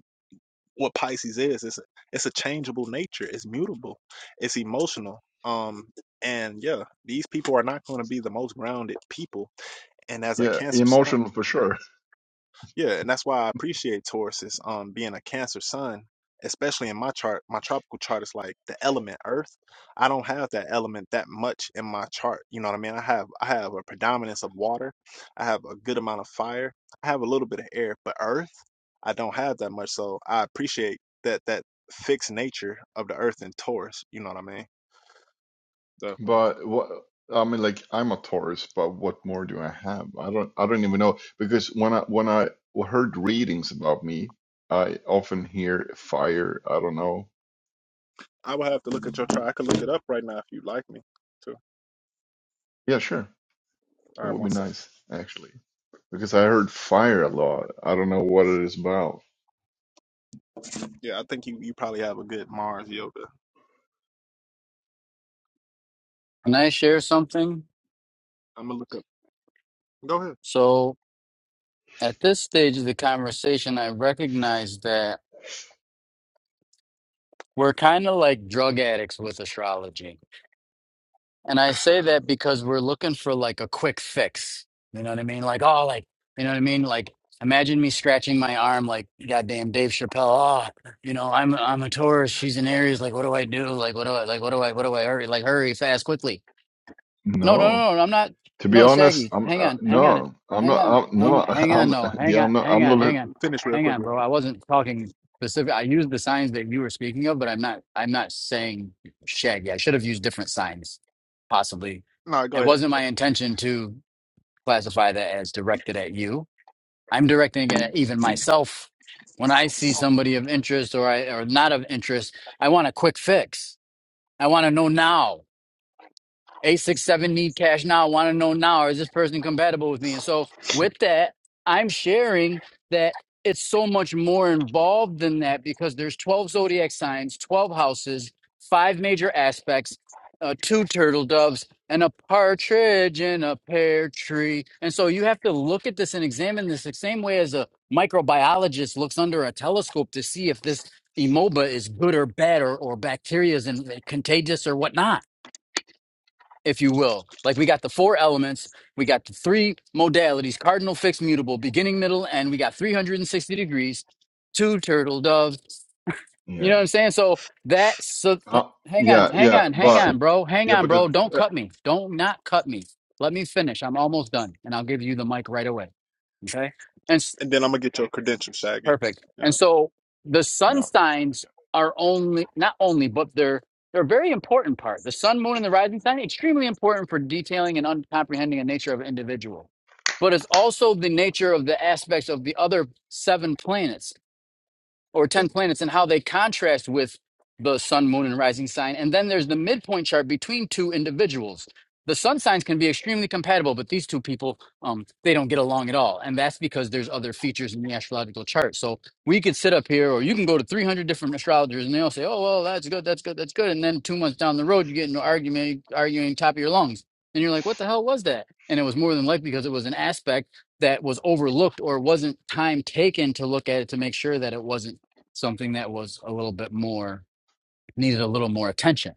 S1: what Pisces is. It's it's a changeable nature. It's mutable. It's emotional. Um, and yeah, these people are not going to be the most grounded people. And as a
S6: Yeah,
S1: Cancer sign,
S6: emotional for sure.
S1: yeah, and that's why I appreciate Taurus's um being a Cancer sun, especially in my chart. My tropical chart is like the element Earth. I don't have that element that much in my chart. You know what I mean? I have I have a predominance of water. I have a good amount of fire. I have a little bit of air, but Earth, I don't have that much. So I appreciate that that fixed nature of the Earth in Taurus. You know what I mean? Definitely.
S6: But what I mean, like I'm a Taurus, but what more do I have? I don't I don't even know because when I when I heard readings about me, I often hear fire. I don't know.
S1: I would have to look at your chart. I could look it up right now if you'd like me to.
S6: Yeah, sure.
S1: All
S6: That
S1: right,
S6: would be
S1: one sec.
S6: nice actually because I heard fire a lot. I don't know what it is about.
S1: Yeah, I think you you probably have a good Mars yoga
S4: Can I share something?
S1: I'm gonna look up. Go ahead.
S4: So at this stage of the conversation, I recognize that we're kind of like drug addicts with astrology And I say
S1: All
S4: that because we're looking for like a quick fix. You know what I mean? Like, oh, like, you know what I mean? Like, imagine me scratching my arm like goddamn Dave Chappelle. Oh, you know, I'm I'm a Taurus, she's an Aries, like what do I do? Like what do I like what do I what do I hurry? Like hurry fast quickly. No, no,
S6: No.
S4: no, no. I'm not.
S6: To be
S4: No,
S6: honest,
S4: Shaggy.
S6: I'm
S4: Hang
S6: uh,
S4: on. Hang on. it-
S6: no, I'm
S4: Hang
S6: not.
S4: on.
S6: I'm
S4: Hang
S6: no,
S4: Hang on.
S6: I'm
S4: No. Hang
S6: yeah,
S4: on.
S6: I'm not.
S1: right,
S4: Hang
S6: I'm
S1: go
S4: on.
S6: not.
S1: go
S4: Hang
S6: look-
S4: on.
S1: finish real
S4: Hang
S1: quick
S4: on,
S1: with
S4: bro.
S1: me.
S4: I wasn't talking specific. I used the signs that you were speaking of, but I'm not. I'm not saying Shaggy. I should have used different signs, possibly.
S1: No, go
S4: It
S1: ahead,
S4: wasn't my intention to classify that as directed at you. I'm directing it at even myself. When I see somebody of interest or I or not of interest, I want a quick fix. I want to know now eight six seven need cash now. Want to know now is this person compatible with me? And so with that, I'm sharing that it's so much more involved than that because there's 12 zodiac signs, 12 houses, five major aspects, uh, two turtle doves, and a partridge in a pear tree. And so you have to look at this and examine this the same way as a microbiologist looks under a telescope to see if this. amoeba is good or bad, or, or bacteria is in- contagious or whatnot if you will. Like we got the four elements, we got the three modalities cardinal, fixed, mutable, beginning, middle, and we got 360 degrees, two turtle doves. You know what
S6: Yeah,
S4: I'm saying? So that, so h-
S6: uh,
S4: hang on,
S6: yeah,
S4: hang
S6: yeah.
S4: on, hang
S6: But
S4: on, bro. Hang
S6: yeah,
S4: on,
S6: but the,
S4: bro. Don't
S1: Uh,
S4: cut me. Don't not cut me. Let me finish. I'm almost done and I'll give you the mic right away. Okay. and.
S1: and then I'm gonna get your credentials, Shaggy.
S4: Perfect.
S1: Yeah,
S4: And so the sun
S6: yeah,
S4: signs are only not only, but they're they're a very important part. The sun, moon, and the rising sign extremely important for detailing and un- comprehending the nature of an individual. But it's also the nature of the aspects of the other seven planets or 10 planets and how they contrast with the sun, moon, and rising sign. And then there's the midpoint chart between two individuals. The sun signs can be extremely compatible, but these two people, um, they don't get along at all. And that's because there's other features in the astrological chart. So we could sit up here, or you can go to 300 different astrologers, and they all say, oh, well, that's good, that's good, that's good. And then two months down the road, you get into argument, arguing top of your lungs. And you're like, what the hell was that? And it was more than likely because it was an aspect that was overlooked or wasn't time taken to look at it to make sure that it wasn't something that was a little bit more needed a little more attention.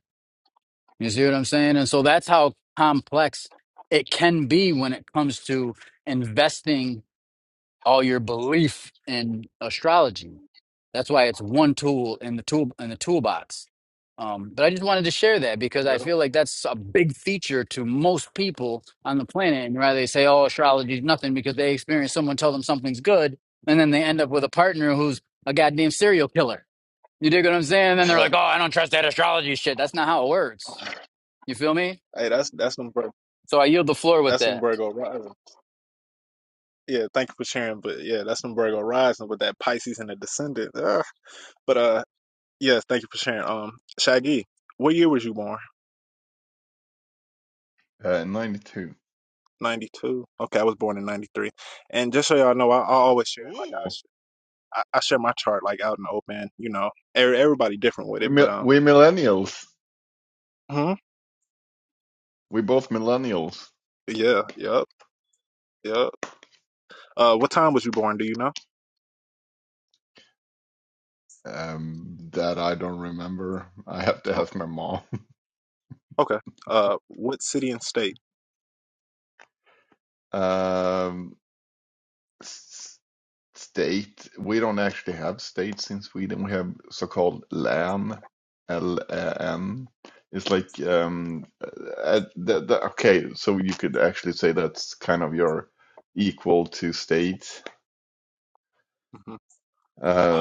S4: You see what I'm saying? And so that's how complex it can be when it comes to investing all your belief in astrology. That's why it's one tool in the tool in the toolbox. Um, but I just wanted to share that because I
S1: yeah.
S4: feel like that's a big feature to most people on the planet. And rather they say, "Oh, astrology is nothing," because they experience someone tell them something's good, and then they end up with a partner who's a goddamn serial killer you dig what I'm saying? And then they're like, oh, I don't trust that astrology shit. That's not how it works. You feel me?
S1: hey, that's that's some Vir-
S4: So I yield the floor with
S1: that's some
S4: that.
S1: Virgo rising. Yeah, thank you for sharing. But yeah, that's some Virgo rising with that Pisces and the descendant. Ugh. But uh, yes, thank you for sharing. Um, Shaggy, what year was you born?
S6: uh, ninety-two.
S1: Ninety two. Okay, I was born in ninety three. And just so y'all know, I, I always share like
S6: Ooh.
S1: I, sh- I I share my chart like out in the open. You know, every, everybody different with
S6: We
S1: it, but um.
S6: we millennials.
S1: mhm.
S6: We both millennials.
S1: Yeah, yep. Yeah. Uh, what time was you born? Do you know?
S6: Um, that I don't remember. I have to
S1: Oh,
S6: ask my mom.
S1: okay. Uh, what city and state?
S6: Um, s- state. We don't actually have states in Sweden. We have so-called län. L-A-N. It's like um, uh, uh, the, the, okay. So you could actually say that's kind of your equal to state
S1: hmm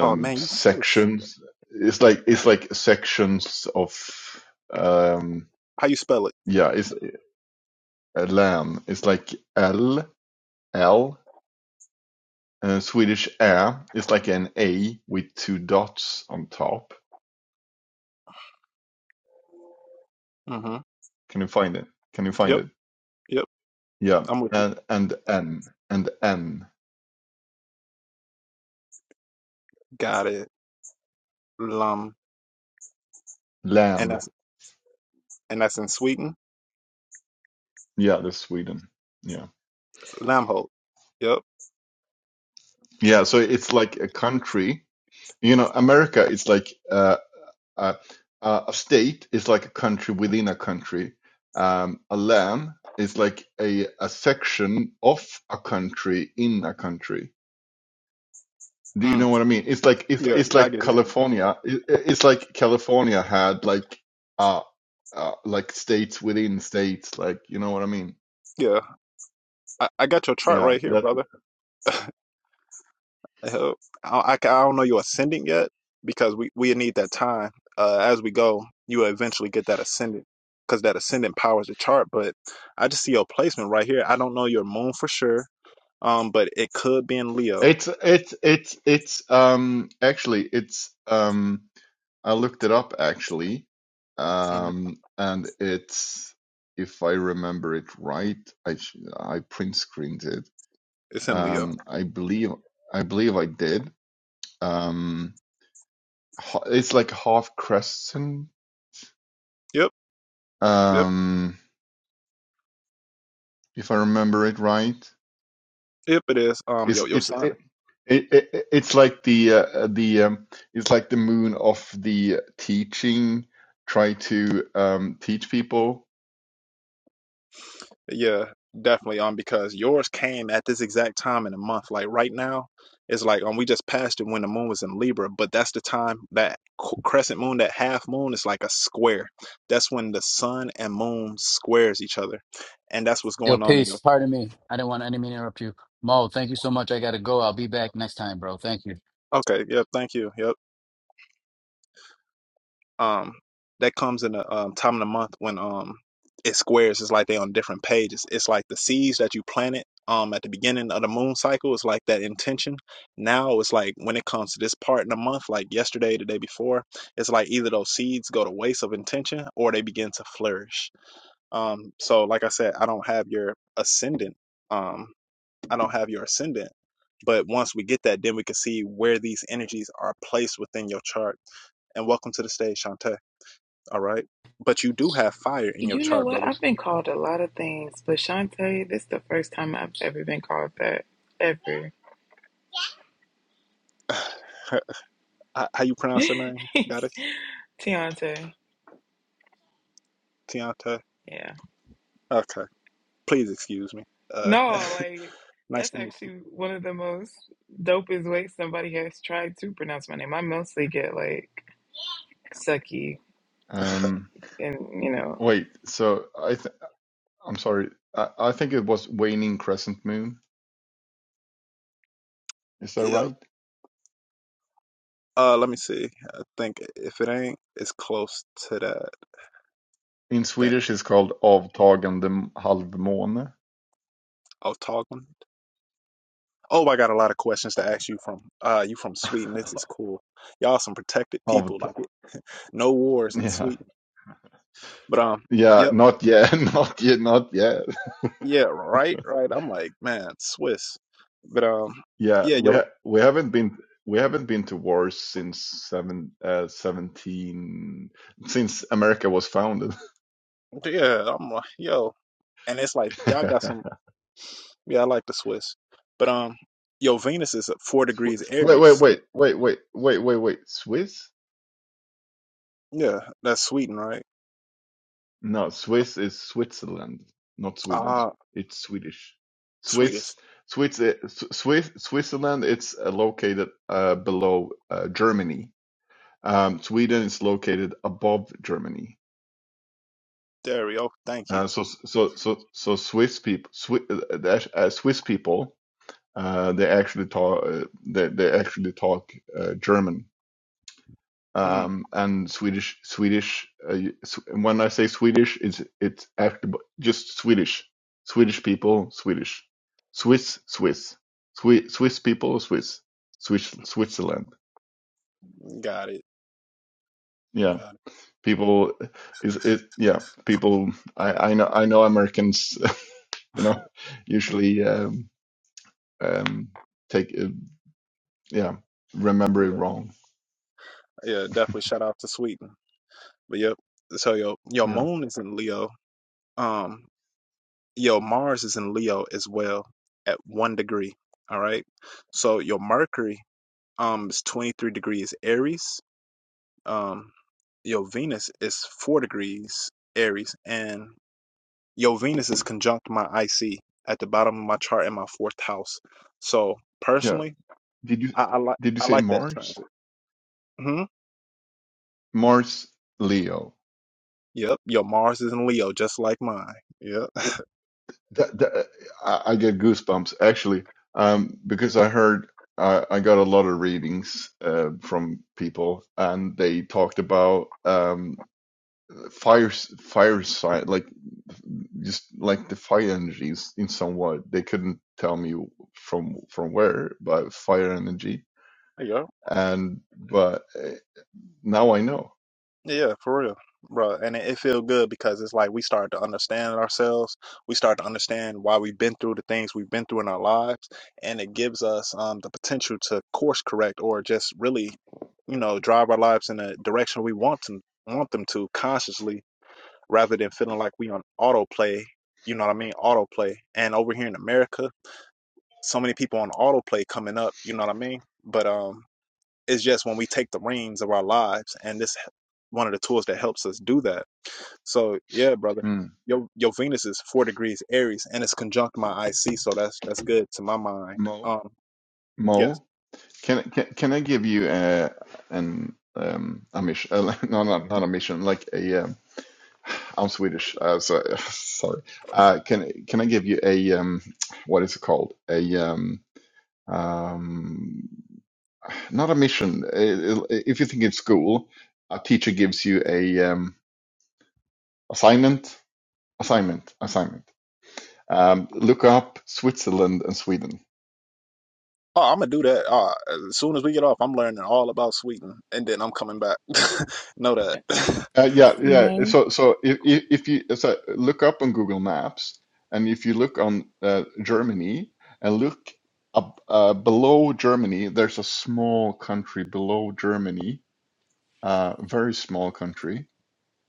S1: Oh man, you Swiss.
S6: sections. It's like it's like sections of. Um,
S1: How you spell it?
S6: Yeah, it's uh, lamb. It's like L, L. Uh, Swedish ä is like an A with two dots on top.
S1: hmm
S6: Can you find it? Can you find
S1: Yep.
S6: it?
S1: Yep.
S6: Yeah,
S1: I'm with you.
S6: and and N and N
S1: Got it. Lum. And
S6: lamb.
S1: that's and that's in Sweden.
S6: Yeah, that's Sweden. Yeah,
S1: Lamholt. Yep.
S6: yeah. So it's like a country. You know, America is like uh, a a a state is like a country within a country. Um, a lamb is like a a section of a country in a country Do you know
S1: Mm.
S6: what I mean? It's like it's
S1: Yeah.
S6: it's
S1: Yeah. I
S6: like
S1: get it.
S6: California. It, it's like California had like uh, uh like states within states. Like you know what I mean?
S1: Yeah. I, I got your chart
S6: Yeah,
S1: right here,
S6: that
S1: brother. Uh, I, I don't know your ascendant yet because we, we need that time. Uh, as we go, you will eventually get that ascendant because that ascendant powers the chart. But I just see your placement right here. I don't know your moon for sure, um, but it could be in Leo.
S6: it's it's it's it's um actually it's um I looked it up actually,
S1: Um,
S6: um and it's if I remember it right, I sh I print screened it.
S1: it's in Leo.
S6: Um, I believe I believe I did. Um, ho- it's like half crescent
S1: Yep, yep,
S6: um, if I remember it right.
S1: yep. It is. Um,
S6: it's
S1: your your
S6: it,
S1: sign.
S6: it, it, it it's like the uh, the um, it's like the moon of the teaching. Try to um, teach people.
S1: Yeah, definitely. Um, because yours came at this exact time in the month. Like right now, it's like um, we just passed it when the moon was in Libra, but that's the time that c- crescent moon, that half moon, is like a square. That's when the sun and moon squares each other, and that's what's
S4: Yo,
S1: going on in
S4: peace.
S1: your.
S4: Pardon me. I didn't want any mean to interrupt you. Mo, thank you so much. I got to go. I'll be back next time, bro. Thank you.
S1: Okay. Yeah. Thank you. Yep. Um, that comes in the um, time of the month when um it squares. It's like they on different pages. It's like the seeds that you planted um at the beginning of the moon cycle. It's like that intention. Now it's like when it comes to this part in the month, like yesterday, the day before, it's like either those seeds go to waste of intention or they begin to flourish. Um, so like I said, I don't have your ascendant. Um, I don't have your ascendant. But once we get that, then we can see where these energies are placed within your chart. And welcome to the stage, Shantae. All right. But you do have fire in your
S7: You know
S1: chart,
S7: what?
S1: brother.
S7: I've been called a lot of things, but Shantae, this is the first time I've ever been called that. Ever.
S1: how, how you pronounce your name? Got it?
S7: Tiante.
S1: Tianta.
S7: Yeah.
S1: Okay. Please excuse me. Uh,
S7: No, like,
S1: nice
S7: that's
S1: to meet
S7: actually one of the most dopest ways somebody has tried to pronounce my name. I mostly get, like, sucky
S1: you.
S6: Um,
S7: and, you know,
S6: wait, so I th I'm sorry. I, I think it was waning crescent moon. Is that
S1: Yeah.
S6: right?
S1: Uh, let me see. I think if it ain't, it's close to that
S6: In
S1: that
S6: Swedish, it's called avtagande halvmåne.
S1: Otagon. Oh, I got a lot of questions to
S6: Av,
S1: ask you from. Uh, you from Sweden? This is cool. Y'all some protected people.
S6: Avt-
S1: Like no wars in
S6: yeah,
S1: Sweden. But um,
S6: yeah,
S1: yep,
S6: not yet, not yet, not yet.
S1: yeah, right, right. I'm like, man, Swiss. But um,
S6: Yeah,
S1: yeah, yo.
S6: we ha we haven't been we haven't been to wars since seven uh, seventeen since America was founded.
S1: Yeah, I'm like, yo, and it's like y'all got some. Yeah, I like the Swiss, but um, yo, Venus is at four degrees
S6: Wait, wait, wait,
S1: Aries.
S6: wait, wait, wait, wait, wait. Swiss?
S1: Yeah, that's Sweden, right?
S6: No, Swiss is Switzerland, not Sweden.
S1: Ah,
S6: It's Swedish.
S1: Swedish.
S6: Swiss, Swiss, uh, S- Swiss, Switzerland. It's uh, located uh, below uh, Germany. Um, Sweden is located above Germany.
S1: There we go. Thank you.
S6: Uh, so so so so Swiss people, Swiss, uh, Swiss people, uh, they actually talk uh, they they actually talk uh, German
S1: Mm,
S6: um, and Swedish Swedish. Uh, when I say Swedish, it's it's actually just Swedish Swedish people Swedish Swiss Swiss Swiss Swiss people Swiss Swiss Switzerland.
S1: got it.
S6: Yeah,
S1: Got it.
S6: people is it yeah people. I I know I know Americans. you know usually. Um, um take it, yeah remember it
S1: Yeah,
S6: wrong
S1: yeah, definitely. Shout out to Sweden. But yep. So yo, your
S6: yeah
S1: moon is in Leo. Um, your Mars is in Leo as well at one degree. All right. So your Mercury Um, it's 23 degrees Aries. Um, your Venus is 4 degrees Aries. And your Venus is conjunct my IC at the bottom of my chart in my fourth house. So
S6: yeah
S1: personally,
S6: did you
S1: I, I like
S6: did you
S1: I
S6: say
S1: like that
S6: mars
S1: transit. hmm
S6: mars leo
S1: Yep. Your Mars is in Leo, just like mine. Yep.
S6: that, that I, I get goosebumps actually um because i heard i i got a lot of readings uh from people and they talked about um fire s- fire sign like just like the fire energies in some way they couldn't tell me from from where but fire energy
S1: Yep.
S6: and but Now I know.
S1: Yeah, for real, bro. And it, it feels good because it's like we start to understand ourselves. We start to understand why we've been through the things we've been through in our lives, and it gives us um, the potential to course correct or just really, you know, drive our lives in a direction we want to want them to consciously, rather than feeling like we on autoplay. You know what I mean? Autoplay. And over here in America, so many people on autoplay coming up. You know what I mean? But um. It's just when we take the reins of our lives, and this one of the tools that helps us do that. So yeah, brother,
S6: Mm.
S1: your your Venus is four degrees Aries, and it's conjunct my IC, so that's that's good to my mind.
S6: Mo,
S1: Um, yes.
S6: Mo, can can can I give you uh, an um, a mission? Uh, no, not not a mission. Like a, um, I'm Swedish, uh, so sorry. Uh, can can I give you a um, what is it called? A um, um, not a mission. I- I- If you think it's school, a teacher gives you a um, assignment, assignment, assignment. Um, look up Switzerland and Sweden.
S1: Oh, I'm gonna do that. Uh, as soon as we get off, I'm learning all about Sweden, and then I'm coming back. know that.
S6: Uh, yeah, yeah.
S7: no.
S6: So, so if if if you so look up on Google Maps, and if you look on uh, Germany and look up uh, below Germany, there's a small country below Germany, uh, very small country.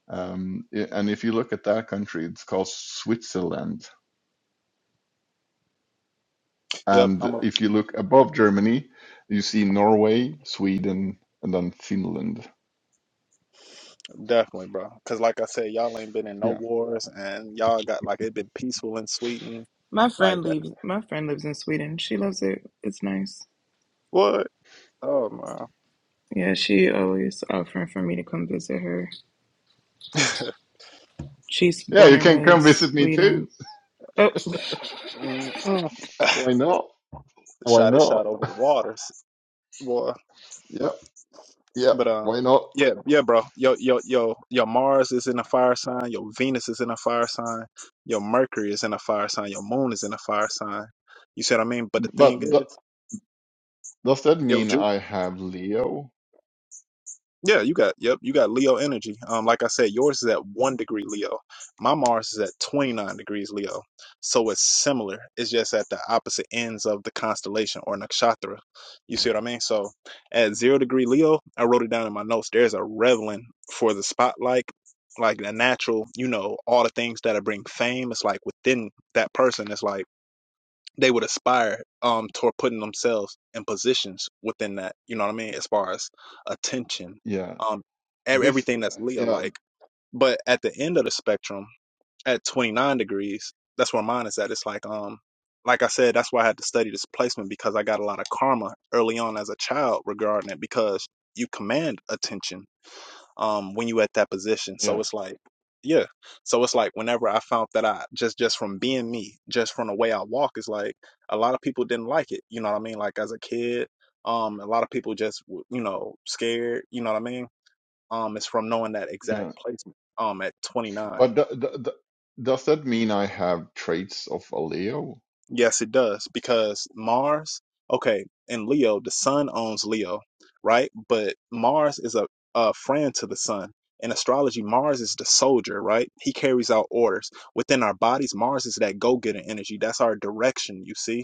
S6: Um, i- and if you look at that country, it's called Switzerland.
S1: Yep,
S6: And
S1: I'm a,
S6: if you look above Germany, you see Norway, Sweden, and then Finland.
S1: definitely, bro. Cause like I said, y'all ain't been in no
S6: Yeah,
S1: wars, and y'all got like it been peaceful in Sweden,
S7: My friend
S1: like that.
S7: lives. My friend lives in Sweden. She loves it. It's nice.
S1: What? Oh man.
S7: Yeah, she always offering for me to come visit her. She's
S6: yeah.
S7: born
S6: You
S7: and
S6: can come
S7: raised
S6: visit me
S7: Sweden.
S6: too.
S7: Oh,
S1: Mm-mm.
S6: Why not? Why
S1: shot it
S6: not?
S1: shot over the waters, boy.
S6: Yeah. Yeah,
S1: But um,
S6: why not?
S1: yeah, yeah, bro. Your your your your Mars is in a fire sign. Your Venus is in a fire sign. Your Mercury is in a fire sign. Your Moon is in a fire sign. You see what I mean? But the thing
S6: But th
S1: is,
S6: does that
S1: yo,
S6: mean
S1: Ju-
S6: I have Leo?
S1: Yeah, you got yep, you got Leo energy. Um, like I said, yours is at one degree Leo. My Mars is at twenty nine degrees Leo. So it's similar. It's just at the opposite ends of the constellation or nakshatra. You see what I mean? So at zero degree Leo, I wrote it down in my notes. There's a reveling for the spotlight, like the natural, you know, all the things that bring fame. It's like within that person. It's like they would aspire um toward putting themselves in positions within that you know what i mean as far as attention
S6: Yeah.
S1: um ev-
S6: This,
S1: everything that's leo
S6: yeah,
S1: like but at the end of the spectrum at 29 degrees that's where mine is at it's like um like i said that's why i had to study this placement because i got a lot of karma early on as a child regarding it because you command attention um when you at that position so
S6: yeah,
S1: it's like yeah so it's like whenever i found that i just just from being me just from the way i walk it's like a lot of people didn't like it you know what i mean like as a kid um a lot of people just w- you know scared you know what i mean um it's from knowing that exact
S6: yeah.
S1: placement um at 29
S6: But th th th does that mean I have traits of a Leo?
S1: Yes, it does because Mars, okay, in Leo, the sun owns Leo, right? But Mars is a, a friend to the sun. In astrology, Mars is the soldier, right? He carries out orders. Within our bodies, Mars is that go getting energy. That's our direction, you see?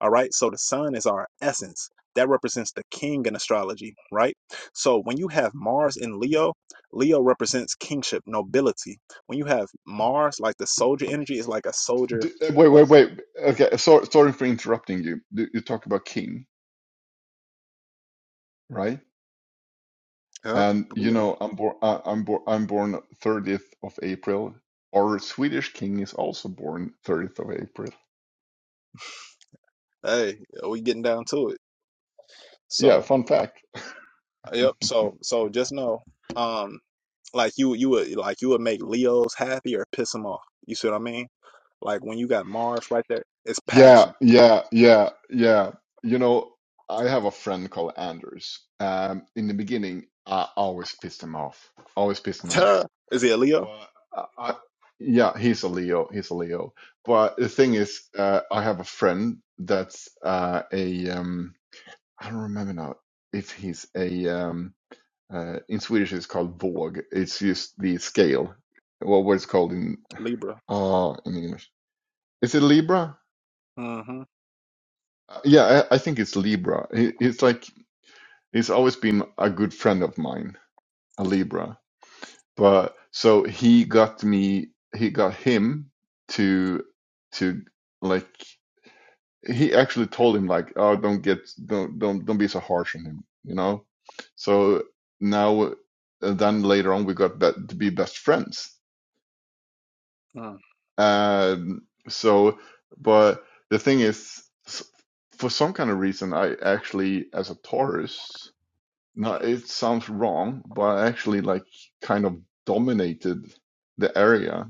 S1: All right. So the sun is our essence. That represents the king in astrology, right? So when you have Mars in Leo, Leo represents kingship, nobility. When you have Mars, like the soldier energy, is like a soldier,
S6: D uh, wait,
S1: uh,
S6: wait, wait. Okay, sorry, sorry for interrupting you. You you talk about king, right?
S1: Yep.
S6: And you
S1: Leo.
S6: know, I'm born. I'm born. I'm born 30th of April. Our Swedish king is also born 30th of April.
S1: Hey, we getting down to it.
S6: Yeah,
S1: So,
S6: fun fact.
S1: yep. So, so just know, um, like you, you would like you would make Leos happy or piss them off. You see what I mean? Like when you got Mars right there, it's
S6: Yeah,
S1: passion.
S6: yeah, yeah, yeah. You know, I have a friend called Anders. Um, in the beginning, I always pissed him off. Always pissed him off.
S1: Duh. Is he a Leo?
S6: But I, I, yeah, he's a Leo. He's a Leo. But the thing is, uh, I have a friend that's uh, a um, I don't remember now if he's a um, uh, in Swedish it's called våg. It's just the scale. What what it's called in
S1: Libra.
S6: uh in English? Is it Libra?
S1: Mm-hmm.
S6: Uh, Yeah, I, I think it's Libra. He, he's like he's always been a good friend of mine, a Libra. But so he got me, he got him to to like he actually told him like, oh, don't get, don't don't don't be so harsh on him, you know. So now, and then later on, we got be to be best friends.
S1: Mm.
S6: Um, so, but the thing is, s- for some kind of reason, I actually, as a Taurus. No, it sounds wrong, but I actually like kind of dominated the area.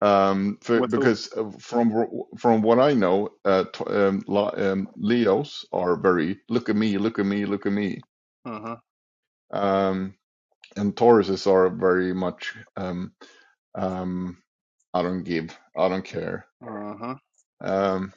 S6: Um, for,
S1: With who?
S6: because uh, from wh- from what I know, uh, t- um, la- um, Leos are very look at me, look at me, look at me,
S1: Mm-hmm.
S6: um, and Tauruses are very much um, um, I don't give, I don't care.
S1: Mm-hmm.
S6: Um,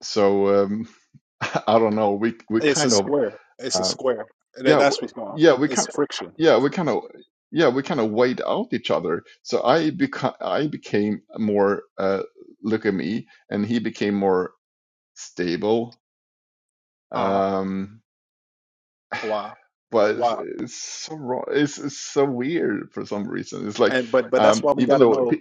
S6: so um, I don't know. We we
S1: It's a
S6: kind of.
S1: square. It's a
S6: uh,
S1: square. That,
S6: yeah
S1: that's
S6: w-
S1: what's going on.
S6: yeah we
S1: It's
S6: kind of
S1: friction.
S6: yeah we kind of yeah we kind of weighed out each other so i become i became more uh look at me and he became more stable
S1: Uh-huh.
S6: um
S1: Wow.
S6: but it's,
S1: Wow.
S6: it's so wrong it's, it's so weird for some reason it's like
S1: And but but that's
S6: um
S1: why we
S6: even
S1: gotta
S6: though
S1: know
S6: pe-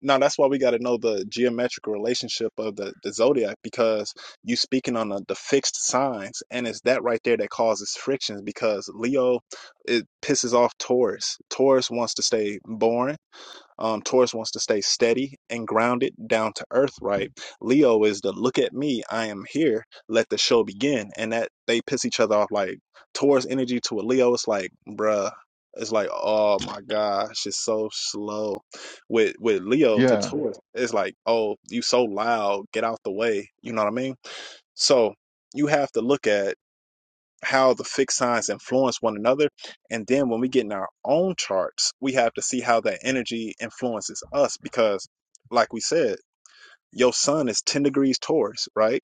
S1: Now that's why we got to know the geometric relationship of the, the zodiac because you speaking on the, the fixed signs, and it's that right there that causes frictions because Leo it pisses off Taurus. Taurus wants to stay boring. Um, Taurus wants to stay steady and grounded, down to earth, right? Leo is the look at me, I am here, let the show begin. And that they piss each other off. Like Taurus energy to a Leo, it's like, bruh, it's like, oh my gosh, it's so slow. With with Leo to
S6: yeah
S1: Taurus, it's like, oh, you so loud, get out the way. You know what I mean? So you have to look at how the fixed signs influence one another. And then when we get in our own charts, we have to see how that energy influences us because, like we said, your sun is 10 degrees Taurus, right?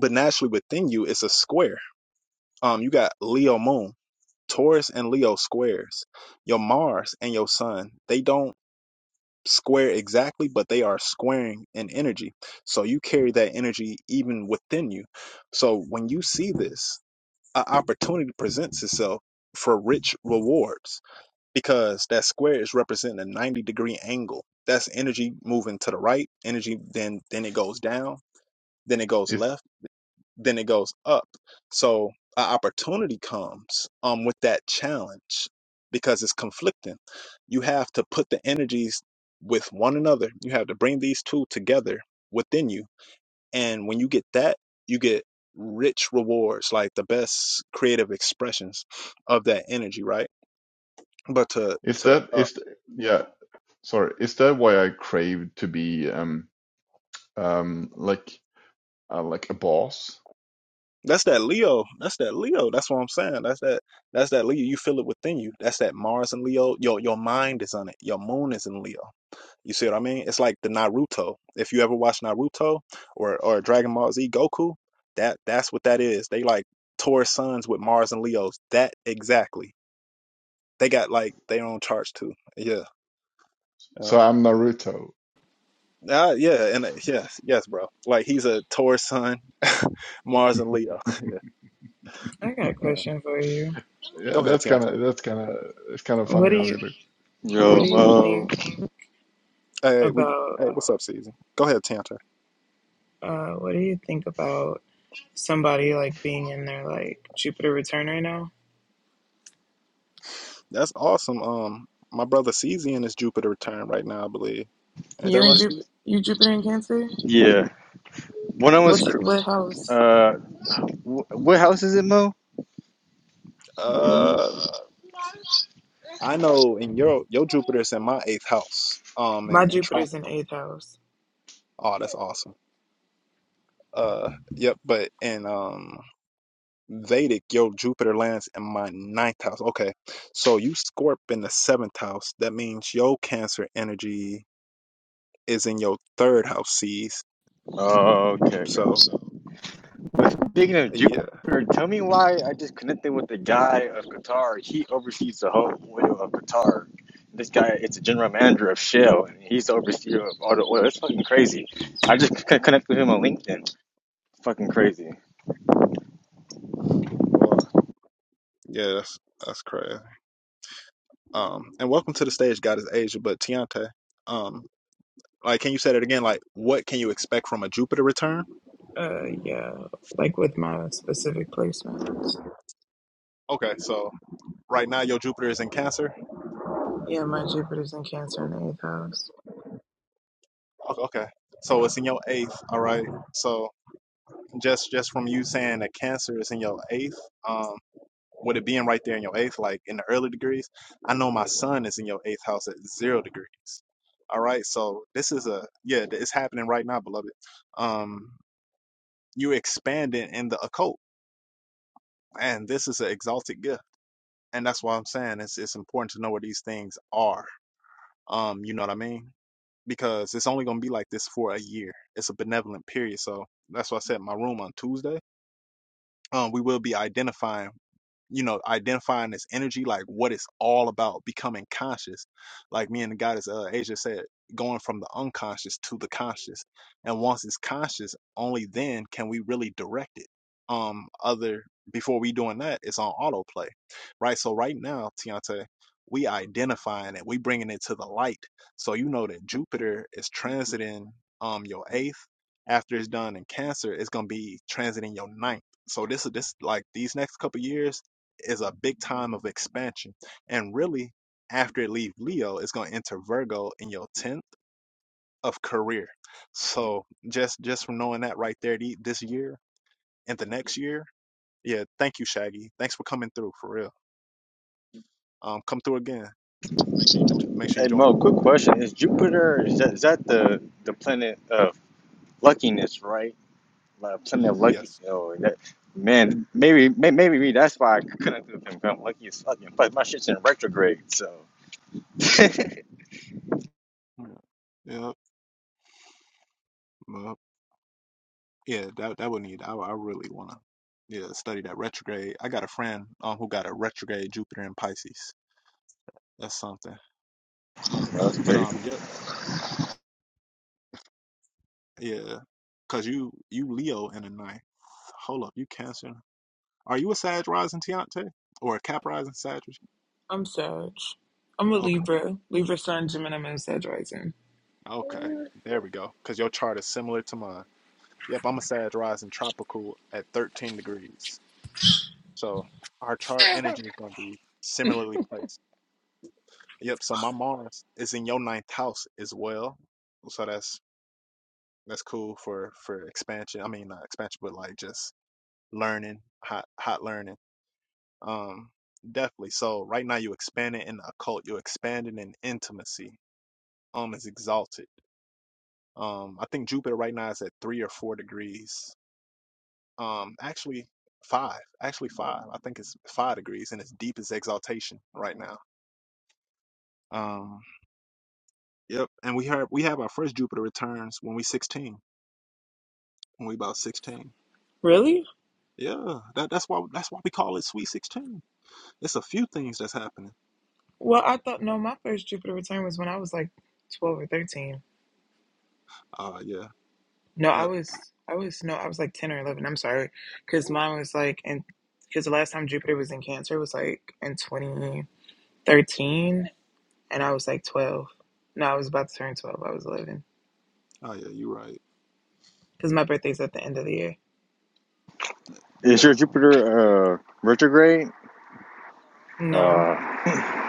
S1: But naturally within you, it's a square. Um, you got Leo moon, Taurus and Leo squares. Your Mars and your sun, they don't square exactly, but they are squaring in energy. So you carry that energy even within you. So when you see this, an opportunity presents itself for rich rewards because that square is representing a 90 degree angle. That's energy moving to the right, energy then then it goes down, then it goes
S6: is
S1: left, then it goes up. So an opportunity comes um with that challenge because it's conflicting. You have to put the energies with one another. You have to bring these two together within you and when you get that, you get rich rewards, like the best creative expressions of that energy, right? But to
S6: is
S1: to
S6: that
S1: uh,
S6: is yeah sorry is that why i crave to be um um like uh, like a boss
S1: that's that Leo. That's that Leo. That's what I'm saying. That's that that's that Leo. You feel it within you. That's that Mars and Leo. Your your mind is on it. Your moon is in Leo. You see what I mean? It's like the Naruto. If you ever watch Naruto or or Dragon Ball Z Goku, that that's what that is. They like Taurus sons with Mars and Leos. That exactly. They got like their own charts too. Yeah. Um,
S6: so i'm naruto
S1: uh, yeah, and uh, yes, yes, bro. Like he's a Taurus sun, Mars and Leo. yeah,
S7: I got a
S1: yeah.
S7: question for you.
S6: Yeah,
S1: Go ahead,
S6: that's kind
S1: Tianta.
S6: of that's kind of it's kind of
S7: What
S6: funny
S7: do
S6: how
S7: you
S6: we look.
S7: what
S2: Yo,
S7: do you
S2: Mo.
S7: think
S1: Hey, hey, we.
S7: about
S1: Hey, what's up, Season? Go ahead, Tianta.
S7: uh what do you think about somebody like being in their like Jupiter return right now?
S1: That's awesome. Um, my brother Cesian is Jupiter return right now, I believe. Ain't that
S7: You and
S1: right,
S7: Jup
S1: Cesian?
S7: you Jupiter in Cancer?
S2: Yeah. when I
S7: What's
S2: was
S7: what house?
S2: uh, Wh- what house is it, Mo? You remember?
S1: Uh. I know in your your Jupiter's in my eighth house. Um and
S7: My
S1: and try
S7: Jupiter's in eighth house.
S1: oh that's awesome. Uh yep, but in um Vedic, your Jupiter lands in my ninth house. Okay. So you Scorp in the seventh house. That means your cancer energy is in your third house sees.
S2: Oh, okay,
S1: So
S2: gotcha. But speaking of
S1: yeah.
S2: Jupiter, tell me why I just connected with the guy of Qatar. He oversees the whole oil of Qatar. This guy, it's a general manager of Shell, and he's the overseer of all the oil. That's fucking crazy. I just c- connected with him on LinkedIn. Fucking crazy.
S1: Or yeah, that's that's crazy. Um and welcome to the stage, Goddess Asia, but Tiante, um like can you say that again? Like what can you expect from a Jupiter return?
S7: Uh yeah, like with my specific placement.
S1: Okay, so Right now, your Jupiter is in Cancer.
S7: Yeah, my Jupiter's in Cancer in the eighth house.
S1: Okay, so it's in your eighth. All right. So just just from you saying that Cancer is in your eighth, um, with it being right there in your eighth, like in the early degrees, I know my son is in your eighth house at zero degrees. All right. So this is a yeah, it's happening right now, beloved. Um, you are expanding in the occult, and this is an exalted gift, and that's why I'm saying it's it's important to know where these things are. Um, you know what I mean? because it's only going to be like this for a year. It's a benevolent period. So that's why I said my room on Tuesday. Um, we will be identifying you know, identifying this energy, like what it's all about, becoming conscious. Like me and the goddess uh, Asia said, going from the unconscious to the conscious. And once it's conscious, only then can we really direct it. Um, other before we doing that, it's on autoplay, right? So right now, Tiante, we identifying it, we bringing it to the light. So you know that Jupiter is transiting um your eighth. After it's done in Cancer, it's gonna be transiting your ninth. So this is this like these next couple years is a big time of expansion. And really, after it leaves Leo, it's gonna enter Virgo in your tenth of career. So just just from knowing that right there, the- this year and the next year, yeah. Thank you, Shaggy. Thanks for coming through for real. Um, come through again. Make sure you
S2: Hey
S1: join the
S2: Mo, quick
S1: club.
S2: question: Is Jupiter is that, is that the the planet of luckiness, right? like plenty of lucky.
S1: Yes.
S2: Yo, that, man, maybe may- maybe me. That's why I couldn't do them. 'cause I'm lucky as fuck. And plus, my shit's in retrograde, so that's
S1: Yeah, yeah, well, yeah, that that would need. I I really wanna, yeah, study that retrograde. I got a friend um who got a retrograde Jupiter in Pisces. That's something. But
S2: crazy.
S1: um, yeah. Yeah, cause you you Leo in the ninth. Hold up, you Cancer. Are you a Sag rising Tiante or a Cap rising Sag?
S7: I'm Sag. I'm a
S1: Okay,
S7: Libra. Libra Sun, Gemini Moon, Sag rising.
S1: okay, there we go. Cause your chart is similar to mine. Yep, I'm a Sag rising tropical at 13 degrees. So our chart energy is gonna be similarly placed. Yep. So my Mars is in your ninth house as well. So that's that's cool for for expansion. I mean, not expansion, but like just learning, hot hot learning. Um, definitely. So right now you expanding in the occult, you're expanding in intimacy. Um, is exalted. Um, I think Jupiter right now is at three or four degrees. Um, actually five. Actually five. I think it's five degrees, and its deepest exaltation right now. Um, yep. And we have we have our first Jupiter returns when we sixteen. When we about sixteen.
S7: Really?
S1: Yeah, that, that's why that's why we call it Sweet Sixteen. It's a few things that's happening.
S7: Well, I thought no, my first Jupiter return was when I was like 12 or 13.
S1: Uh, yeah,
S7: No, I
S1: yep.
S7: was I was no, I was like 10 or 11. I'm sorry. Cuz mine was like and cuz the last time Jupiter was in Cancer was like in 2013 and I was like 12. No, I was about to turn 12. I was 11
S1: Oh yeah, you're right.
S7: cuz my birthday's at the end of the year.
S2: Is your
S1: Definitely.
S2: Jupiter uh, retrograde?
S7: No,
S2: Uh,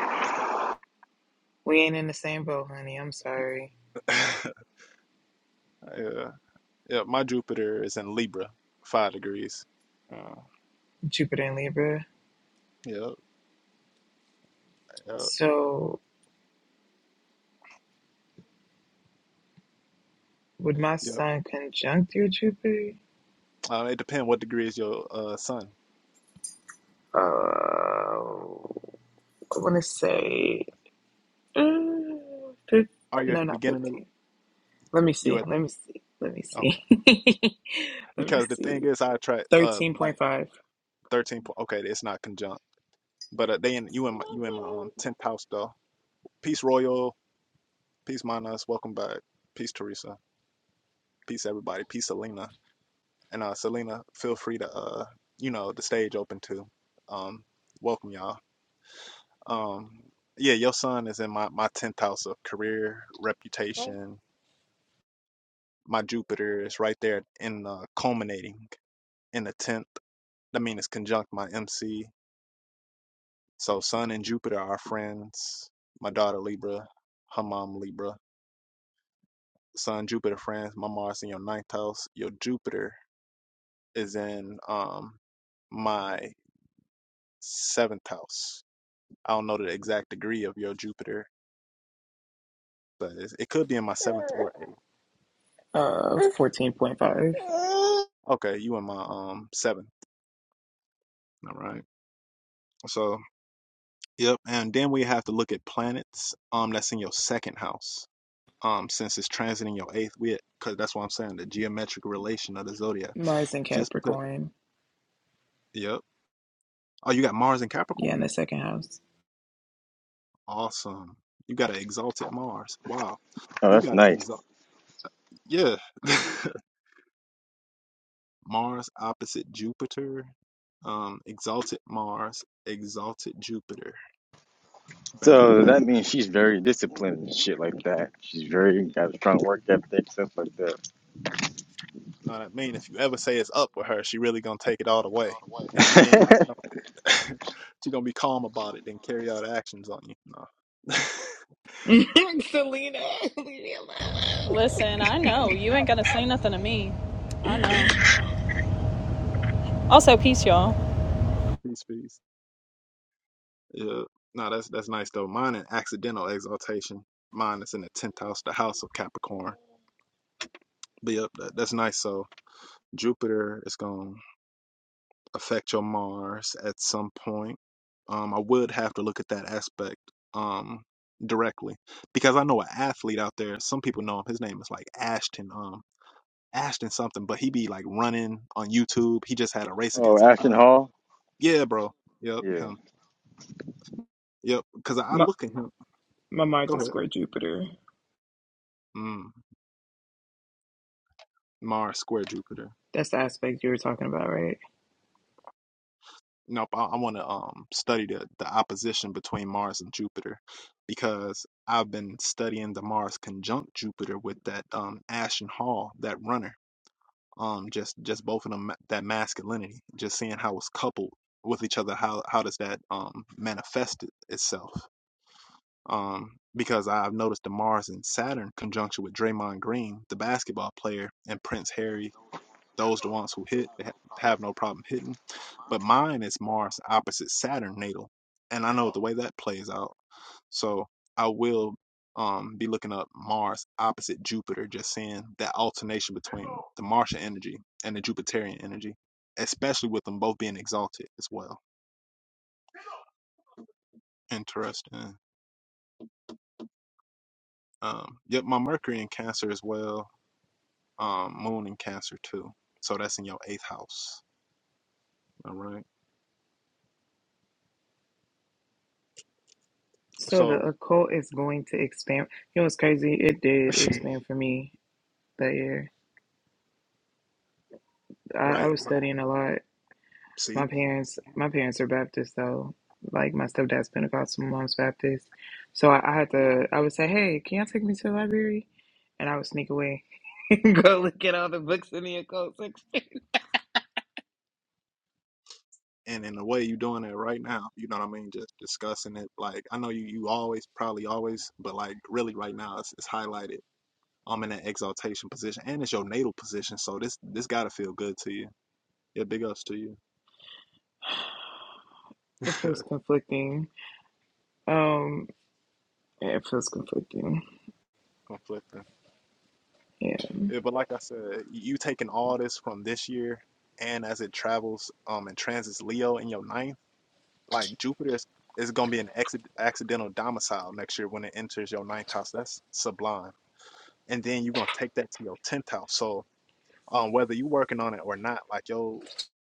S7: we ain't in the same boat, honey. I'm sorry.
S1: yeah. Yeah, my Jupiter is in Libra, five degrees. Uh,
S7: Jupiter and Libra.
S1: yep, yep,
S7: So, would my
S1: yep.
S7: sun conjunct your Jupiter?
S1: Uh, it depends what degree is your uh sun.
S7: Uh, I want to say, uh, fif-
S1: Are you at
S7: no,
S1: the
S7: not
S1: beginning of
S7: 15. Let me
S1: you
S7: see.
S1: at the
S7: Let me see. Let me see.
S1: okay?
S7: Let me
S1: Because the thing
S7: see.
S1: is, I attract uh like
S7: 13.5.
S1: thirteen. po- Okay, it's not conjunct, but uh, they in you in my you in my um tenth house though. Peace Royal, peace Manas, welcome back. Peace Teresa, peace everybody, peace Selena, and uh Selena, feel free to uh you know the stage open too. Um, welcome y'all. Um, yeah, your sun is in my my tenth house of career, reputation. My Jupiter is right there in the culminating in the tenth. That means it's conjunct my MC. So Sun and Jupiter are friends. My daughter Libra, her mom Libra. Sun Jupiter friends. My Mars in your ninth house. Your Jupiter is in um my seventh house. I don't know the exact degree of your Jupiter, but it's- it could be in my seventh or eighth.
S7: Uh, 14.5.
S1: Okay, you in my um seventh. All right. So, yep. And then we have to look at planets. Um, that's in your second house. Um, since it's transiting your eighth, we because that's what I'm saying. The geometric relation of the zodiac.
S7: Mars in
S1: Just because.
S7: Capricorn.
S1: Yep. Oh, you got Mars in
S7: Yeah,
S1: Capricorn.
S7: in the second house.
S1: Awesome. You got an exalted Mars. Wow.
S2: oh,
S1: You
S2: that's
S1: got an
S2: nice.
S1: exalt. Yeah. Mars opposite Jupiter. Um, exalted Mars, exalted Jupiter. Bam,
S2: So
S1: bam.
S2: that means she's very disciplined and shit like that. She's very got a strong work ethic, stuff like
S1: Know what I mean? If you ever say it's up with her, she really gonna take it all the way and you ain't even gonna
S2: that.
S1: She's gonna be calm about it, then carry out actions on you. No.
S7: Selena, leave me
S8: Listen, I know. You ain't going to say nothing to me. I
S7: alone.
S8: know. Also, peace, y'all.
S1: peace, peace. Yeah. No, that's that's nice though. Mine an accidental exaltation. Mine is in the tenth house, the house of Capricorn. But yep, that, that's nice. So Jupiter is gonna affect your Mars at some point. Um, I would have to look at that aspect um directly because I know an athlete out there. Some people know him. His name is like Ashton. Um, Ashton something, but he be like running on YouTube. He just had a race
S2: oh,
S1: against. a,
S2: Ashton Hall.
S1: Yeah, bro. Yep,
S2: Yeah.
S1: him. Yep, because I I
S7: My,
S1: look at him.
S7: my Mars
S1: Go
S7: is
S1: ahead.
S7: square Jupiter.
S1: Mm, Mars square Jupiter.
S7: That's the aspect you were talking about, right?
S1: Nope, I, I want to um study the the opposition between Mars and Jupiter because I've been studying the Mars conjunct Jupiter with that um Ashton Hall, that runner. Um, just just both of them ma- that masculinity, just seeing how it's coupled with each other. How how does that um manifest it, itself? um, because I've noticed the Mars and Saturn conjunction with Draymond Green, the basketball player, and Prince Harry. Those the ones who hit they have no problem hitting, but mine is Mars opposite Saturn natal, and I know the way that plays out. So I will um, be looking up Mars opposite Jupiter, just seeing that alternation between the Martian energy and the Jupiterian energy, especially with them both being exalted as well. Interesting. Um, yep, my Mercury in Cancer as well um, moon in Cancer too. So that's in your eighth house. All right.
S7: So the
S1: So,
S7: occult is going to expand. You know what's crazy? It did expand for me that year. I, I
S1: right.
S7: was studying a lot.
S1: See,
S7: My parents, my parents are Baptist, though. Like my stepdad's Pentecostal, my mom's Baptist. So I, I had to. I would say, "Hey, can y'all take me to the library?" And I would sneak away and go look at all the books in the occult section.
S1: and in a way, you're doing it right now. You know what I mean? Just discussing it. Like I know you, you always probably always, but like really right now, it's, it's highlighted. I'm in that exaltation position, and it's your natal position. So this this gotta feel good to you. Yeah, big ups to you.
S7: It feels conflicting. Um, yeah, it feels conflicting.
S1: Conflicting.
S7: Yeah,
S1: Yeah, but like I said, you taking all this from this year, and as it travels um and transits Leo in your ninth. Like Jupiter is, is going to be an acci- accidental domicile next year when it enters your ninth house. That's sublime. And then you're going to take that to your tenth house. So um, whether you're working on it or not, like your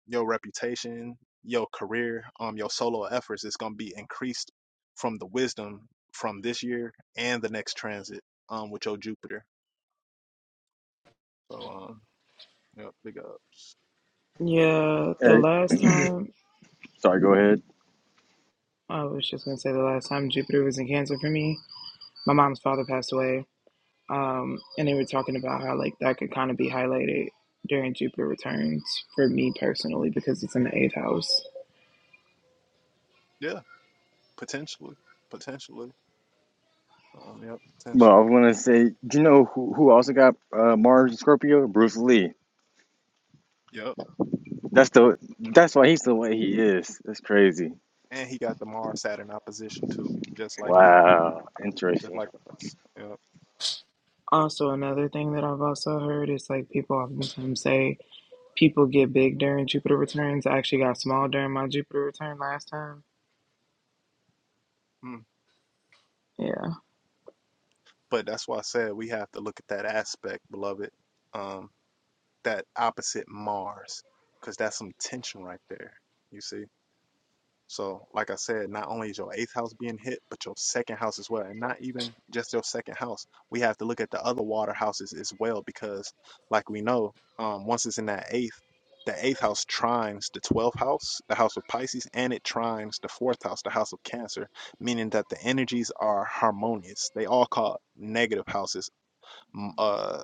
S1: your reputation, your career, um, your solo efforts is going to be increased from the wisdom from this year and the next transit um, with your Jupiter. So um, yeah, big ups.
S7: yeah. The
S2: Hey,
S1: So
S7: last time
S2: sorry. Go ahead.
S7: I was just gonna say the last time Jupiter was in Cancer for me, my mom's father passed away Um, and they were talking about how like that could kind of be highlighted during Jupiter returns for me personally because it's in the eighth house.
S1: yeah, potentially, potentially. Um, yep,
S2: Well, I
S1: potentially.
S2: was gonna say, do you know who who also got uh, Mars and Scorpio? Bruce Lee.
S1: Yep.
S2: That's the that's why he's the way he is. That's crazy.
S1: and he got the Mars Saturn opposition too, just like you,
S2: Wow,
S1: just
S2: interesting.
S1: like us. Yeah.
S7: Also, another thing that I've also heard is like people oftentimes say people get big during Jupiter returns. I actually got small during my Jupiter return last time.
S1: Mm.
S7: Yeah,
S1: But that's why I said we have to look at that aspect, beloved, um, that opposite Mars, because that's some tension right there. You see. So, like I said, not only is your eighth house being hit, but your second house as well. And not even just your second house. We have to look at the other water houses as well because, like we know, um, once it's in that eighth, the eighth house trines the 12th house, the house of Pisces, and it trines the fourth house, the house of Cancer, meaning that the energies are harmonious. They all call negative houses, mm, uh,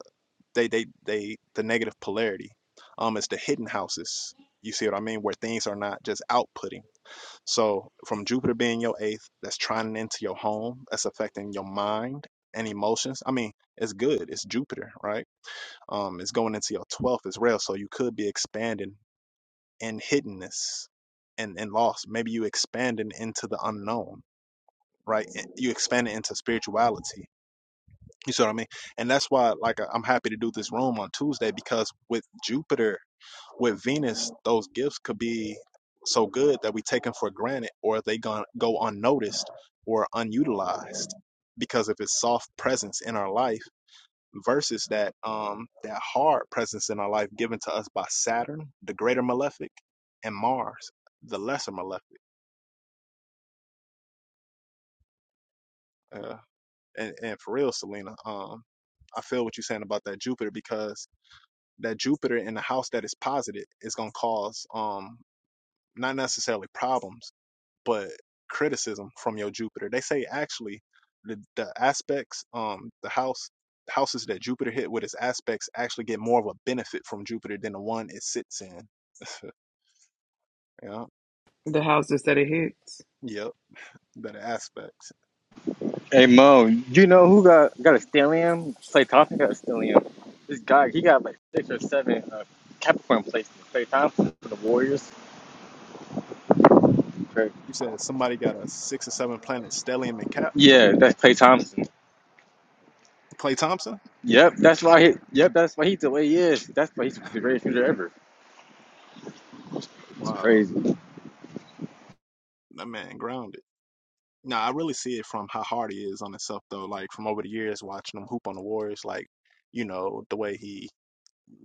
S1: they, they, they, the negative polarity. Um, it's the hidden houses. You see what I mean? Where things are not just outputting so from Jupiter being your eighth, that's trining into your home, that's affecting your mind and emotions. I mean, it's good. It's Jupiter, right? Um, it's going into your twelfth as well. So you could be expanding in hiddenness and, and loss. Maybe you expanding into the unknown, right? You expanding into spirituality. You see what I mean? And that's why, like, I'm happy to do this room on Tuesday because with Jupiter with Venus, those gifts could be so good that we take them for granted, or they gon- go unnoticed or unutilized because of its soft presence in our life versus that um that hard presence in our life given to us by Saturn, the greater malefic, and Mars, the lesser malefic. Uh, and, and for real, Selena, um, I feel what you're saying about that Jupiter because that Jupiter in the house that is posited is gonna cause um not necessarily problems but criticism from your Jupiter. They say actually the, the aspects, um, the house houses that Jupiter hit with its aspects actually get more of a benefit from Jupiter than the one it sits in. Yeah.
S7: the houses that it hits.
S1: Yep. Better aspects.
S2: Hey Mo, you know who got got a stellium? Clay Thompson got a stellium. This guy, he got like six or seven uh, Capricorn placements. Clay Thompson for the Warriors. Crazy.
S1: You said somebody got a six or seven planet stellium and cap?
S2: Yeah, that's Clay Thompson.
S1: Clay Thompson?
S2: Yep, that's why he. Yep, that's why he's the way he is. That's why he's the greatest shooter ever. It's
S1: Wow.
S2: crazy.
S1: That man grounded. Nah, I really see it from how hard he is on himself though. Like from over the years watching him hoop on the Warriors, like, you know, the way he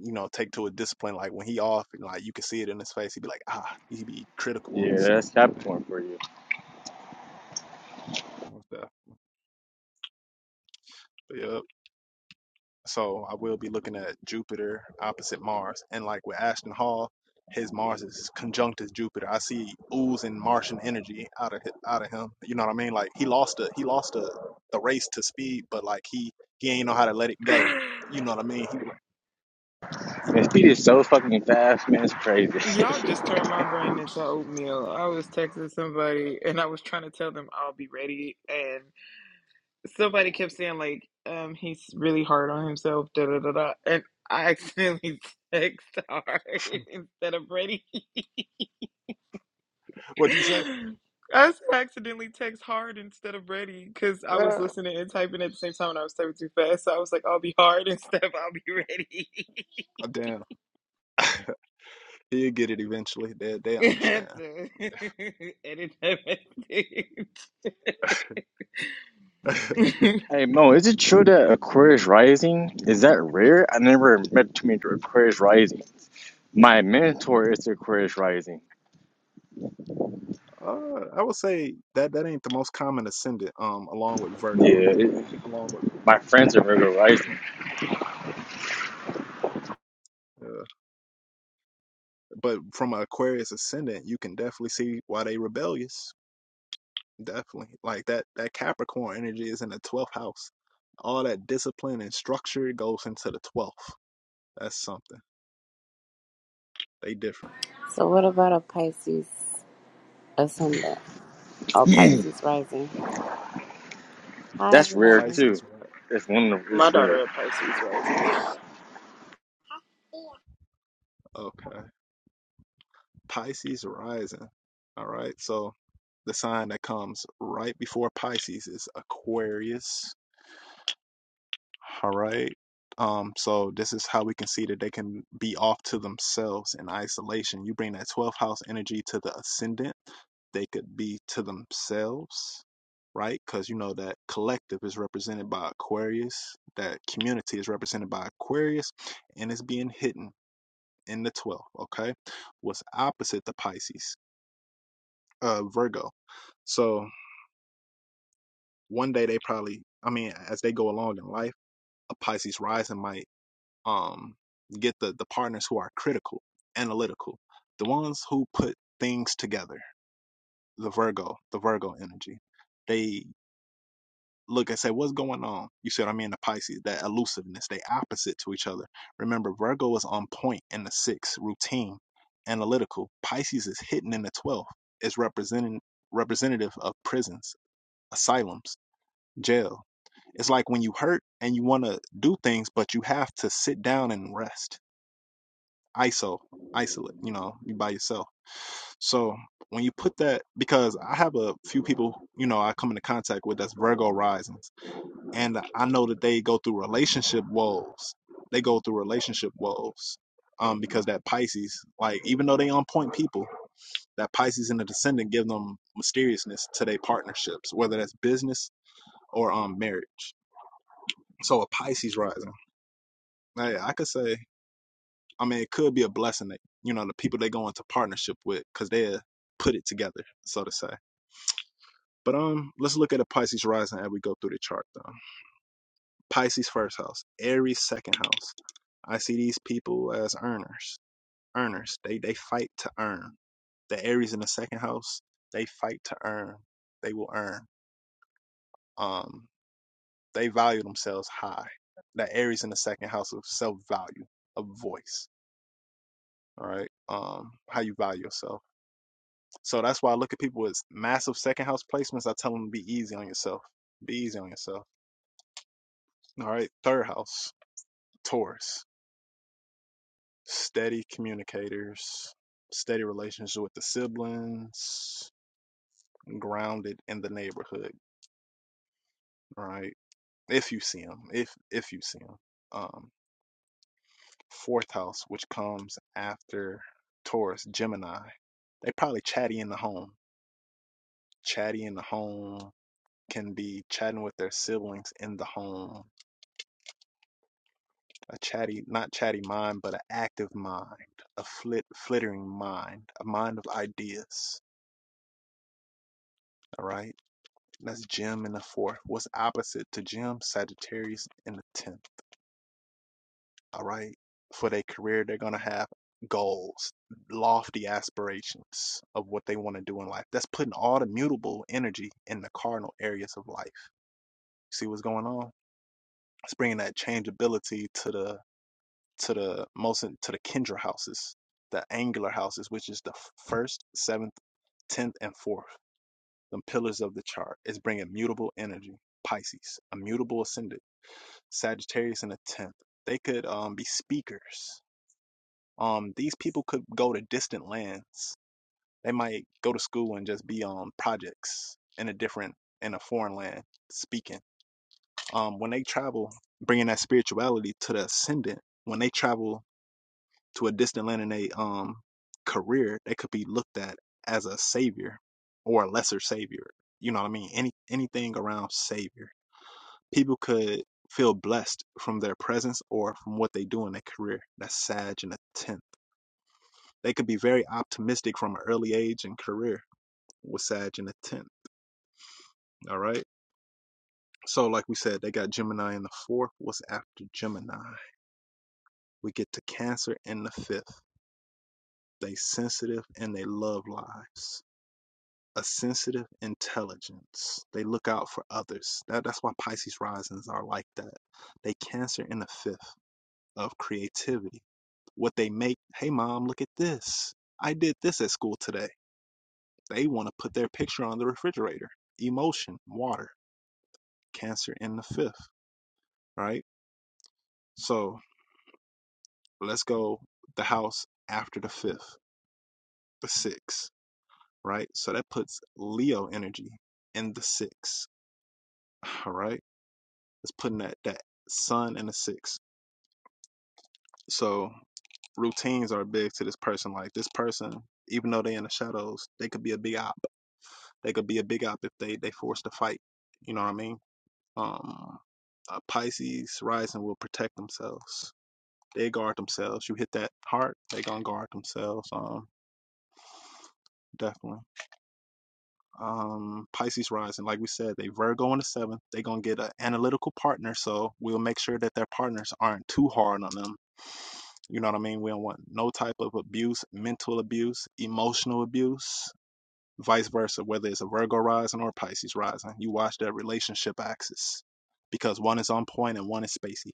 S1: you know, take to a discipline. Like when he off, and like you can see it in his face. He'd be like, ah, he'd be critical on
S2: Yeah,
S1: himself.
S2: that's
S1: You know what I mean?
S2: Capricorn for you.
S1: And stuff. But yeah. So I will be looking at Jupiter opposite Mars, and like with Ashton Hall, his Mars is conjunct as Jupiter. I see oozing Martian energy out of out of him. You know what I mean? Like he lost a he lost a the race to speed, but like he he ain't know how to let it go. You know what I mean? He, he,
S2: Man, speed is so fucking fast, man. It's
S7: Y'all
S2: crazy.
S7: just turned my brain into oatmeal. I was texting somebody and I was trying to tell them I'll be ready, and somebody kept saying like um he's really hard on himself da da da da and I accidentally text hard instead of ready.
S1: what'd you say?
S7: I s- accidentally text hard instead of ready because I was
S1: Ah,
S7: listening and typing at the same time and I was typing too fast. So I was like, I'll be hard instead of I'll be ready.
S1: damn, he'll get it eventually. They they
S7: Have
S1: understand.
S7: to Edit that message.
S2: Hey Mo, is it true that Aquarius rising is that rare? I never met too many Aquarius rising. My mentor is Aquarius rising.
S1: Uh, I would say that that ain't the most common ascendant. Um, along with Virgo,
S2: Yeah, it,
S1: along
S2: my friends are Virgo rising.
S1: with, uh, but from an Aquarius ascendant, you can definitely see why they rebellious. Definitely, like that that Capricorn energy is in the twelfth house. All that discipline and structure goes into the twelfth. That's something they different.
S9: So, what about a Pisces ascendant or Pisces rising?
S1: Mm.
S9: Hi,
S2: That's rare
S9: everybody.
S2: too.
S1: Pisces, right?
S2: It's one of
S7: My
S2: it's rare.
S7: daughter at Pisces rising.
S1: Okay, Pisces rising. All right, so the sign that comes right before Pisces is Aquarius. All right. Um, so this is how we can see that they can be off to themselves in isolation. You bring that 12th house energy to the ascendant, they could be to themselves, right? Because you know that collective is represented by Aquarius, that community is represented by Aquarius, and it's being hidden in the 12th, okay? What's opposite the Pisces? Uh, Virgo. So one day they probably, I mean, as they go along in life, a Pisces rising might um get the the partners who are critical analytical the ones who put things together the virgo the virgo energy they look and say what's going on you see what i mean the pisces that elusiveness they opposite to each other remember virgo is on point in the sixth, routine analytical pisces is hidden in the 12th is representing representative of prisons asylums jail it's like when you hurt and you want to do things but you have to sit down and rest ISO, isolate, you know, you by yourself. So when you put that, because I have a few people, you know, I come into contact with that's Virgo risings, and I know that they go through relationship woes. They go through relationship woes. Um, because that Pisces, like even though they on point people, that Pisces and the descendant give them mysteriousness to their partnerships, whether that's business or um marriage. So a Pisces rising, hey, I could say I mean, it could be a blessing that you know the people they go into partnership with because they put it together, so to say. But um, let's look at a Pisces rising as we go through the chart. Though Pisces first house, Aries second house. I see these people as earners. Earners. They they fight to earn. The Aries in the second house, they fight to earn. They will earn. Um, they value themselves high. The Aries in the second house of self value, of voice. All right. Um, how you value yourself So that's why I look at people with massive second house placements. I tell them to be easy on yourself. Be easy on yourself. All right. Third house, Taurus. Steady communicators, steady relationship with the siblings, grounded in the neighborhood, right? If you see them, if if you see them. Um, fourth house, which comes after Taurus, Gemini. They probably chatty in the home. Chatty in the home can be chatting with their siblings in the home a chatty, not chatty mind, but an active mind, a flit, flittering mind, a mind of ideas. All right. And that's Jim in the fourth. What's opposite to Jim? Sagittarius in the tenth. All right. For their career, they're gonna have goals, lofty aspirations of what they want to do in life. That's putting all the mutable energy in the cardinal areas of life. See what's going on? It's bringing that changeability to the to the most to the Kendra houses, the angular houses, which is the first, seventh, tenth, and fourth, the pillars of the chart. It's bringing mutable energy. Pisces, a mutable ascendant. Sagittarius in the tenth. They could um, be speakers. Um, these people could go to distant lands. They might go to school and just be on projects in a different in a foreign land speaking. Um, when they travel, bringing that spirituality to the ascendant. When they travel to a distant land in their um career, they could be looked at as a savior or a lesser savior. You know what I mean? Any anything around savior. People could feel blessed from their presence or from what they do in their career. That's Sag in the tenth. They could be very optimistic from an early age and career with Sag in the tenth. All right. So like we said, they got Gemini in the fourth. What's after Gemini? We get to Cancer in the fifth. They sensitive and they love lives. a sensitive intelligence. They look out for others. That, that's why Pisces risings are like that. They Cancer in the fifth of creativity. What they make, hey mom, look at this. I did this at school today. They want to put their picture on the refrigerator. Emotion, water, Cancer in the fifth, right? So let's go the house after the fifth, the sixth, right? So that puts Leo energy in the sixth, all right? It's putting that that sun and a six. So routines are big to this person. Like this person, even though they in the shadows, they could be a big op. They could be a big op if they they forced to fight. You know what I mean? Um, uh, Pisces rising will protect themselves. They guard themselves. You hit that heart, they gonna guard themselves. Um, definitely. Um, Pisces rising, like we said, they Virgo in the seventh. They gonna get an analytical partner, so we'll make sure that their partners aren't too hard on them You know what I mean? We don't want no type of abuse, mental abuse, emotional abuse, vice versa, whether it's a Virgo rising or a Pisces rising. You watch that relationship axis because one is on point and one is spacey.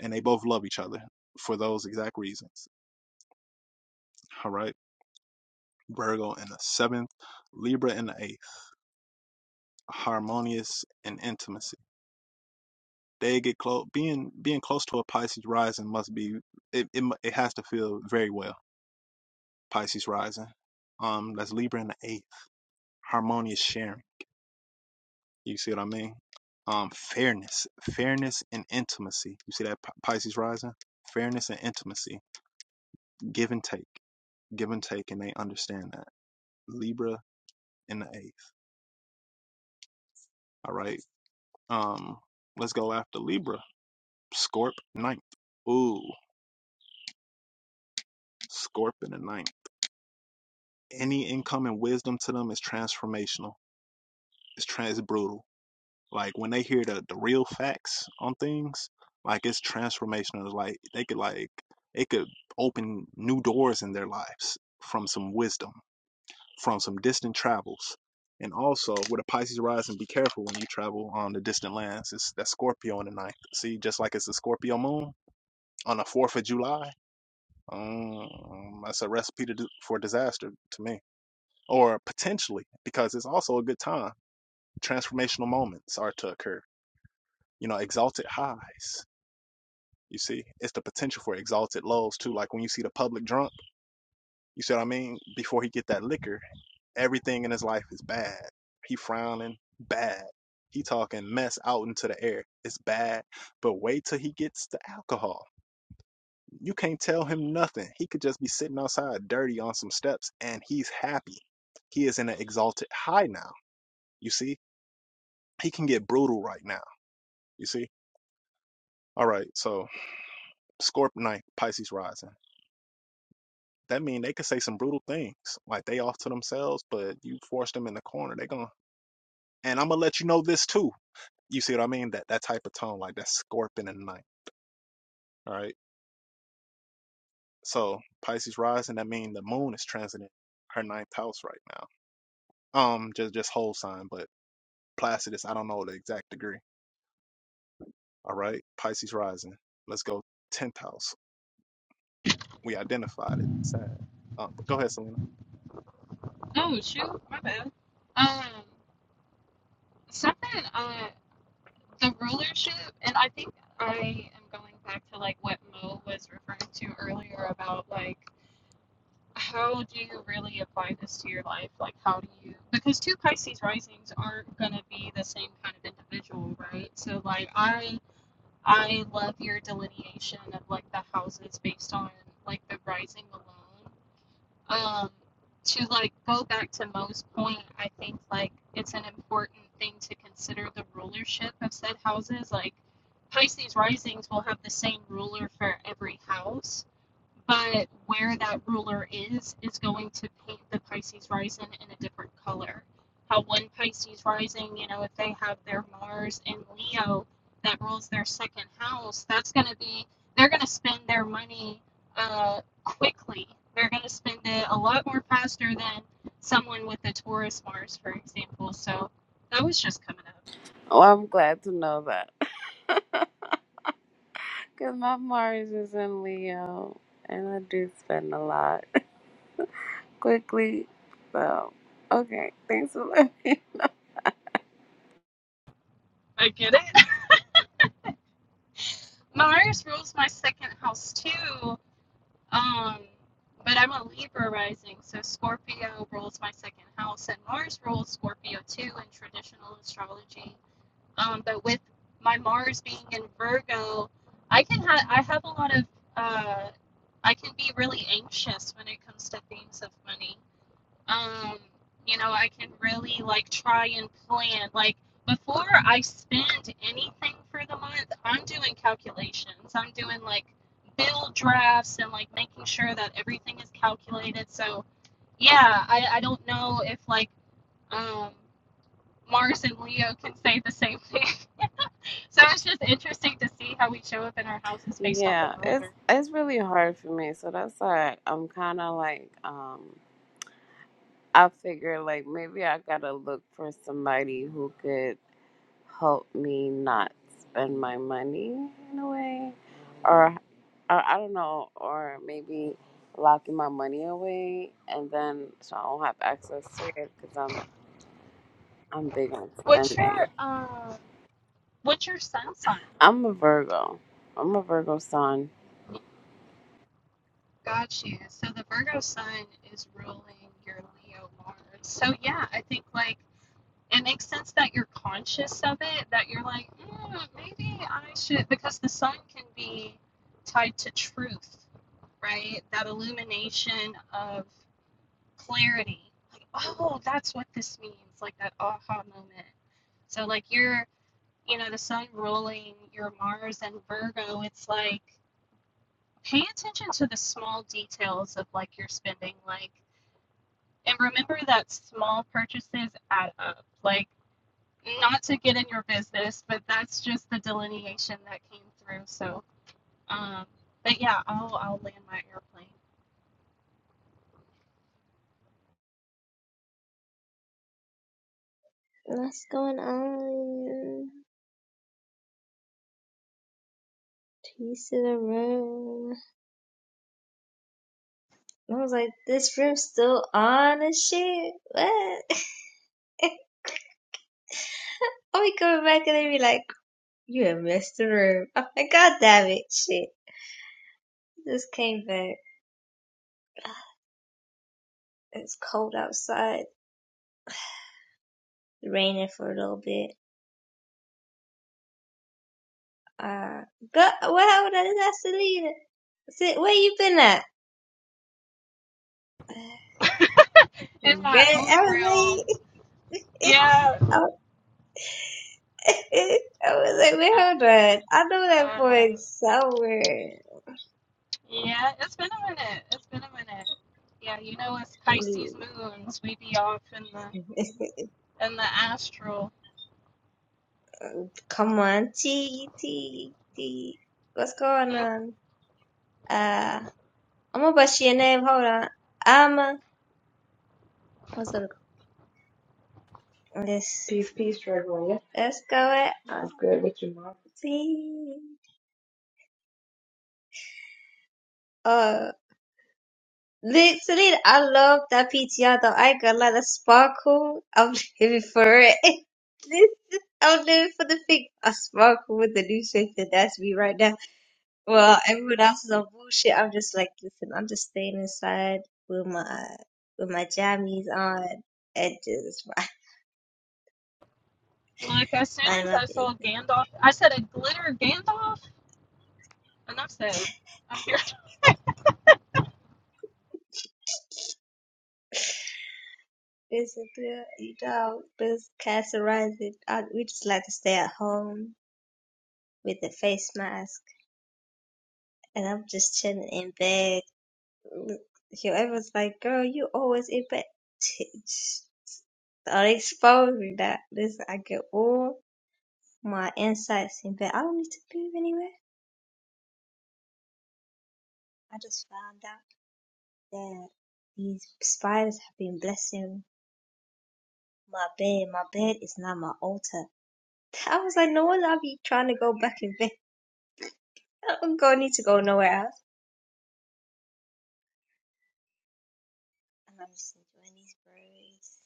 S1: And they both love each other for those exact reasons. All right. Virgo in the seventh, Libra in the eighth, harmonious and intimacy. They get close. Being being close to a Pisces rising must be it. It, it has to feel very well. Pisces rising. Um, that's Libra in the eighth harmonious sharing. You see what I mean? Um, fairness, fairness and intimacy. You see that P- Pisces rising? Fairness and intimacy, give and take, give and take, and they understand that. Libra in the eighth. All right. Um, let's go after Libra. Scorp ninth. Ooh, Scorp in the ninth. Any income and wisdom to them is transformational. It's trans brutal. Like when they hear the the real facts on things, like it's transformational. Like they could like it could open new doors in their lives from some wisdom, from some distant travels. And also with a Pisces rising, be careful when you travel on the distant lands. It's that Scorpio in the ninth. See, just like it's the Scorpio moon on the fourth of July. Um, that's a recipe to, do- for disaster to me, or potentially because it's also a good time. Transformational moments are to occur. you know, exalted highs. You see, it's the potential for exalted lows too. Like when you see the public drunk, you see what I mean? Before he get that liquor, everything in his life is bad. He frowning, bad. He talking mess out into the air. It's bad. But wait till he gets the alcohol. You can't tell him nothing. He could just be sitting outside dirty on some steps and he's happy. He is in an exalted high now. You see? He can get brutal right now. You see? All right, so Scorp ninth, Pisces rising. that mean they could say some brutal things. Like they off to themselves, but you force them in the corner, they gonna and I'm gonna let you know this too. You see what I mean? That that type of tone, like that scorpion in the night. All right. So Pisces rising, that mean the moon is transiting her ninth house right now. Um, just just whole sign, but Placidus, I don't know the exact degree. All right. Pisces rising. Let's go tenth house. We identified it. Sad. Um, but go ahead, Selena.
S9: Oh, I'm glad to know that because my Mars is in Leo and I do spend a lot quickly. So, okay, thanks for letting me. Yeah, it's it's really hard for me, so that's why I'm kind of like um I figure like maybe I gotta look for somebody who could. help me not spend my money in a way, or, or I don't know, or maybe locking my money away and then so I won't have access to it because I'm I'm big on spending. I'm a Virgo. I'm a Virgo sun.
S5: What's going on? Peace to the room. I was like, this room's still on and shit. What? I'll be coming back and they be like, you have missed the room. I'm like, God damn it, shit. Just came back. It's cold outside. Raining for a little bit. Uh, go, well, that is actually, see, where you been at? Good, I was like, I was I was like, wait, hold on. I know that voice somewhere. come on, T, T, T. What's going on? Uh, I'm gonna bust your name, hold on. I'm, uh, what's gonna, go? let's,
S10: Peace, peace, Drag Royal.
S5: let's go at, uh,
S10: What's good with you, Mom?
S5: T. Uh, Literally, I love that PTR though. I ain't gonna lie, that sparkle, I'm living for it. This is- I'm living for the thing. I sparkle with the new shape that that's me right now. Well, everyone else is on bullshit. I'm just like, listen, I'm just staying inside with my with my jammies on and just mind my business. Business, girl, you know, business categorizing. I, we just like to stay at home with the face mask, and I'm just chilling in bed whoever's like, girl, you always in bed. So they exposed me that this I get all my insights in bed. I don't need to leave anywhere. I just found out that these spiders have been blessing my bed. My bed is now my altar. I was like, no one I'll be trying to go back in bed. I don't go need to go nowhere else. And I'm just enjoying these birds.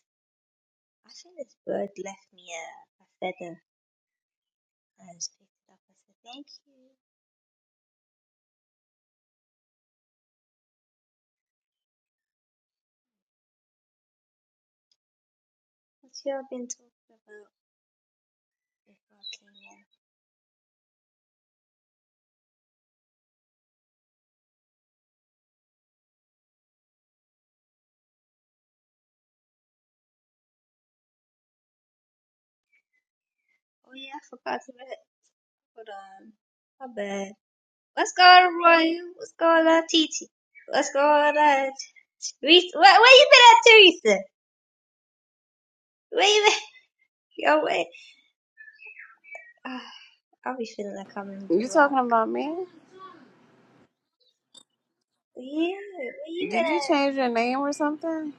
S5: I think this bird left me a, a feather. I just picked it up. I said, thank you. What's y'all been talking about before I came in? Oh yeah, I forgot to read. it. Hold on. My bad. What's going on, Roy? What's going on, Titi? What's going on, Teresa? Where, where you been at, Teresa? Where you been? Yo, wait. Ah, I'll be feeling like I'm in the
S9: You talking
S5: rock.
S9: about me?
S5: Yeah, where you
S9: Did you
S5: been
S9: change your name or something?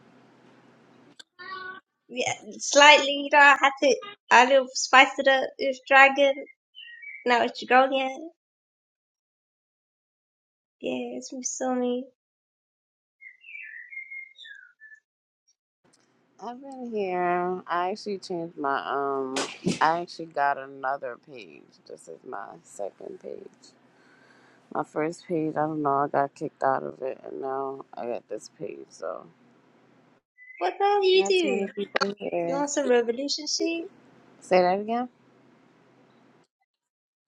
S5: at? Yeah, slightly, you know, I had to, I little spice it up. It was dragon. Now it's dragonian. Yeah, it's from Sony.
S9: I've been here. I actually changed my um. I actually got another page. This is my second page. My first page, I don't know, I got kicked out of it, and now I got this page, so
S5: What the hell do you
S9: not too
S5: do?
S9: many people
S5: You
S9: here.
S5: want some revolution shit?
S9: Say that again.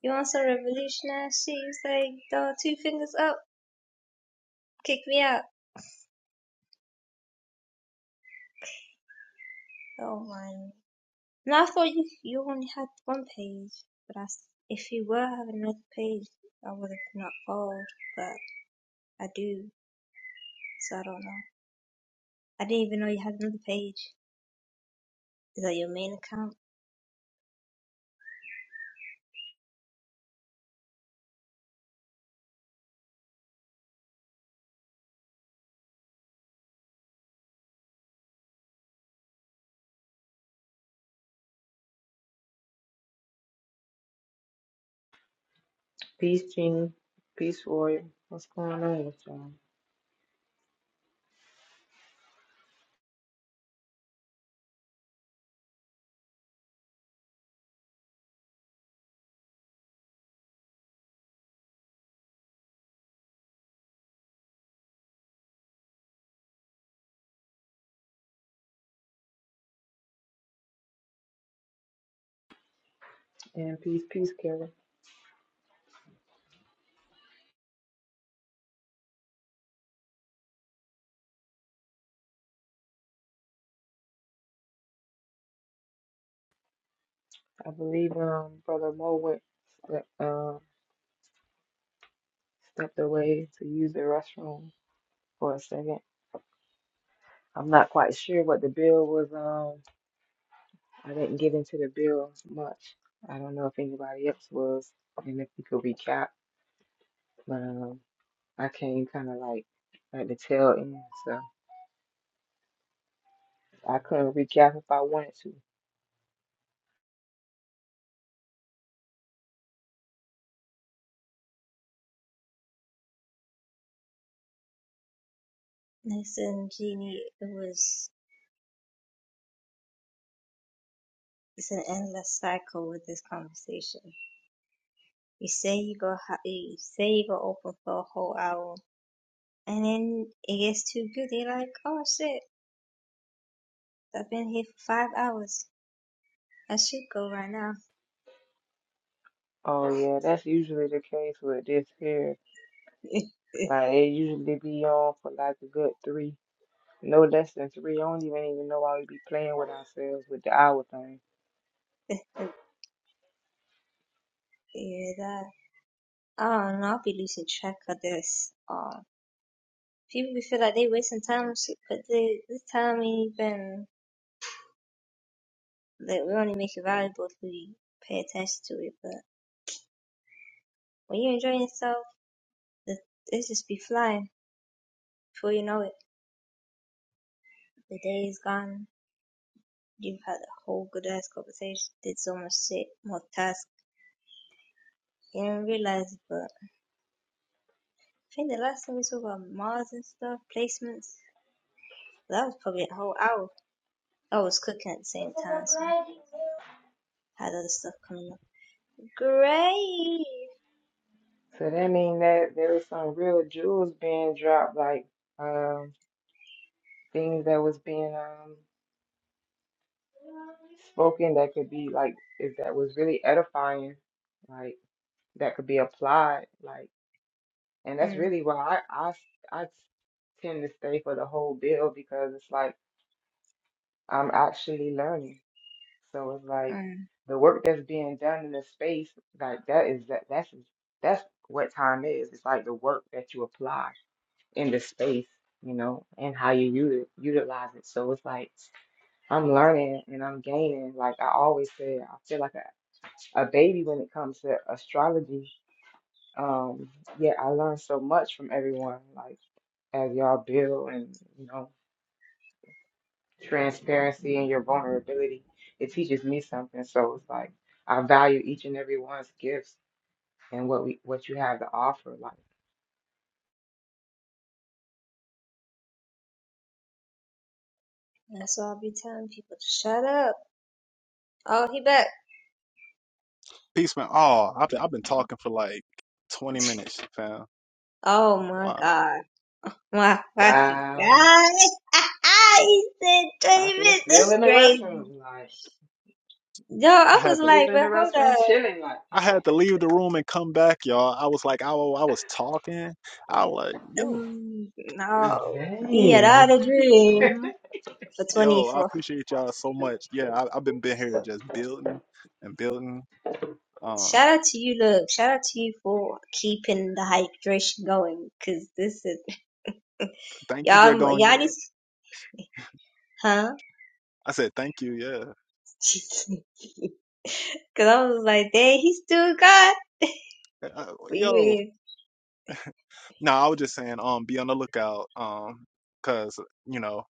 S5: You want some revolutionary She's like, say, dog, two fingers up, kick me out. Oh my. And I thought you, you only had one page, but I, s- if you were having another page, I would have not followed, but I do, so I don't know. I didn't even know you had another page. Is that your main account?
S10: Peace, Jeannie. Peace, Royal. What's going on with y'all? And peace, peace, Kevin. I believe um Brother Mo went ste- uh, stepped away to use the restroom for a second. I'm not quite sure what the bill was. Um, I didn't get into the bill much. I don't know if anybody else was, and if you could recap. But um, I came kind of like at the tail end, so I couldn't recap if I wanted to.
S5: Listen, Jeannie, it was, it's an endless cycle with this conversation. You say you go, you say you go open for a whole hour, and then it gets too good. You're like, oh shit, I've been here for five hours. I should go right now.
S10: Oh yeah, that's usually the case with this here.
S5: yeah,
S10: Like it usually be on for like a good three, no less than three. I don't even even know why we be playing with ourselves with the hour thing.
S5: that. Oh, no, I'll be losing track of this. Oh, people will feel like they wasting time, and shit, but they, this time ain't even. Like, we only make it valuable if we pay attention to it. But when you enjoy yourself, the, it just be flying. Before you know it, the day is gone. You've had a whole good ass conversation. Did so much shit, more tasks. You didn't realize, it, but I think the last time we talked about Mars and stuff, placements. that was probably a whole hour. I was cooking at the same time, so I had other stuff coming up. Great.
S10: So that mean that there was some real jewels being dropped, like um things that was being um spoken that could be like if that was really edifying, like that could be applied, like and that's
S5: Mm,
S10: really why I I I tend to stay for the whole bill because it's like. I'm actually learning. So it's like
S5: mm.
S10: the work that's being done in the space, like that is that that's that's what time is. It's like the work that you apply in the space, you know, and how you uti- utilize it. So it's like I'm learning and I'm gaining. Like I always say, I feel like a, a baby when it comes to astrology. Um, yeah, I learned so much from everyone, like as y'all build and you know. transparency and your vulnerability, it teaches me something. So it's like I value each and every one's gifts and what we what you have to offer. Like,
S5: That's why I'll be telling people to shut up. Oh, he back.
S1: Peace, man. Oh, I've been, I've been talking for like 20 minutes, fam.
S5: Oh my
S1: Wow.
S5: god. My fucking
S10: wow,
S5: god. he said
S10: I
S5: 20
S10: thought you was
S5: minutes.
S10: still
S5: That's
S10: in the
S5: crazy.
S10: restroom. Like,
S5: Yo,
S1: I
S5: I
S10: I
S5: was
S1: had
S10: thought
S1: to
S10: you was
S5: like,
S10: in the
S5: but hold up.
S10: restroom chilling. Like,
S1: I had to leave the room and come back, y'all. I was like, I, wa- I was talking. I was like, yo,
S5: Mm, no. He had all
S10: dang.
S5: the dream for
S1: yo, I
S5: 24.
S1: appreciate y'all so much. Yeah, I, I've been been here just building and building. Um,
S5: Shout out to you, look. Shout out to you for keeping the hydration going, cause this is
S1: thank you,
S5: Yeah, I'm-
S1: Dragon. Yeah.
S5: Giannis, huh?
S1: I said thank you. Yeah,
S5: Cause I was like, dang, he's still got,
S1: Uh,
S5: but
S1: yo.
S5: you
S1: No, I was just saying, um, be on the lookout. Um, cause you know.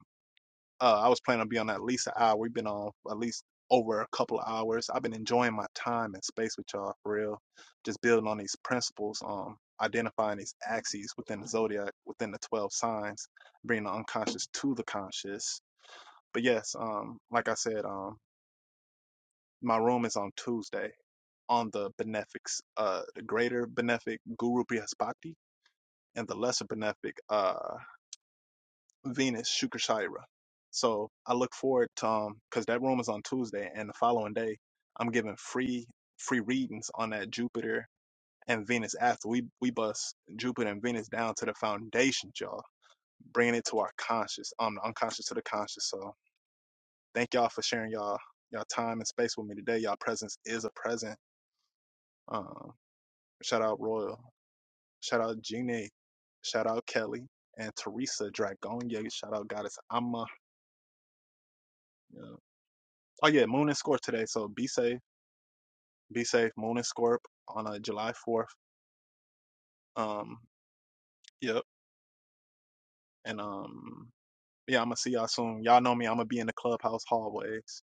S1: Uh, I was planning on being on at least an hour. We've been on at least over a couple of hours. I've been enjoying my time and space with y'all for real. Just building on these principles, um, identifying these axes within the zodiac, within the 12 signs, bringing the unconscious to the conscious. But yes, um, like I said, um, my room is on Tuesday on the benefics, uh, the greater benefic Guru Brihaspati and the lesser benefic. uh. Venus Shukashaira. So I look forward to um because that room is on Tuesday and the following day I'm giving free free readings on that Jupiter and Venus after we we bust Jupiter and Venus down to the foundations, y'all, bringing it to our conscious, um, the unconscious to the conscious. So thank y'all for sharing y'all y'all time and space with me today. Y'all presence is a present. Um, shout out Royal, shout out Jeannie, shout out Kelly and Teresa Dragonia. Shout out Goddess Amma. Yeah. Oh yeah, Moon and Scorp today. So be safe, be safe. Moon and Scorp on uh, July fourth. Um, yep. And um, yeah, I'm gonna see y'all soon. Y'all know me. I'm gonna be in the clubhouse hallways,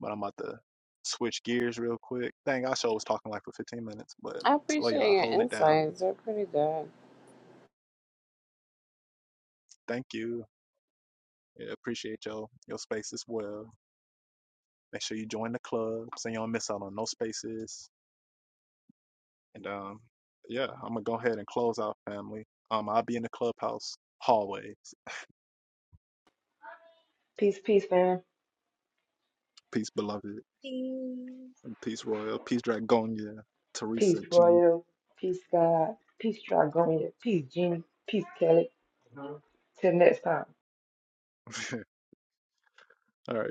S1: but I'm about to switch gears real quick. Dang, I sure was talking like for 15 minutes, but
S9: I
S1: love
S9: appreciate
S1: y'all
S9: your
S1: holding it down.
S9: insights; they're pretty good.
S1: Thank you. Yeah, appreciate your your space as well. Make sure you join the club so you don't miss out on no spaces. And um, yeah, I'm gonna go ahead and close out, family. Um, I'll be in the clubhouse hallways.
S10: Peace, peace, fam,
S1: Peace, beloved.
S5: ain't.
S1: Peace Royal, Peace Dragonia, Teresa,
S10: Peace,
S1: Jeannie.
S10: Royal. Peace, God. Peace, Trigonia. Peace, Jeannie. Peace, Kelly. Till next time.
S1: All right.